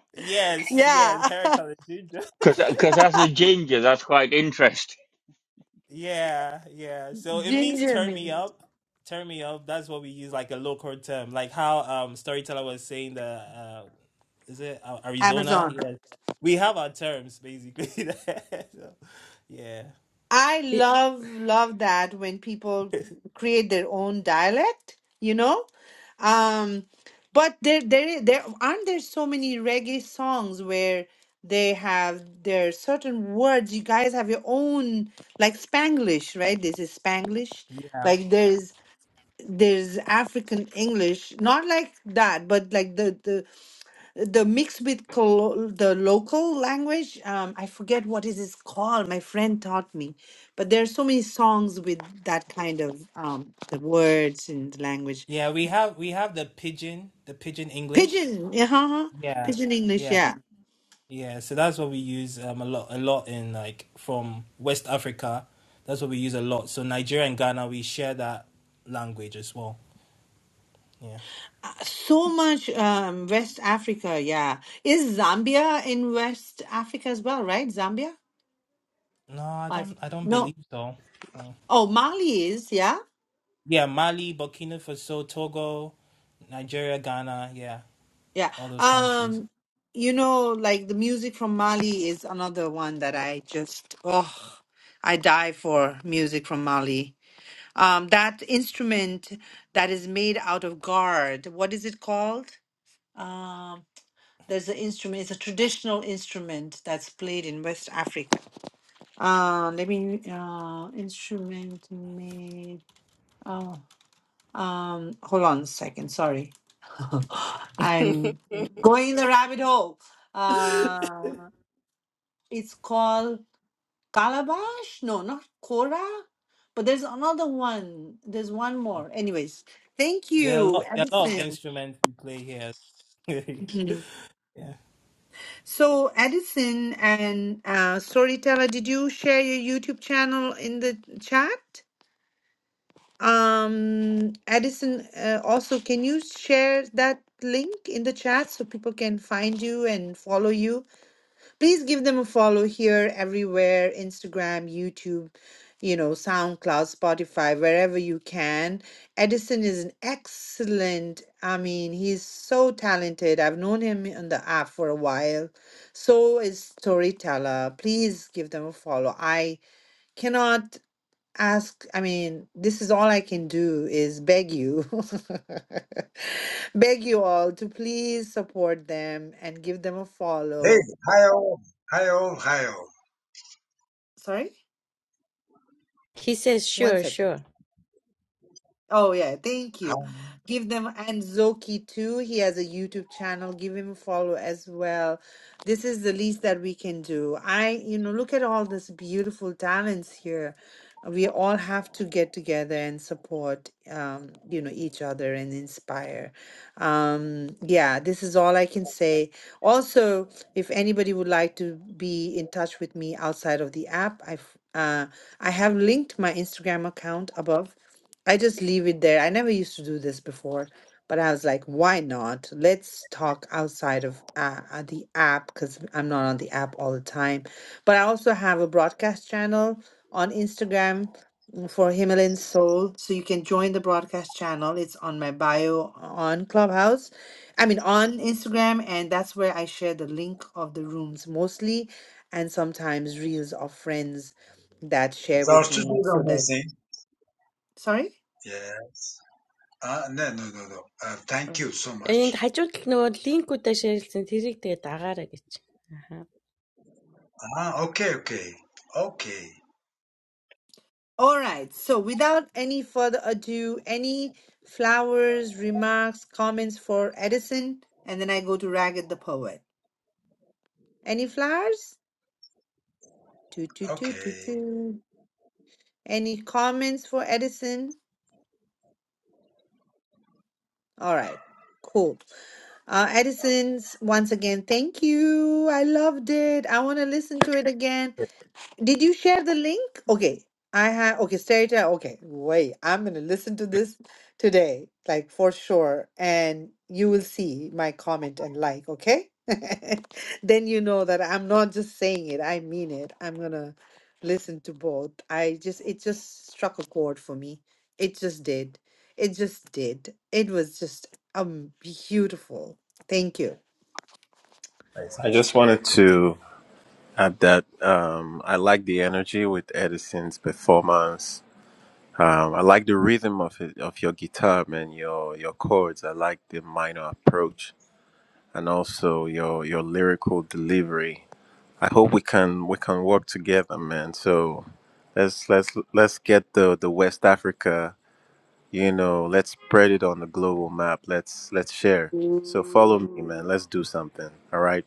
Speaker 22: yes, yes.
Speaker 1: Yeah.
Speaker 22: Hair color ginger,
Speaker 12: Because as a ginger, that's quite interesting.
Speaker 22: yeah, yeah. So it means
Speaker 1: Ginger
Speaker 22: turn
Speaker 1: me.
Speaker 22: me up, turn me up. That's what we use, like a local term, like how um storyteller was saying the uh, is it uh, Arizona?
Speaker 1: Amazon.
Speaker 22: Yes, we have our terms basically. so, yeah,
Speaker 1: I love, love that when people create their own dialect, you know? Um, but there, there, there aren't there so many reggae songs where they have their certain words. You guys have your own, like Spanglish, right? This is Spanglish.
Speaker 22: yeah,
Speaker 1: Like there's there's African English, not like that, but like the the the mix with col- the local language. Um, I forget what it is called. My friend taught me, but there are so many songs with that kind of um the words and the language.
Speaker 22: yeah. We have we have the pigeon, the pigeon English.
Speaker 1: Pigeon, yeah, uh-huh.
Speaker 22: Yeah,
Speaker 1: Pigeon English,
Speaker 22: yeah.
Speaker 1: yeah.
Speaker 22: Yeah, so that's what we use um, a lot, a lot in like from West Africa. That's what we use a lot. So Nigeria and Ghana, we share that language as well. Yeah.
Speaker 1: Uh, So much um West Africa, yeah. Is Zambia in West Africa as well, right? Zambia?
Speaker 22: No, I
Speaker 1: i
Speaker 22: don't. I don't
Speaker 1: no.
Speaker 22: believe so. Uh,
Speaker 1: Oh, Mali is, yeah.
Speaker 22: yeah, Mali, Burkina Faso, Togo, Nigeria, Ghana. Yeah,
Speaker 1: Yeah.
Speaker 22: all those countries.
Speaker 1: Um, you know, like the music from Mali is another one that I just, oh, I die for music from Mali. Um, that instrument that is made out of gourd, what is it called? Um, there's an instrument, it's a traditional instrument that's played in West Africa. Uh, let me, uh, instrument made. oh. Um, hold on a second. Sorry, I'm going in the rabbit hole. Uh, it's called Calabash. No, not Cora, but there's another one. There's one more. Anyways, thank
Speaker 22: There are a
Speaker 1: you,
Speaker 22: lot. There are a lot of
Speaker 1: Edison.
Speaker 22: instruments we play here.
Speaker 1: Mhm.
Speaker 22: yeah.
Speaker 1: so, Edison and uh, Storyteller, did you share your YouTube channel in the chat? Um, Addison, uh, also, can you share that link in the chat so people can find you and follow you? Please give them a follow here, everywhere, Instagram, YouTube, you know, SoundCloud, Spotify, wherever you can. Edison is an excellent, I mean, he's so talented. I've known him on the app for a while. So is Storyteller. Please give them a follow. I cannot ask i mean this is all i can do is beg you beg you all to please support them and give them a
Speaker 18: Hey,
Speaker 1: follow
Speaker 18: hi all. Hi all. Hi all.
Speaker 1: sorry one second Oh yeah, thank
Speaker 18: Hi.
Speaker 1: you. Give them and Zoki too. He has a YouTube channel. Give him a follow as well. This is the least that we can do. I, you know, look at all this beautiful talents here. We all have to get together and support, um, you know, each other and inspire. Um, yeah, this is all I can say. Also, if anybody would like to be in touch with me outside of the app, I've uh, I have linked my Instagram account above I just leave it there. I never used to do this before, but I was like, why not? Let's talk outside of uh, uh, the app because I'm not on the app all the time. But I also have a broadcast channel on Instagram mm, for Himalayan Soul. So you can join the broadcast channel. It's on my bio on Clubhouse. I mean, on Instagram. And that's where I share the link of the rooms mostly and sometimes reels of friends that share with
Speaker 18: Those two
Speaker 1: me
Speaker 18: did
Speaker 1: so that,
Speaker 18: amazing.
Speaker 1: sorry?
Speaker 18: Yes. Uh, no, no, no, no. Uh, thank you so much. Ah, okay, okay. Okay.
Speaker 1: All right. So without any further ado, any flowers, remarks, comments for Edison? And then I go to Ragged the Poet. Any flowers? Toot, toot, toot, toot,
Speaker 18: Okay.
Speaker 1: toot. Any comments for Edison? All right. Cool. Uh, Edison's, once again, thank you. I loved it. I want to listen to it again. Did you share the link? Okay. I have okay, Sterita. Okay, wait. I'm gonna listen to this today, like for sure. And you will see my comment and like, okay? Then you know that I'm not just saying it, I mean it. I'm gonna listen to both. I just it just struck a chord for me. It just did. It just did. It was just um beautiful. Thank you.
Speaker 21: Nice. I just wanted to add that um, I like the energy with Edison's performance. Um, I like the rhythm of it, of your guitar man. your your chords. I like the minor approach and also your your lyrical delivery. I hope we can we can work together, man. So let's let's let's get the the West Africa. You know, let's spread it on the global map. Let's let's share. So follow me, man.
Speaker 1: Mm.
Speaker 21: Let's do something. All right.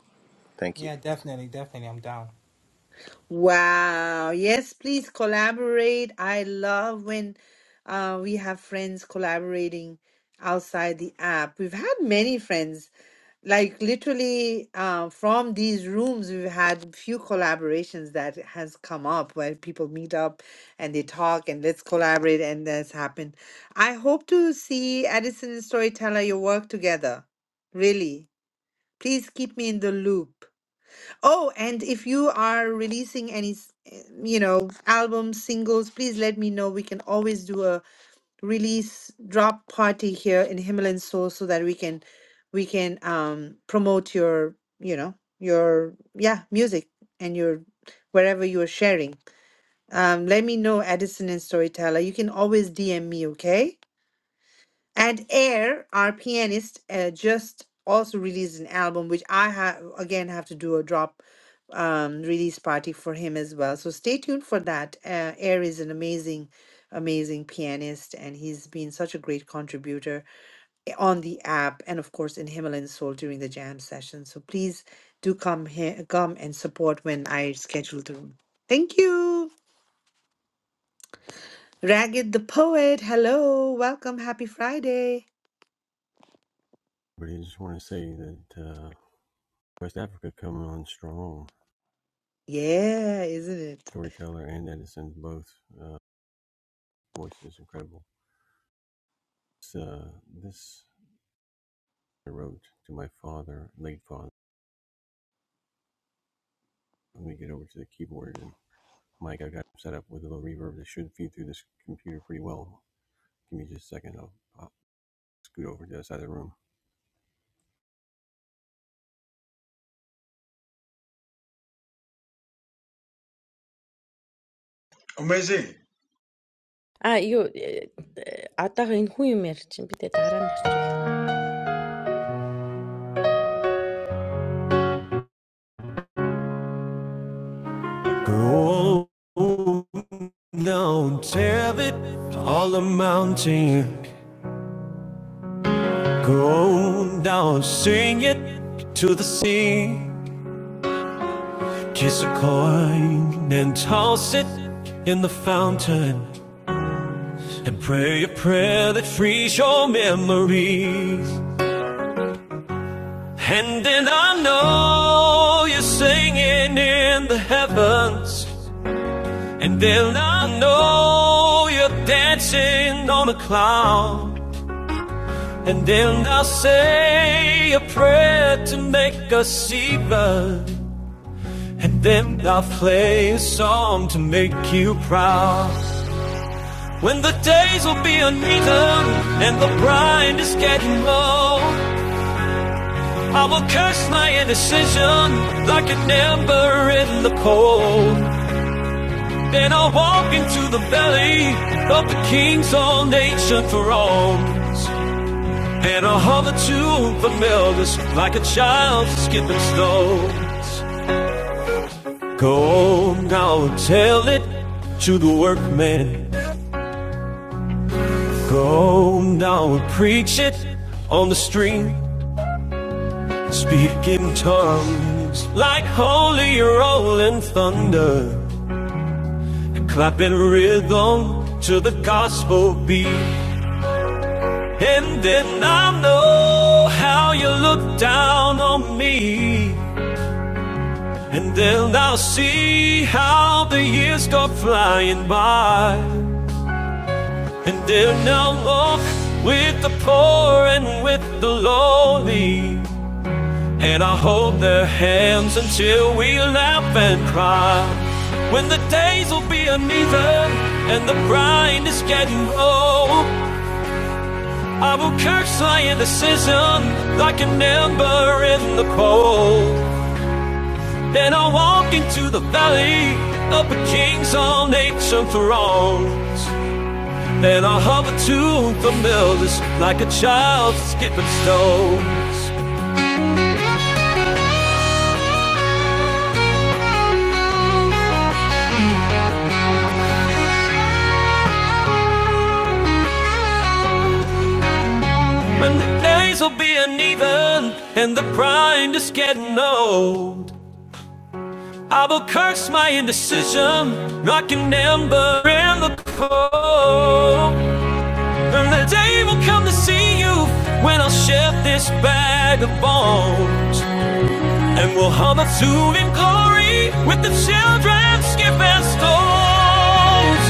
Speaker 21: Thank you.
Speaker 22: Yeah, definitely, definitely. I'm down.
Speaker 1: Wow. Yes, please collaborate. I love when uh, we have friends collaborating outside the app. We've had many friends, like literally uh, from these rooms, we've had few collaborations that has come up where people meet up and they talk and let's collaborate and that's happened. I hope to see Addison and Storyteller your work together. Really. Please keep me in the loop. Oh, and if you are releasing any, s- eh, you know, albums, singles, please let me know. We can always do a release drop party here in Himalayan Soul so that we can we can um promote your, you know, your yeah, music and your wherever you are sharing. Um let me know Edison and Storyteller. You can always DM me, okay? And Air, our pianist, uh, just also released an album, which I have again have to do a drop um, release party for him as well. So stay tuned for that. Uh, Air is an amazing, amazing pianist, and he's been such a great contributor eh, on the app and of course in Himalayan Soul during the jam session. So please do come here, come and support when I schedule the room. Thank you, Ragged the poet. Hello, welcome, happy Friday. Yeah, isn't it?
Speaker 18: Amazing.
Speaker 17: oh, down, tear it all the mountain. Go down, sing it to the sea. Kiss a coin and toss it in the fountain. And pray a prayer that frees your memories. And then I know you're singing in the heavens. And they'll not know you're dancing on a cloud. And they'll not say a prayer to make us see blood. And they'll not play a song to make you proud. When the days will be uneven and the brine is getting low, I will curse my indecision like an ember in the cold. Then I'll walk into the belly of the king's all nation for all. And I'll hover to the elders like a child skipping stones. Go now and tell it to the workmen. Go now and preach it on the street. Speak in tongues like holy rolling thunder. Clapping rhythm to the gospel beat. And then I know how you look down on me. And then I'll see how the years go flying by. And then I'll walk with the poor and with the lowly. And I'll hold their hands until we laugh and cry. When the days will be uneven and the brine is getting old. I will catch scientificism like an ember in the cold. Then I'll walk into the valley of a king's on ancient thrones. Then I'll hover to the millers like a child skipping stones. And the days will be uneven and the grind is getting old. I will curse my indecision, like an ember in the cold. And the day will come to see you when I'll shift this bag of bones. And we'll hum a tune in glory with the children skip and stones.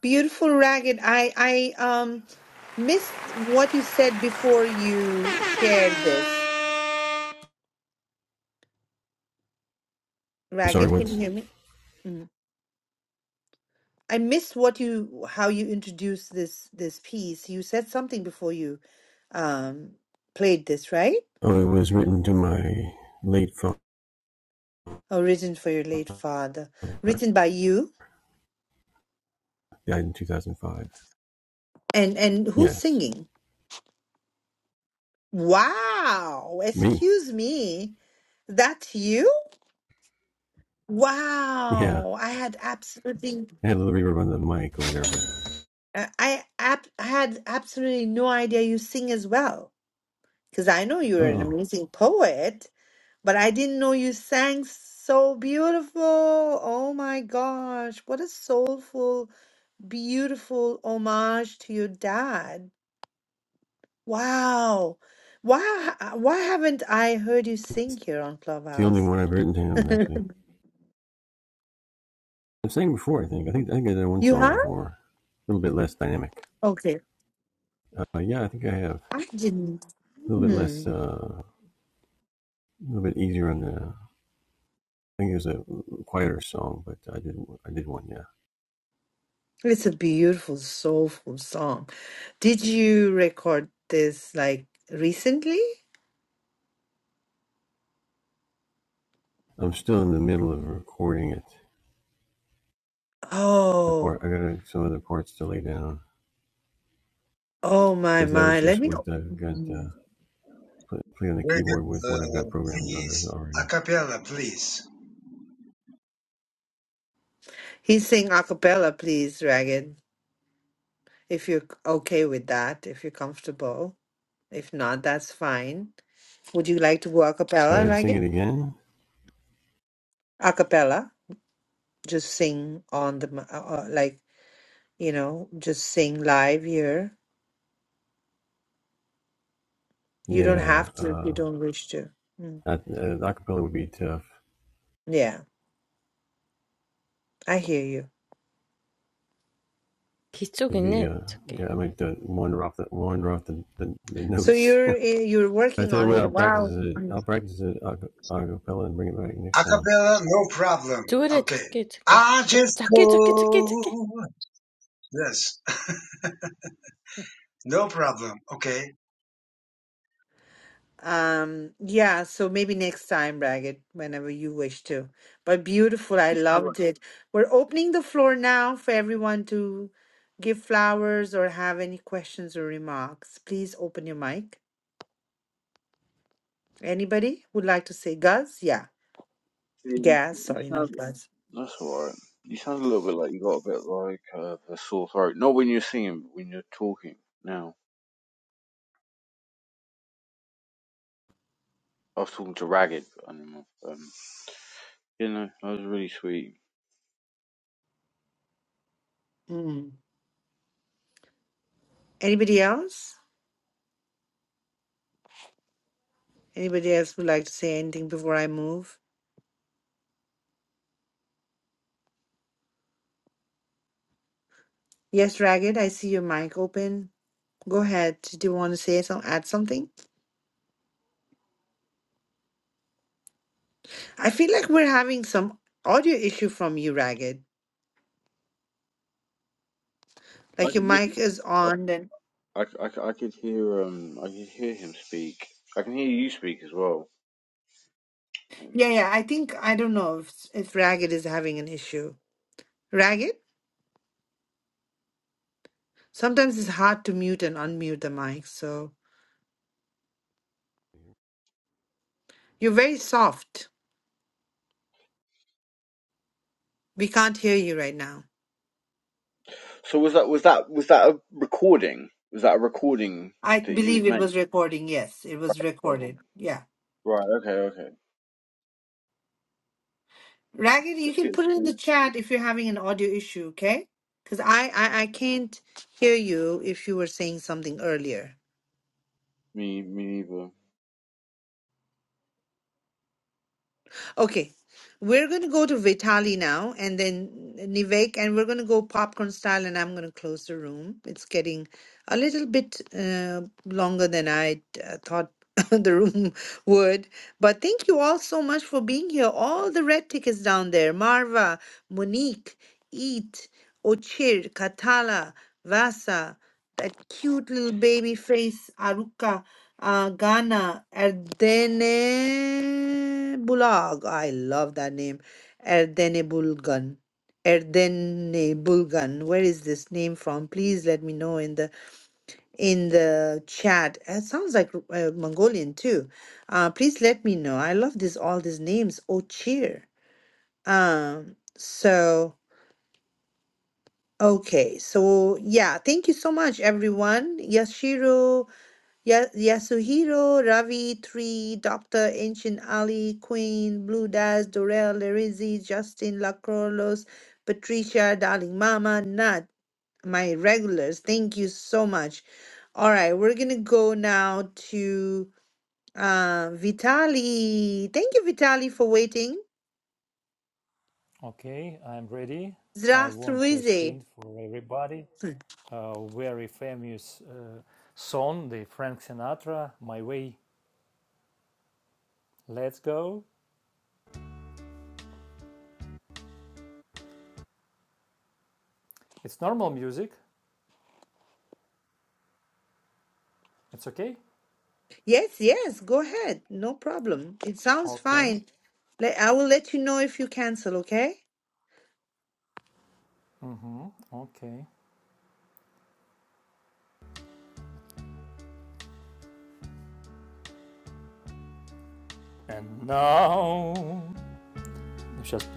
Speaker 1: Beautiful, Ragged. I I um missed what you said before you shared this. Ragged, can you hear me? Mm. I missed what you how you introduced this this piece. You said something before you um played this, right? Origin for your late father, written by you, and and who's singing? Wow! Excuse me, that's you? Wow! I had absolutely Uh, I ab- I had absolutely no idea you sing as well, because I know you're an amazing poet, but I didn't know you sang so beautiful. Oh my gosh, what a soulful, beautiful homage to your dad. Wow. Why ha- why haven't I heard you sing here on Clubhouse? You have? Okay. I didn't. Hmm. It's a beautiful, soulful song. Did you record this like recently? Oh, oh my my. Let me. Mhm.
Speaker 18: Very good. Uh, please. A cappella, please.
Speaker 1: He's sing a cappella, please, Dragon. If you're okay with that, if you're comfortable. If not, that's fine. Would you like to go a cappella, Dragon? A cappella, just sing on the mi- uh, uh, like you know, just sing live here. You don't have to if you don't wish to. Mm. Yeah, I hear you. So you're eh, you're working on it. Wow. Mm.
Speaker 18: A cappella, no problem. Okay. I just go. Yes. No problem. Okay.
Speaker 1: Um, yeah, so maybe next time, Ragged, whenever you wish to. But beautiful, I
Speaker 13: You sound like
Speaker 1: loved it. We're opening the floor now for everyone to give flowers or have any questions or remarks. Please open your mic. Anybody would like to say Guz? Yeah,
Speaker 13: Yeah,
Speaker 1: Gaz,
Speaker 13: you
Speaker 1: sorry,
Speaker 13: sound,
Speaker 1: not Guz.
Speaker 13: that's alright. You sound a little bit like you got a bit like uh, a sore throat. Not when you're singing, but when you're talking. Now, I was talking to Ragged Animal. Um, you know, that was really sweet.
Speaker 1: Mm. Anybody else? Anybody else would like to say anything before I move? Yes, Ragged, I see your mic open. Go ahead. Do you want to say some, add something? I feel like we're having some audio issue from you, Ragged.
Speaker 13: I
Speaker 1: Like your
Speaker 13: could, we
Speaker 1: mic is
Speaker 13: could,
Speaker 1: on and
Speaker 13: I, I, I, I could hear um, I could hear him speak. I can hear you speak as well. Um,
Speaker 1: yeah, yeah. I think I don't know if if Ragged is having an issue. Ragged? Sometimes it's hard to mute and unmute the mic, so you're very soft. We can't hear you right now.
Speaker 13: so was that was that was that a recording? Was that a recording
Speaker 1: I
Speaker 13: that you had
Speaker 1: believe it
Speaker 13: made?
Speaker 1: was recording. Yes, it was recorded. Yeah.
Speaker 13: Right. Okay. Okay.
Speaker 1: Ragged, you
Speaker 13: It's
Speaker 1: can
Speaker 13: good.
Speaker 1: put it in the chat if you're having an audio issue, okay? Because I, I I can't hear you if you were saying something earlier.
Speaker 13: Me. Me neither.
Speaker 1: Okay, we're going to go to Vitali now and then Nivek, and we're going to go popcorn style, and I'm going to close the room. It's getting a little bit uh, longer than I uh, thought the room would. But thank you all so much for being here. All the red tickets down there Marva, Monique, Eat, Ochir, Katala, Vasa, that cute little baby face, Aruka. Uh, Ghana, Erdene Bulag. I love that name. Erdene Bulgan. Erdene Bulgan. Where is this name from? Please let me know in the in the chat. It sounds like uh, Mongolian too. Uh, please let me know. I love this all these names. Oh, cheer. Um. So okay. So yeah. Thank you so much, everyone. Yashiro. Ya- Yasuhiro, Ravi, Tree, Doctor, Ancient Ali, Queen, Blue Daz, Dorel, Larizi, Justin, Lacrolos, Patricia, Darling Mama, Nat, my regulars. Thank you so much. All right, we're gonna go now to uh, Vitali. Thank you, Vitali, for waiting.
Speaker 20: Okay, I'm ready. I want to
Speaker 1: Zrastruize.
Speaker 20: sing for everybody a very famous uh, song, the Frank Sinatra, "My Way." Let's go. It's normal music. It's okay.
Speaker 1: Yes, yes, go ahead. No problem. It sounds
Speaker 20: Okay.
Speaker 1: fine. Let I will let you know if you cancel, okay?
Speaker 20: hmm Okay. And now, just,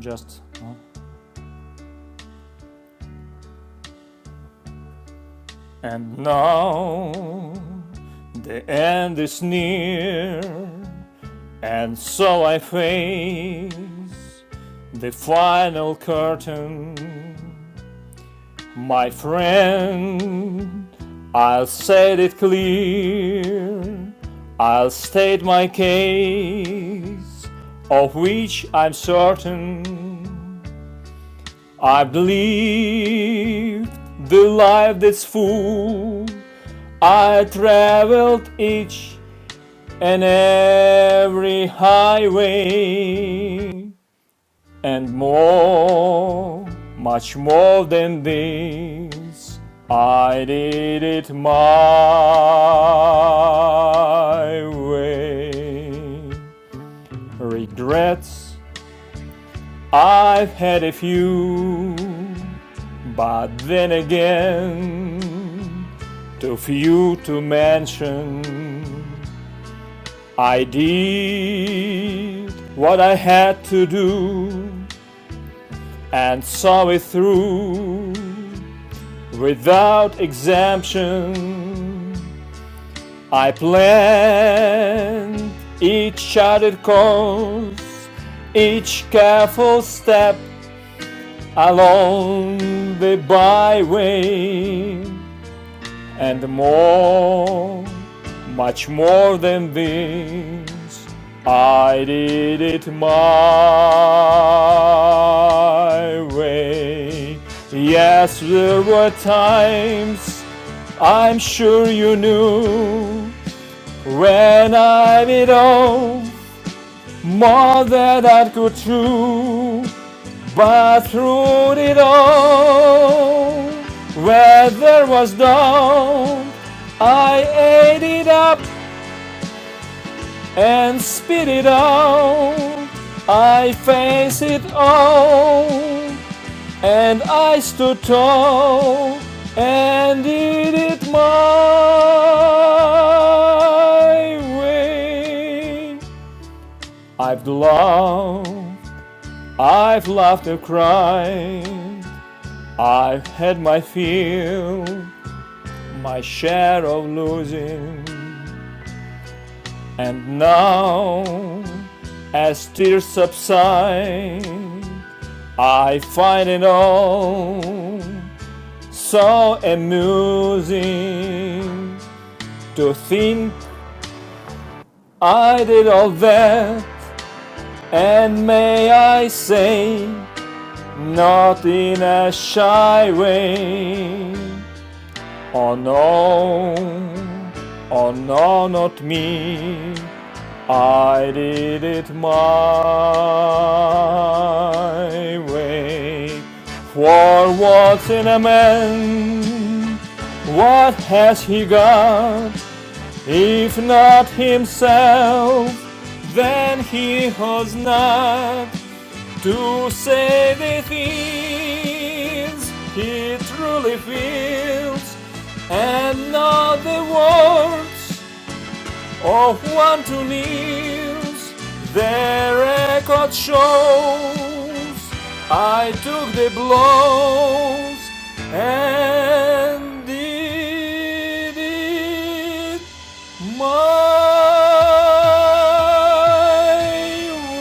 Speaker 20: just. Uh, And now the end is near, and so I face the final curtain. My friend, I'll set it clear, I'll state my case, of which I'm certain. I believe the life that's full. I traveled each and every highway and more, much more than this. I did it my way. Regrets I've had a few, but then again, too few to mention. I did what I had to do and saw it through without exemption. I planned each charted course, each careful step along the byway and more, much more than this. I did it my way. Yes, there were times I'm sure you knew when I did all more than I could do. But through it all, weather was down. I ate it up and spit it out. I faced it all, and I stood tall and did it my way. I've loved, I've laughed and cried. I've had my fill, my share of losing, and now, as tears subside, I find it all so amusing to think I did all that, and may I say, not in a shy way. Oh no, oh no, not me. I did it my way. For what's in a man? What has he got? If not himself, then he has not to say the things he truly feels and not the words of one who lives. The record shows I took the blows and did it my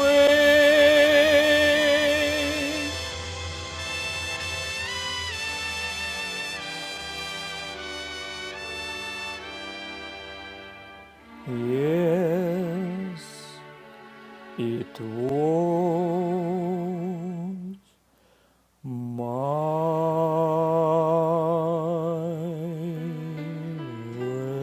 Speaker 20: way. Yes, it was. My way.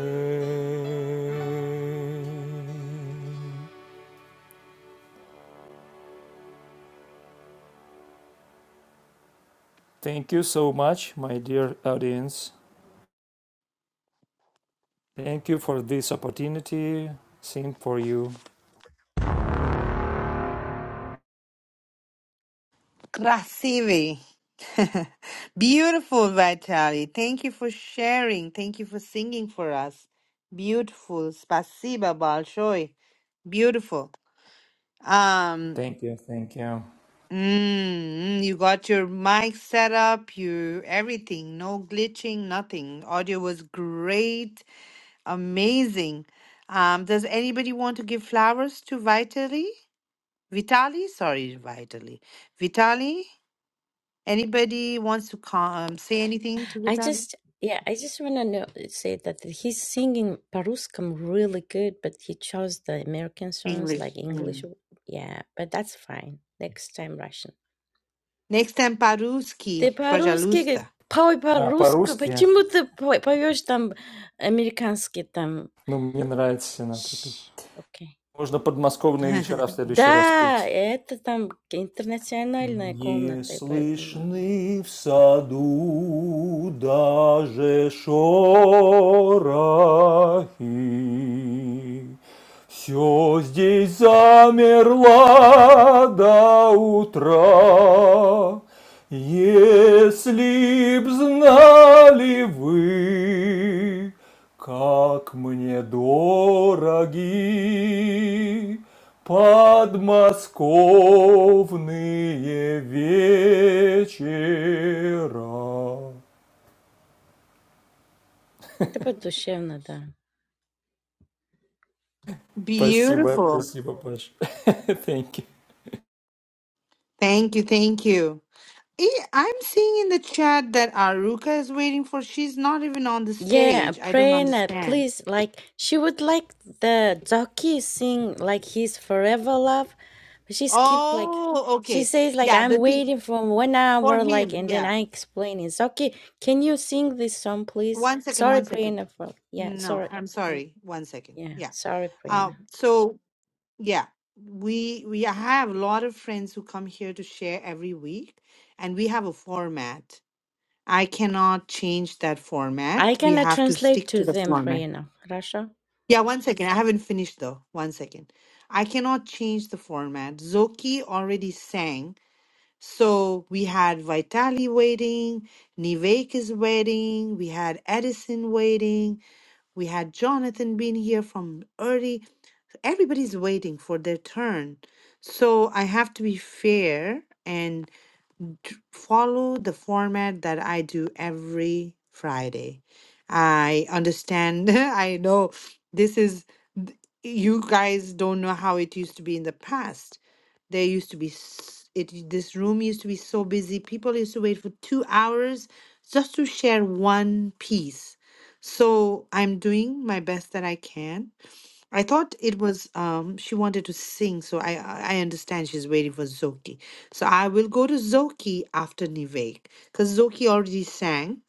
Speaker 20: Thank you so much, my dear audience. Thank you for this opportunity. Sing for you.
Speaker 1: Krasivi. Beautiful, Vitali. Thank you for sharing. Thank you for singing for us. Beautiful. Spasiba Balshoi. Beautiful. Um
Speaker 20: Thank you, thank you.
Speaker 1: mm, mm, you got your mic set up, you everything, no glitching, nothing. Audio was great, amazing. Um, does anybody want to give flowers to Vitali? Vitali? Sorry, Vitali. Vitali? Anybody wants to come, say anything to with that English? Mm. Next time, Paruski, Brajalusta.
Speaker 20: А, по-русски? Ну, мне нравится Синатра. Можно подмосковные вечера в следующий раз петь. Не слышны в саду даже шорохи. Все здесь замерло до утра. Если б знали вы, Как мне дороги подмосковные вечера. Спасибо,
Speaker 1: Beautiful.
Speaker 20: спасибо, Паш. Thank you.
Speaker 1: Thank you, thank you. Eh, I'm seeing in the chat that Aruka is waiting for. She's not even on the stage. I don't understand. Oh, okay. Yeah, the thing for him. Yeah. One second, one second. No, I'm sorry. One second. Yeah. Uh, so Yeah, we we have a lot of friends who come here to share every week, and we have a format. I cannot change that format. We have to stick to the format. Yeah, one second. I haven't finished though. One second. I cannot change the format. Zoki already sang, so we had Vitali waiting, Nivek is waiting, we had Edison waiting, we had Jonathan being here from early everybody's waiting for their turn. So I have to be fair and t- follow the format that I do every Friday. I understand. I know this is, th- you guys don't know how it used to be in the past. There used to be, s- it, this room used to be so busy. People used to wait for two hours just to share one piece. So I'm doing my best that I can I thought it was um she wanted to sing, so I I I understand she's waiting for Zoki. So I will go to Zoki after Nivek because Zoki already sang.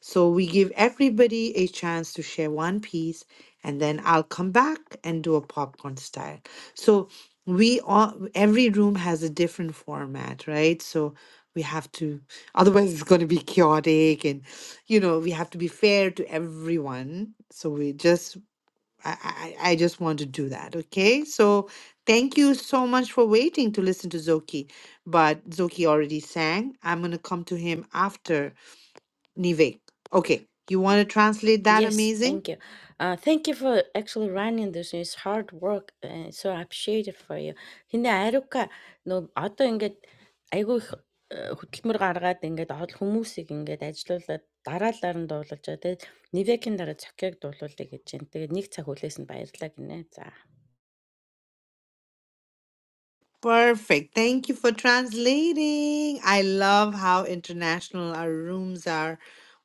Speaker 1: So we give everybody a chance to share one piece, and then I'll come back and do a popcorn style. So we all every room has a different format, right? So we have to otherwise it's going to be chaotic and you know we have to be fair to everyone so we just I, I, I just want to do that. Okay. So thank you so much for waiting to listen to Zoki. But Zoki already sang. I'm going to come to him after Nivek. Okay. You want to translate that amazing? Perfect. Thank you for translating. I love how international our rooms are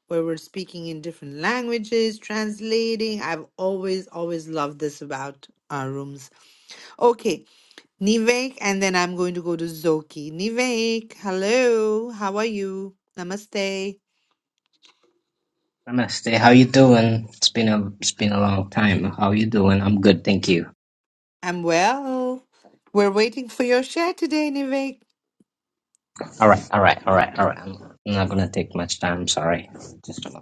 Speaker 1: where we're speaking in different languages, translating. I've always, always loved this about our rooms. Okay. Nivek, and then I'm going to go to Zoki. Nivek, hello, how are you? Namaste.
Speaker 23: Namaste. How you doing? It's been a it's been a long time. How you doing? I'm good, thank you.
Speaker 1: I'm well. We're waiting for your share today, Nivek.
Speaker 23: All right, all right, all right, all right. I'm I'm not gonna take much time. Sorry. Just a moment.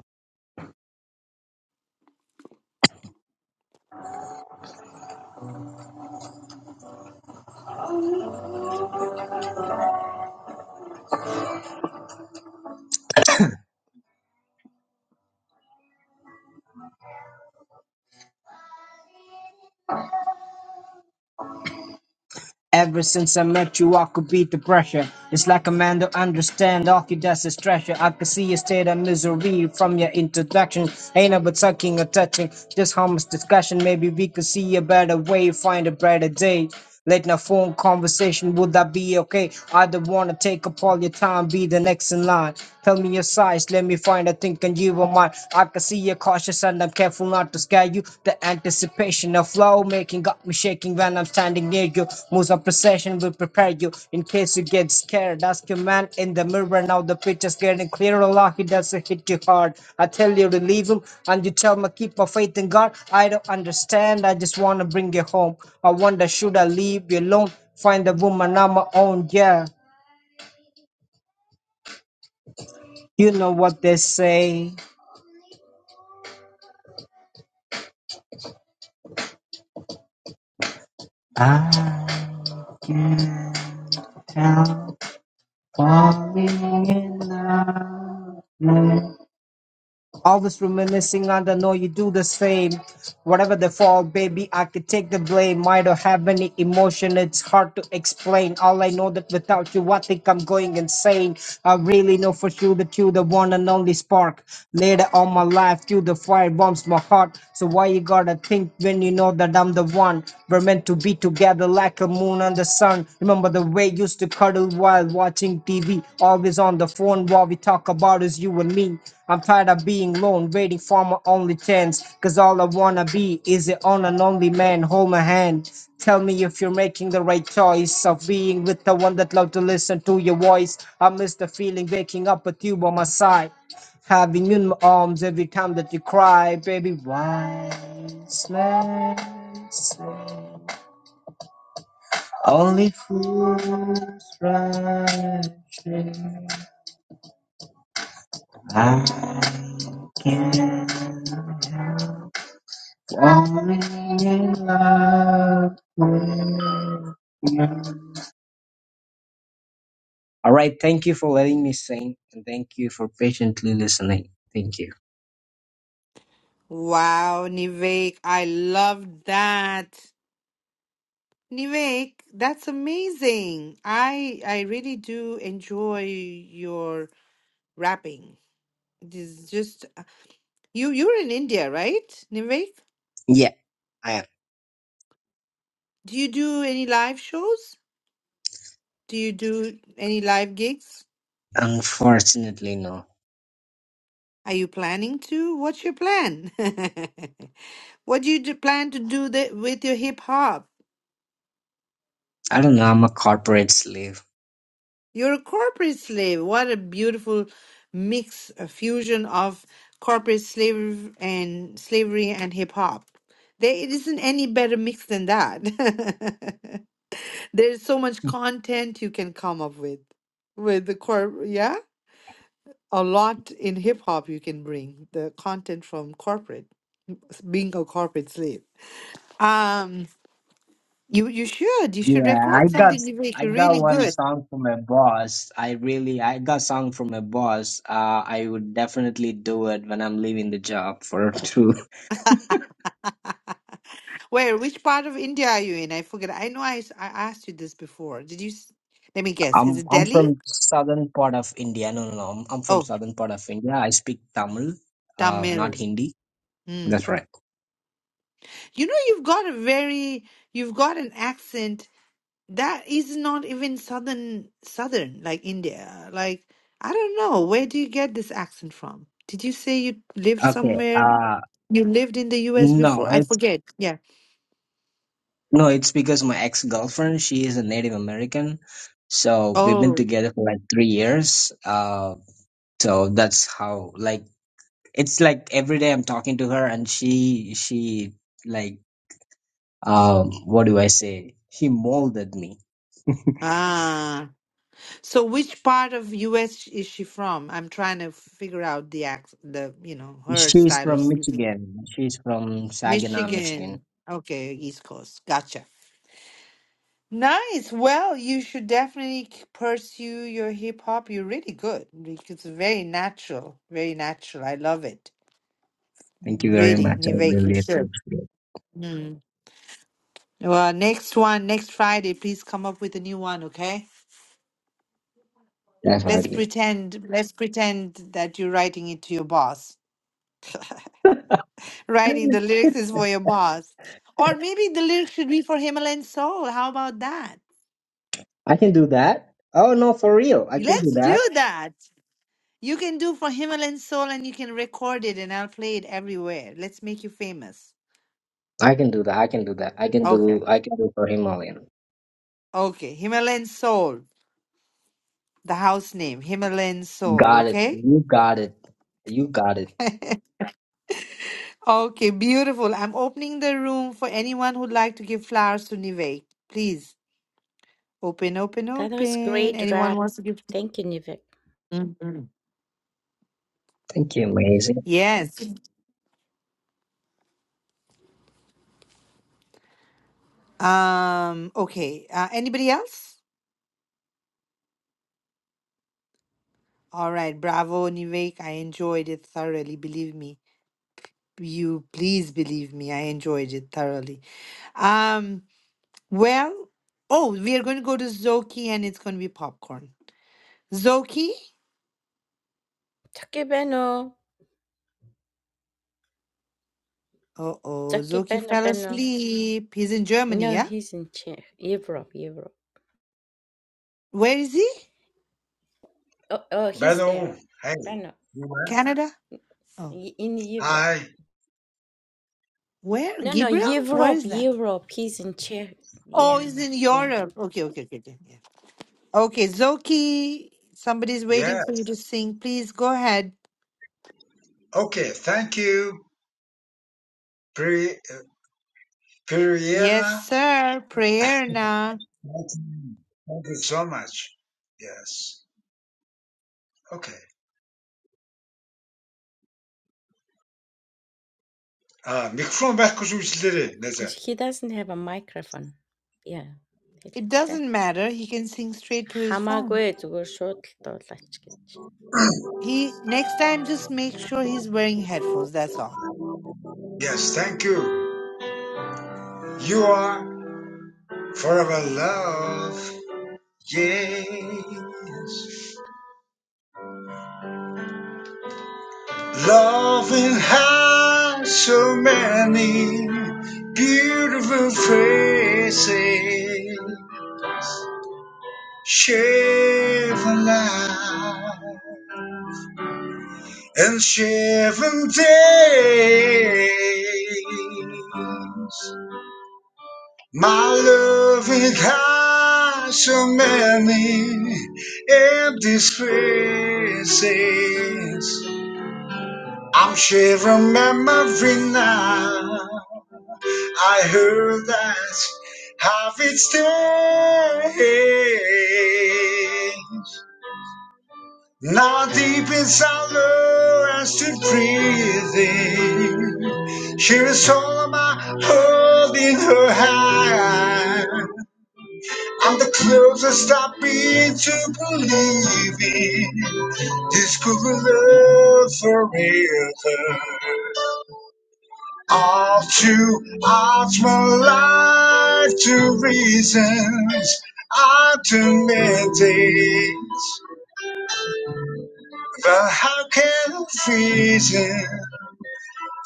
Speaker 23: Ever since I met you, I could beat the pressure. It's like a man to understand all he does is treasure. I could see your state of misery from your introduction. Ain't about sucking or touching, just harmless discussion. Maybe we could see a better way, find a brighter day. Late night phone conversation, would that be okay? I don't wanna take up all your time, be the next in line. Tell me your size, let me find a thing thinking you are mine. I can see your cautious and I'm careful not to scare you. The anticipation of love making got me shaking when I'm standing near you. Moves of precision will prepare you in case you get scared. Ask your man in the mirror now. The picture's getting clearer. Allah, he doesn't hit you hard. I tell you to leave him and you tell me keep my faith in God. I don't understand. I just want to bring you home. I wonder should I leave you alone? Find a woman on my own. Yeah, you know what they say. Always reminiscing and I know you do the same. Whatever the fall, baby, I could take the blame. Might not have any emotion, it's hard to explain. All I know that without you, I think I'm going insane. I really know for sure that you the one and only spark. Later on my life, you the fire warms my heart. So why you gotta think when you know that I'm the one? We're meant to be together like a moon and the sun. Remember the way you used to cuddle while watching TV, always on the phone. while we talk about is you and me. I'm tired of being lone, waiting for my only chance. Cause all I wanna be is an on and only man. Hold my hand. Tell me if you're making the right choice of being with the one that loved to listen to your voice. I miss the feeling waking up with you by my side. Having you in my arms every time that you cry, baby. Why slay, say Only fools rush in. I can't. help. I'm in love with you. All right, thank you for letting me sing and thank you for patiently listening. Thank you.
Speaker 1: Wow, Nivek, I love that. Nivek, that's amazing. I I really do enjoy your rapping. It is just uh, you you're in India, right, Nivek?
Speaker 23: Yeah, I am.
Speaker 1: Do you do any live shows? Do you do any live gigs?
Speaker 23: Unfortunately, no.
Speaker 1: Are you planning to? What's your plan? What do you do- plan to do the, with your hip hop?
Speaker 23: I don't know, I'm a corporate slave.
Speaker 1: You're a corporate slave. What a beautiful mix, a fusion of corporate slave and slavery and hip hop. There it isn't any better mix than that. There's so much content you can come up with with the corp. Yeah, a lot in hip hop you can bring the content from corporate being a corporate slave. Um. You you should. You should
Speaker 23: Yeah, I
Speaker 1: record
Speaker 23: got
Speaker 1: something you make
Speaker 23: I
Speaker 1: You're
Speaker 23: got
Speaker 1: really
Speaker 23: one
Speaker 1: good.
Speaker 23: song from my boss. I really I got song from my boss. Uh I would definitely do it when I'm leaving the job for true.
Speaker 1: Where, which part of India are you in? I forget. I know I, s- I asked you this before. Did you? s- Let me guess. Is
Speaker 23: I'm
Speaker 1: it
Speaker 23: I'm
Speaker 1: Delhi?
Speaker 23: from southern part of India. No, no, no. I'm, I'm from
Speaker 1: Oh,
Speaker 23: southern part of India. I speak Tamil, uh, not
Speaker 1: Tamil.
Speaker 23: Hindi.
Speaker 1: Mm.
Speaker 23: That's right.
Speaker 1: You know, you've got a very, you've got an accent that is not even southern, southern like India. Like, I don't know. Where do you get this accent from? Did you say you lived
Speaker 23: Okay.
Speaker 1: somewhere?
Speaker 23: Uh,
Speaker 1: You lived in the US
Speaker 23: no,
Speaker 1: before? I
Speaker 23: it's
Speaker 1: forget. Yeah.
Speaker 23: no, it's because my ex-girlfriend, she is a Native American, so we've been
Speaker 1: Oh,
Speaker 23: together for like three years. Uh, so that's how like it's like every day I'm talking to her, and she she like um what do I say? She molded me.
Speaker 1: ah. So which part of US is she from? I'm trying to figure out the ac the, you know, her
Speaker 23: She's
Speaker 1: style of
Speaker 23: from
Speaker 1: speaking.
Speaker 23: Michigan. She's from Saginaw, Michigan.
Speaker 1: Michigan. Okay, East Coast. Gotcha. Nice. Well, you should definitely k- pursue your hip hop. You're really good. Like, It's very natural. Very natural. I love it.
Speaker 23: Thank you very
Speaker 1: Really,
Speaker 23: much. I
Speaker 1: Nivek, you
Speaker 23: really
Speaker 1: should.
Speaker 23: appreciate it.
Speaker 1: Mm. Well, next one, next Friday, please come up with a new one, okay? Let's
Speaker 23: Definitely.
Speaker 1: pretend, let's pretend that you're writing it to your boss. Writing the lyrics is for your boss. Or maybe the lyrics should be for Himalayan Soul. How about that?
Speaker 23: I can do that. Oh no, for real. I can do
Speaker 1: Let's do
Speaker 23: that.
Speaker 1: that. You can do for Himalayan Soul and you can record it and I'll play it everywhere. Let's make you famous.
Speaker 23: I can do that. I can do that. I can
Speaker 1: Okay.
Speaker 23: do I can do for Himalayan.
Speaker 1: Okay. Himalayan Soul. The house name, Himalayan Soul.
Speaker 23: Got it.
Speaker 1: Okay.
Speaker 23: You got it. You got it.
Speaker 1: okay. Beautiful. I'm opening the room for anyone who'd like to give flowers to Nivek. Please open, open, open. Anyone wants to give? Mhm.
Speaker 23: Thank you, amazing.
Speaker 1: Yes. Um, okay. Uh, anybody else? All right. Bravo, Nivek. I enjoyed it thoroughly. Believe me. You please believe me. I enjoyed it thoroughly. Um, well, oh, we are going to go to Zoki and it's going to be popcorn. Zoki? Uh-oh. Zoki fell asleep. He's in Germany, yeah? Where is he?
Speaker 18: Beto, hey, you went?
Speaker 1: Canada? Oh,
Speaker 18: Hi,
Speaker 1: where? Gabriel? Where is that? Oh, he's in Europe. Okay, okay, okay, okay. yeah. Okay, Zoki, somebody's waiting for
Speaker 18: yes.
Speaker 1: you to sing. Please go ahead.
Speaker 18: Okay, thank you, Pri- uh,
Speaker 1: Yes,
Speaker 18: Priyana.
Speaker 1: sir. Prayer now.
Speaker 18: Thank you so much. Yes. Okay. Uh, mikrofon başkası üstleri. Neyse.
Speaker 1: It doesn't matter. He can sing straight to his phone. He next time just make sure he's wearing headphones. That's all.
Speaker 18: Yes, thank you. You are forever love. Yes. Loving has so many beautiful faces. Shiver night and shiver days. My love it has so many empty spaces. I'm shivering every night. I heard that have its day. Now deep inside her, I stood breathing. She is all of my world in her hand. I'm the closest I've been to believing this could love forever. All too hearts my life to reasons alternating. But how can reason?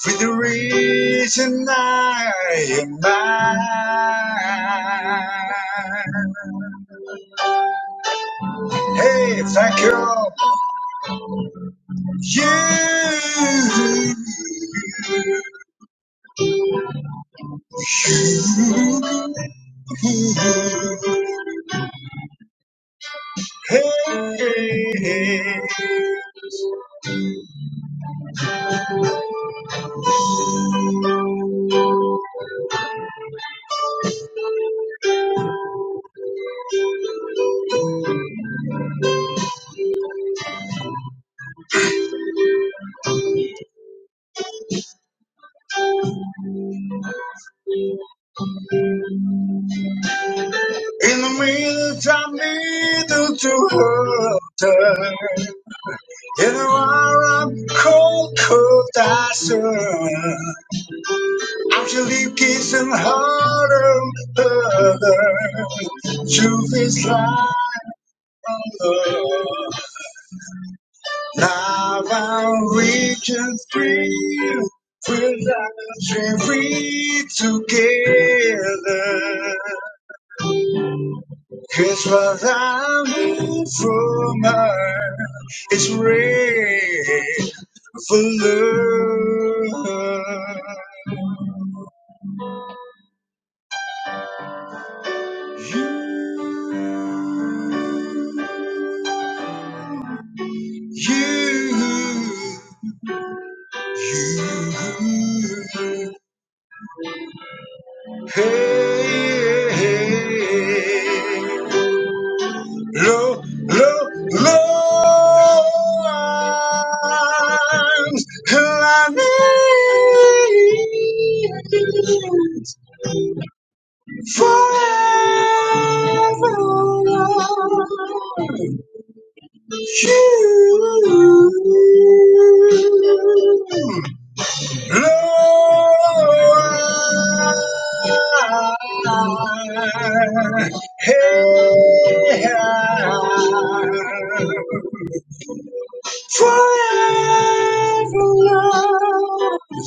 Speaker 18: For the reason I am mine. Hey, thank you. You. Hey. In the meantime, middle to water. In the warm, cold, cold desert. I'm still kissing harder, harder. Truth is life. Now I'm reaching free, we're free together. Cause what I move from earth is red for love. You, you, you. Hey, hey, hey. Lo, lo, lo, arms, lineage, forever, you. Lord, hey, forever love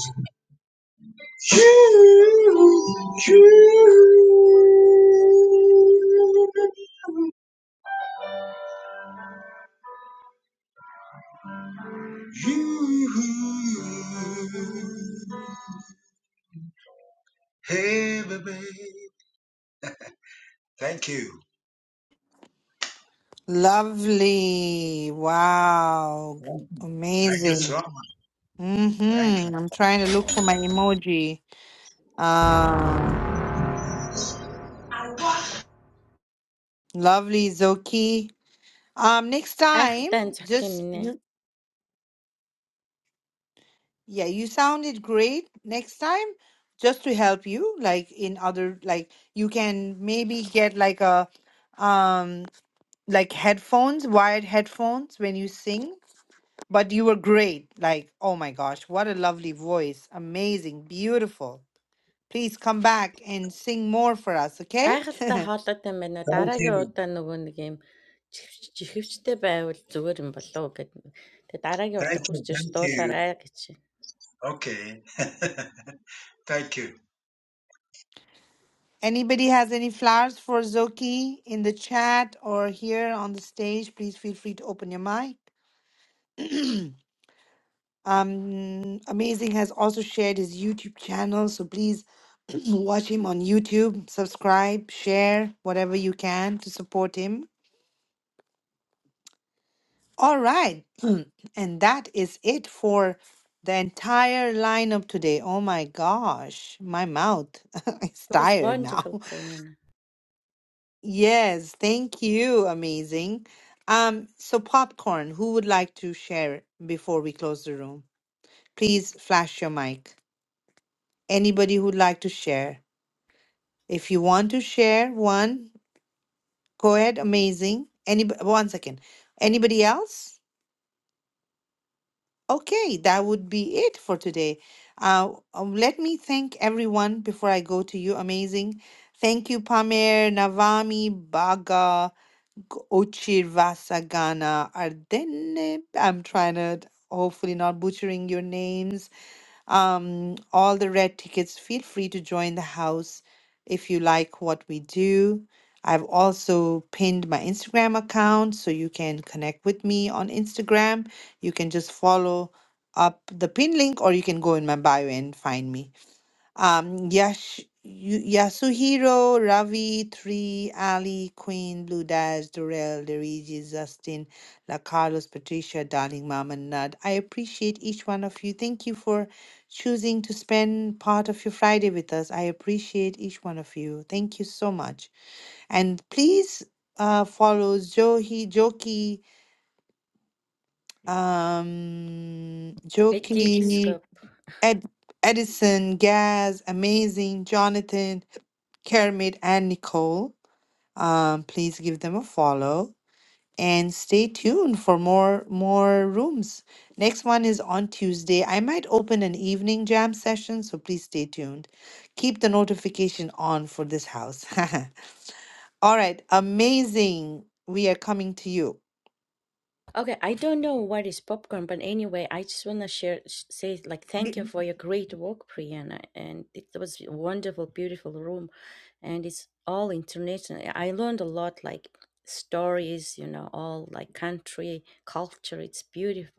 Speaker 18: you, you, you. Hey, baby. Thank you.
Speaker 1: Lovely. Wow.
Speaker 18: Thank you Thank you so
Speaker 1: Amazing.
Speaker 18: much. Thank you.
Speaker 1: Mm-hmm. I'm trying to look for my emoji. Uh, lovely, Zoki. Um, next time, just Yeah, you sounded great. Next time, just to help you, like in other, like you can maybe get like a, um, like headphones, wired headphones when you sing. But you were great. Like, oh my gosh, what a lovely voice. Amazing, beautiful. Please come back and sing more for us, okay?
Speaker 18: Thank you. Thank you, thank you. Okay. Thank you,
Speaker 1: Anybody has any flowers for Zoki in the chat or here on the stage, please feel free to open your mic. Um, Amazing has also shared his YouTube channel, so please watch him on YouTube, subscribe, share whatever you can to support him. All right, and that is it for the entire lineup today. Oh my gosh, my mouth is tired now. Yes, thank you, amazing. Um, so popcorn, who would like to share before we close the room? Please flash your mic. Anybody who'd like to share? If you want to share one, go ahead. Amazing. Any one second. Anybody else? Okay, that would be it for today. Uh, um, let me thank everyone before I go to you. Amazing. Thank you, Pamer, Navami, Baga, G- Ochir Vasagana, Ardenne. I'm trying to hopefully not butchering your names. Um, all the red tickets, feel free to join the house if you like what we do. I've also pinned my Instagram account so you can connect with me on Instagram. You can just follow up the pin link or you can go in my bio and find me. Um, Yash Yu- Yasuhiro, Ravi, Tree, Ali, Queen, Blue Dash, Dorel, Luigi, Justin, La Carlos, Patricia, Darling Mom and Nad. I appreciate each one of you. Thank you for choosing to spend part of your Friday with us. I appreciate each one of you. Thank you so much. And please uh follow Johi Joki um Joki Ed, Edison, Gaz, Amazing, Jonathan, Kermit, and Nicole. Um, please give them a follow and stay tuned for more more rooms. Next one is on Tuesday. I might open an evening jam session, so please stay tuned. Keep the notification on for this house. All right, amazing. We are coming to you.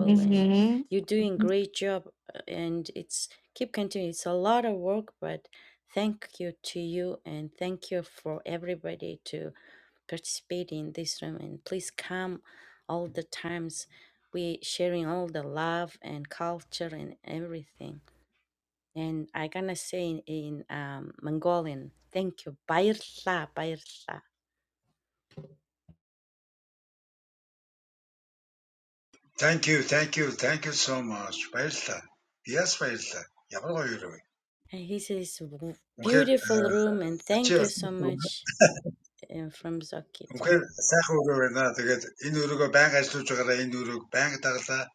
Speaker 1: hmm
Speaker 18: thank you, thank you, thank you so much. Besta, yes, besta. Yabo yo ruwe. Muke, aci, muke sahuru we na. Tegat Hindu ru ko bank eshto chakra. Hindu ru ko bank tagta.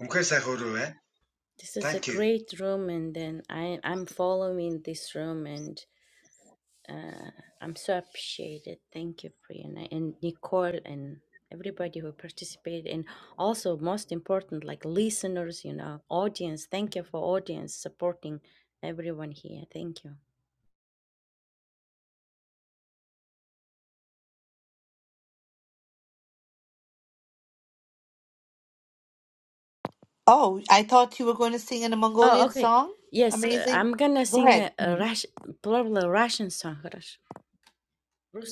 Speaker 18: Muke sahuru we. Thank you.
Speaker 1: Oh, I thought you were going to sing in a Mongolian song. Amazing. Go ahead.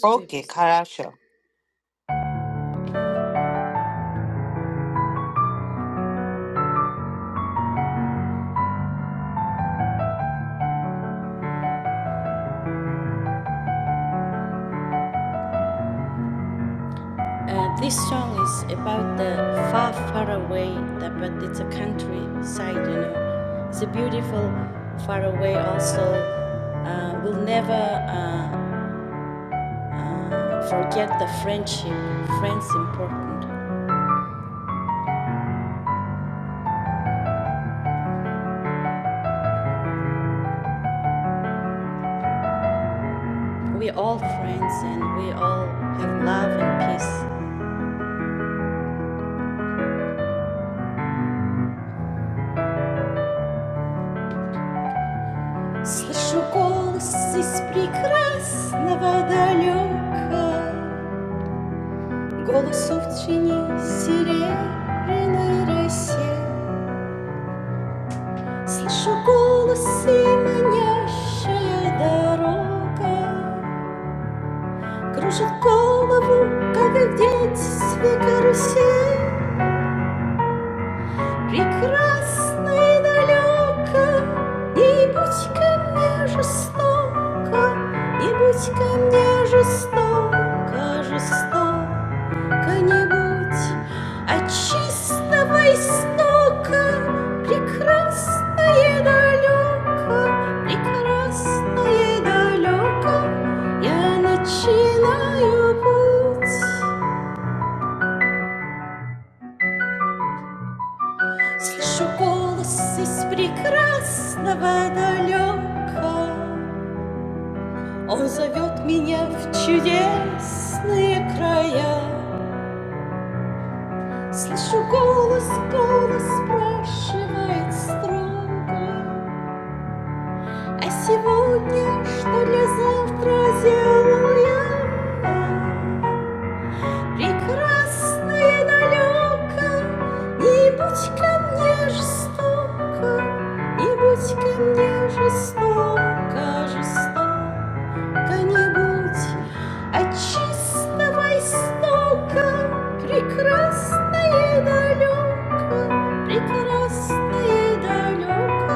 Speaker 1: Okay, Karasha.
Speaker 14: Слышу голос из прекрасного далека. Голосу в тени серебряной росе Слышу голос и манящая дорога Кружит голову, как в детстве карусель Прекрасный далеко Не будь ко мне жестоко Не будь ко мне жестоко, жестоко Сколько-нибудь от чистого истока Прекрасное далеко, прекрасное далеко Я начинаю путь Слышу голос из прекрасного далека Он зовет меня в чудесные края Слышу голос, голос спрашивает строго А сегодня, что для завтра сделал я? Прекрасный далеко, не будь ко мне жестоко, не будь ко мне жестоко, жестоко когда-нибудь от чистого истока прекрасное далеко, прекрасное далеко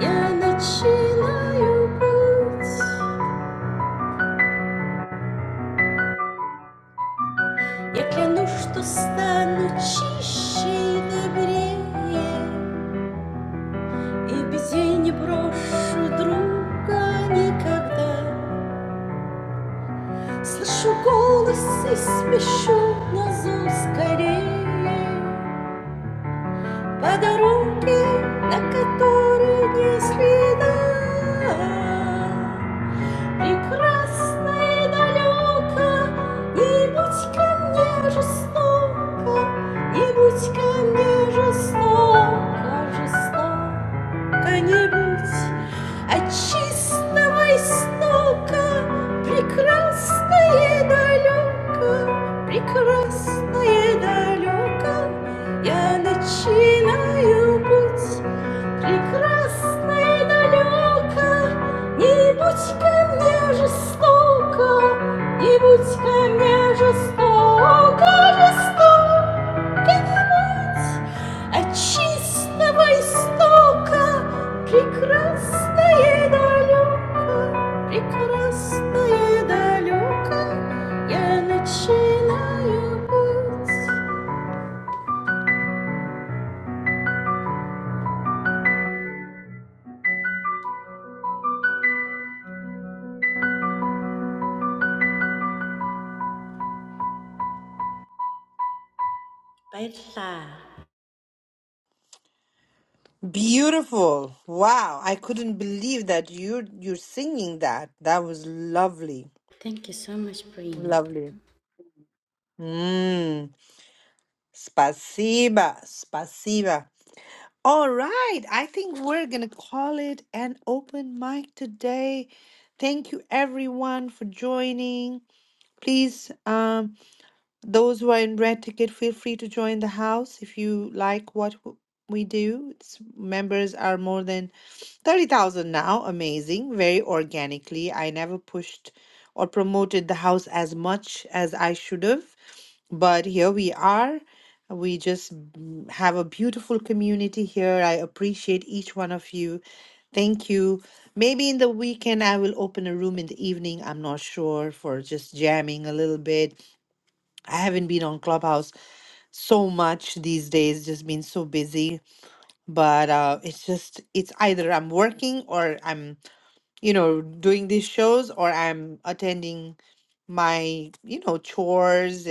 Speaker 14: я начинаю путь. Я клянусь, что стану чище и добрее, и где не брошу друга никогда. Слышу голос и спешу на зов скорее. по дороге, на которой не следа прекрасно и далеко, не будь ко мне жестоко, не будь ко мне жестоко, жестоко не будь, от чистого истока, прекрасно и далеко, прекрасно и далеко, я начинаю путь. Прекрасно и далеко, Не будь ко мне жестоко, не будь ко мне жестоко, жестоко не будь, от чистого истока прекрасное и далеко, прекрасное и далеко я начинаю путь.
Speaker 1: Beautiful. Wow. I couldn't believe that you're you're singing that. That was lovely.
Speaker 14: Thank you so much, Marina.
Speaker 1: Lovely. Mm. Spasiba. Spasiba. All right. I think we're gonna call it an open mic today. Thank you everyone for joining. Please, um, those who are in red ticket, feel free to join the house if you like what w- we do. It's, members are more than 30,000 now. Amazing. Very organically. I never pushed or promoted the house as much as I should have but here we are. We just b- have a beautiful community here. I appreciate each one of you. Thank you. Maybe in the weekend, I will open a room in the evening. I'm not sure for just jamming a little bit. I haven't been on Clubhouse so much these days, just been so busy. But uh, it's just, it's either I'm working or I'm, you know, doing these shows or I'm attending my, you know, chores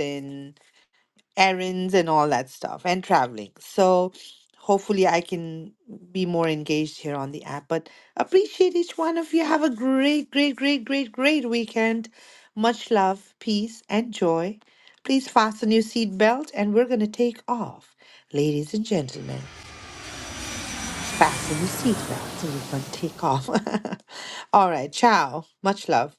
Speaker 1: errands and all that stuff and traveling. So hopefully I can be more engaged here on the app. But appreciate each one of you. Have a great, great, great, great, great weekend. Much love, peace, and joy. Please fasten your seatbelt and we're going to take off. Ladies and gentlemen, fasten your seatbelts and we're going to take off. All right, ciao. Much love.